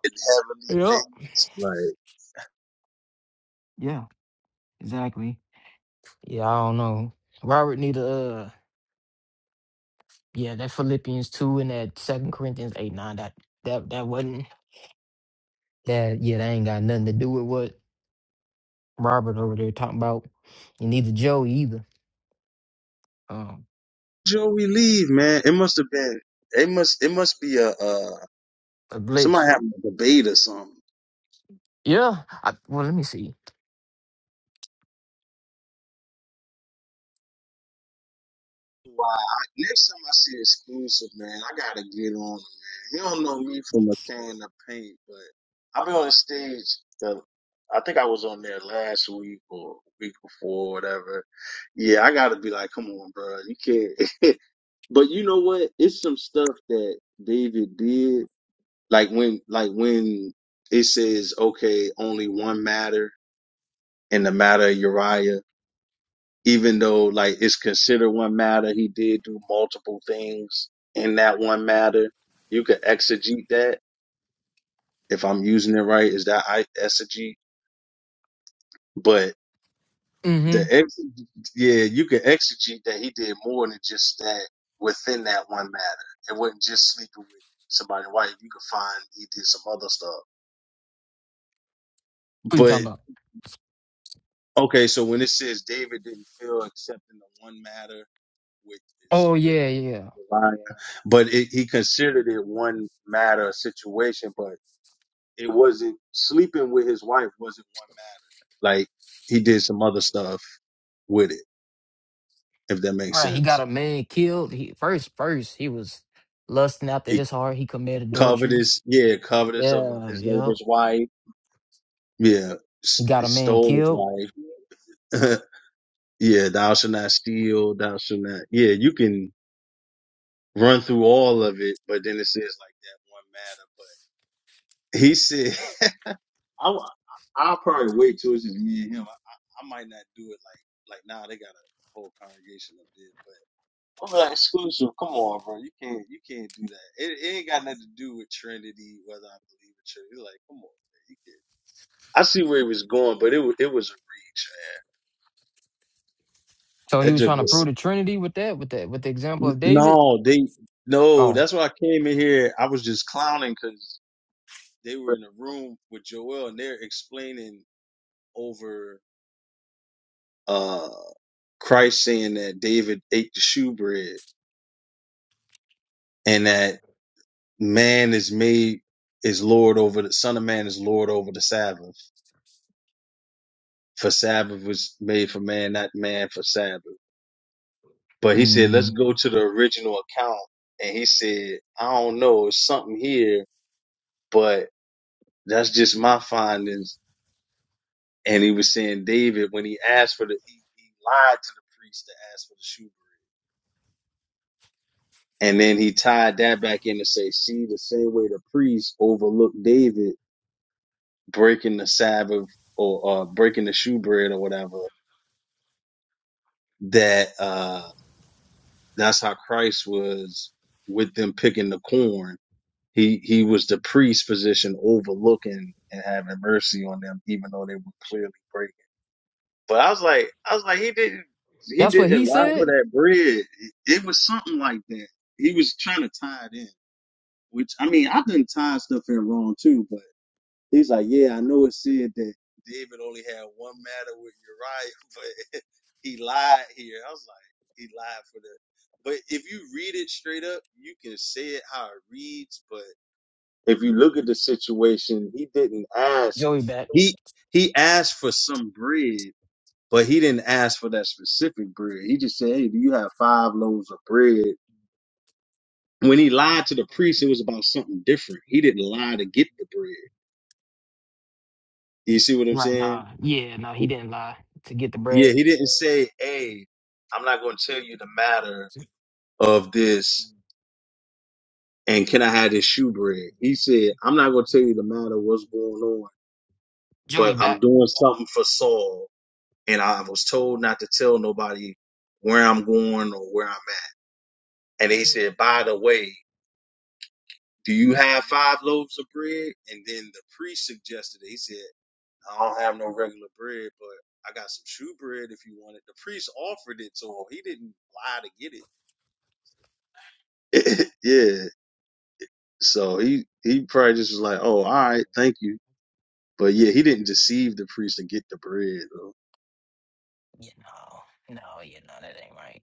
S6: in heavenly
S4: yeah,
S6: things. Like
S4: yeah. Exactly. Yeah, I don't know. Robert need to uh yeah, that Philippians two and that second Corinthians eight nine that that that wasn't that yeah, that ain't got nothing to do with what Robert over there talking about. And neither Joey either. Um
S6: Joey leave, man. It must have been it must it must be a uh
S4: a glitch.
S6: somebody having a debate or something.
S4: Yeah. I, well let me see.
S6: Why? I, next time I see exclusive, man, I gotta get on him, man. He don't know me from a can of paint, but I've been on the stage. The, I think I was on there last week or week before, whatever. Yeah, I gotta be like, come on, bro, you can't. but you know what? It's some stuff that David did, like when, like when it says, okay, only one matter, and the matter of Uriah even though like it's considered one matter, he did do multiple things in that one matter. You could exegete that if I'm using it right. Is that I exegete? But the
S4: Mm-hmm.
S6: ex, yeah, you could exegete that he did more than just that within that one matter. It wasn't just sleeping with somebody white. You could find he did some other stuff.
S4: What you
S6: But
S4: talking about?
S6: okay, so when it says David didn't feel except in the one matter with
S4: Oh
S6: this, with
S4: yeah, yeah.
S6: Line. But it, he considered it one matter of situation, but it wasn't sleeping with his wife wasn't one matter. Like he did some other stuff with it, if that makes
S4: Right, he got
S6: sense.
S4: a man killed. He first first he was lusting after
S6: He
S4: this heart, he committed adultery.
S6: covetous, yeah, covetous of
S4: Yeah,
S6: his
S4: yeah.
S6: neighbor's wife. Yeah,
S4: He
S6: s- he
S4: got a man
S6: stole his
S4: killed.
S6: wife. yeah, thou shalt not steal. Thou shalt not. Yeah, you can run through all of it, but then it says like that one matter. But he said. I w- I'll probably wait till it's just me and him. I, I, I might not do it like like now they got a whole congregation up there, but I'm like exclusive. Come on, bro, you can't you can't do that. It, it ain't got nothing to do with Trinity, whether I believe in Trinity. It's Like, come on, man, you can't. I see where he was going, but it wa- it was a reach, man.
S4: So he
S6: That
S4: was
S6: just
S4: trying to prove
S6: was
S4: the Trinity with that, with that, with the example of
S6: n-
S4: David.
S6: no, they no.
S4: Oh,
S6: That's why I came in here. I was just clowning because they were in a room with Joel and they're explaining over. Christ saying that David ate the shoebread and that man is made is Lord over the Son of Man is Lord over the Sabbath. For Sabbath was made for man, not man for Sabbath. But he said, let's
S4: mm,
S6: go to the original account. And he said, I don't know, it's something here, but that's just my findings. And he was saying David, when he asked for the, he, he lied to the priest to ask for the shoe. And then he tied that back in to say, see, the same way the priest overlooked David breaking the Sabbath or uh, breaking the shoe bread or whatever, that uh, that's how Christ was with them picking the corn. He he was the priest position overlooking and having mercy on them, even though they were clearly breaking. But I was like, I was like, he didn't he
S4: that's what he
S6: didn't lie for
S4: said.
S6: that bread. It was something like that. He was trying to tie it in, which I mean, I've done tied stuff in wrong too, but. He's like, yeah, I know it said that David only had one matter with Uriah, but he lied here. I was like, he lied for the. But if you read it straight up, you can say it how it reads. But if you look at the situation, he didn't ask.
S4: Joey back
S6: He he asked for some bread, but he didn't ask for that specific bread. He just said, hey, do you have five loaves of bread? When he lied to the priest, it was about something different. He didn't lie to get the bread. You see what I'm
S4: right
S6: saying?
S4: now. Yeah, no, he didn't lie to get the
S6: Yeah,
S4: bread.
S6: he didn't say, "Hey, I'm not going to tell you the matter of this, and can I have this shoe bread?" He said, "I'm not going to tell you the matter of what's going on,
S4: Joey
S6: but I'm
S4: back.
S6: doing something for Saul, and I was told not to tell nobody where I'm going or where I'm at." And he said, "By the way, do you have five loaves of bread?" And then the priest suggested it. He said, "I don't have no regular bread, but I got some shoe bread if you want it." The priest offered it to him. He didn't lie to get it. yeah. So he he probably just was like, "Oh, all right, thank you." But yeah, he didn't deceive the priest and get the bread though.
S4: Yeah, no, no, yeah, no, that ain't right.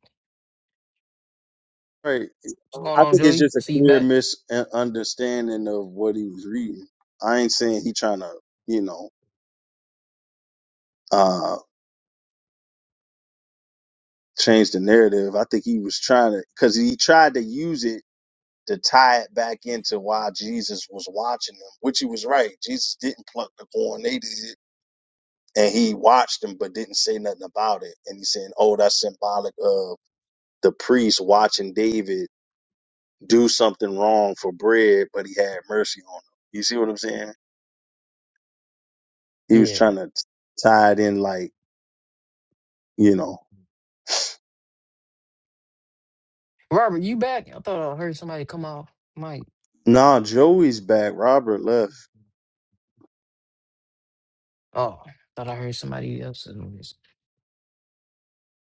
S6: Right.
S4: What's going
S6: I
S4: on,
S6: think it's
S4: Joey?
S6: just
S4: I
S6: a
S4: see you
S6: clear
S4: back.
S6: misunderstanding of what he was reading. I ain't saying he trying to, you know, uh, change the narrative. I think he was trying to, cause he tried to use it to tie it back into why Jesus was watching them, which he was right. Jesus didn't pluck the corn. They did. And he watched them, but didn't say nothing about it. And he's saying, oh, that's symbolic of the priest watching David do something wrong for bread, but he had mercy on him. You see what I'm saying? He was
S4: Yeah,
S6: trying to tie it in, like, you know.
S4: Robert, you back? I thought I heard somebody come off mic.
S6: Nah, Joey's back. Robert left.
S4: Oh, thought I heard somebody else. in this.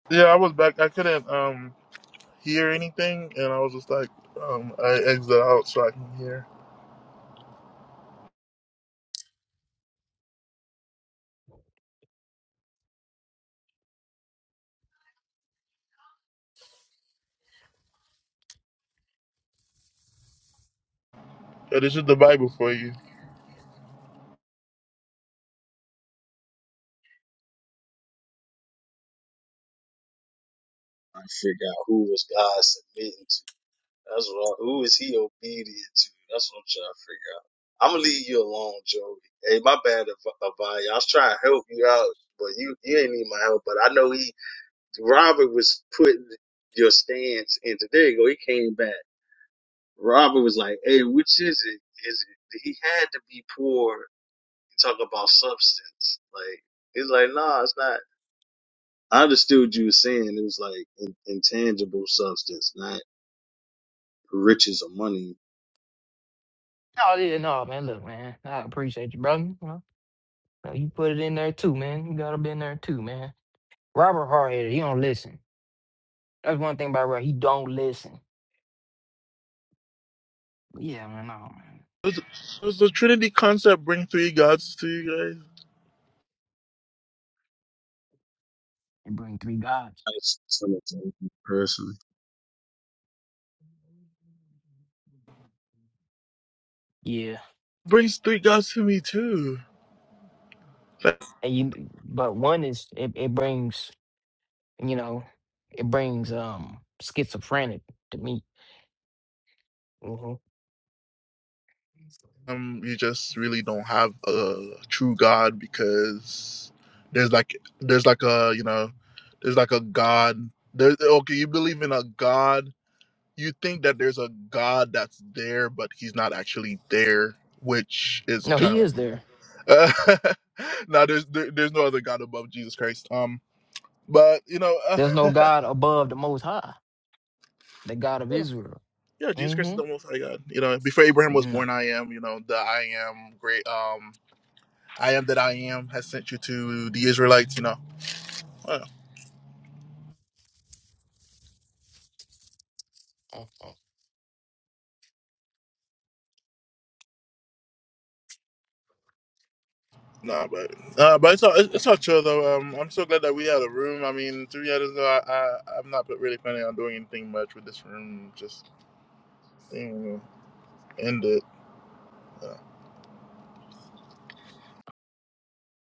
S1: Yeah, I was back. I couldn't um hear anything, and I was just like, um, I exited out so I can hear. Yeah, this is the Bible for you.
S6: I figure out who was God submitting to. That's what. I, who is he obedient to? That's what I'm trying to figure out. I'm gonna leave you alone, Joey. Hey, my bad, Av- Avaya. I was trying to help you out, but you you ain't need my help. But I know he Robert was putting your stance, and today go he came back. Robert was like, "Hey, which is it? Is it?" He had to be poor. and Talk about substance. Like he's like, "Nah, it's not." I understood you were saying it was like in, intangible substance, not riches or money.
S4: No, yeah, no, man. Look, man, I appreciate you, brother. No, you put it in there too, man. You gotta be in there too, man. Robert Hardhead, he don't listen. That's one thing about Robert. He don't listen. Yeah, man, no, man.
S1: Does, does the Trinity concept bring three gods to you guys?
S4: It bring three gods.
S6: That's something personally.
S4: Yeah,
S1: Brings three gods to me too.
S4: and you, but one is it, it brings you know, it brings um schizophrenic to me. hmm
S1: um, you just really don't have a true God because there's like there's like a you know there's like a God there's okay you believe in a God you think that there's a God that's there but he's not actually there which is
S4: No, he
S1: kind of
S4: is there.
S1: uh, no. there's there, there's no other God above Jesus Christ um but you know
S4: There's no
S1: uh,
S4: God above the Most High, the God of
S1: yeah
S4: Israel.
S1: yeah Jesus Christ is
S4: Mm-hmm.
S1: the most high God you know before Abraham was
S4: No.
S1: born I am you know the I am great um I am that I am has sent you to the Israelites, you know. Uh, nah, but uh, but it's all it's it's all chill though. Um, I'm so glad that we had a room. I mean, to be honest, though, I, I I'm not really planning on doing anything much with this room. Just you know, end it.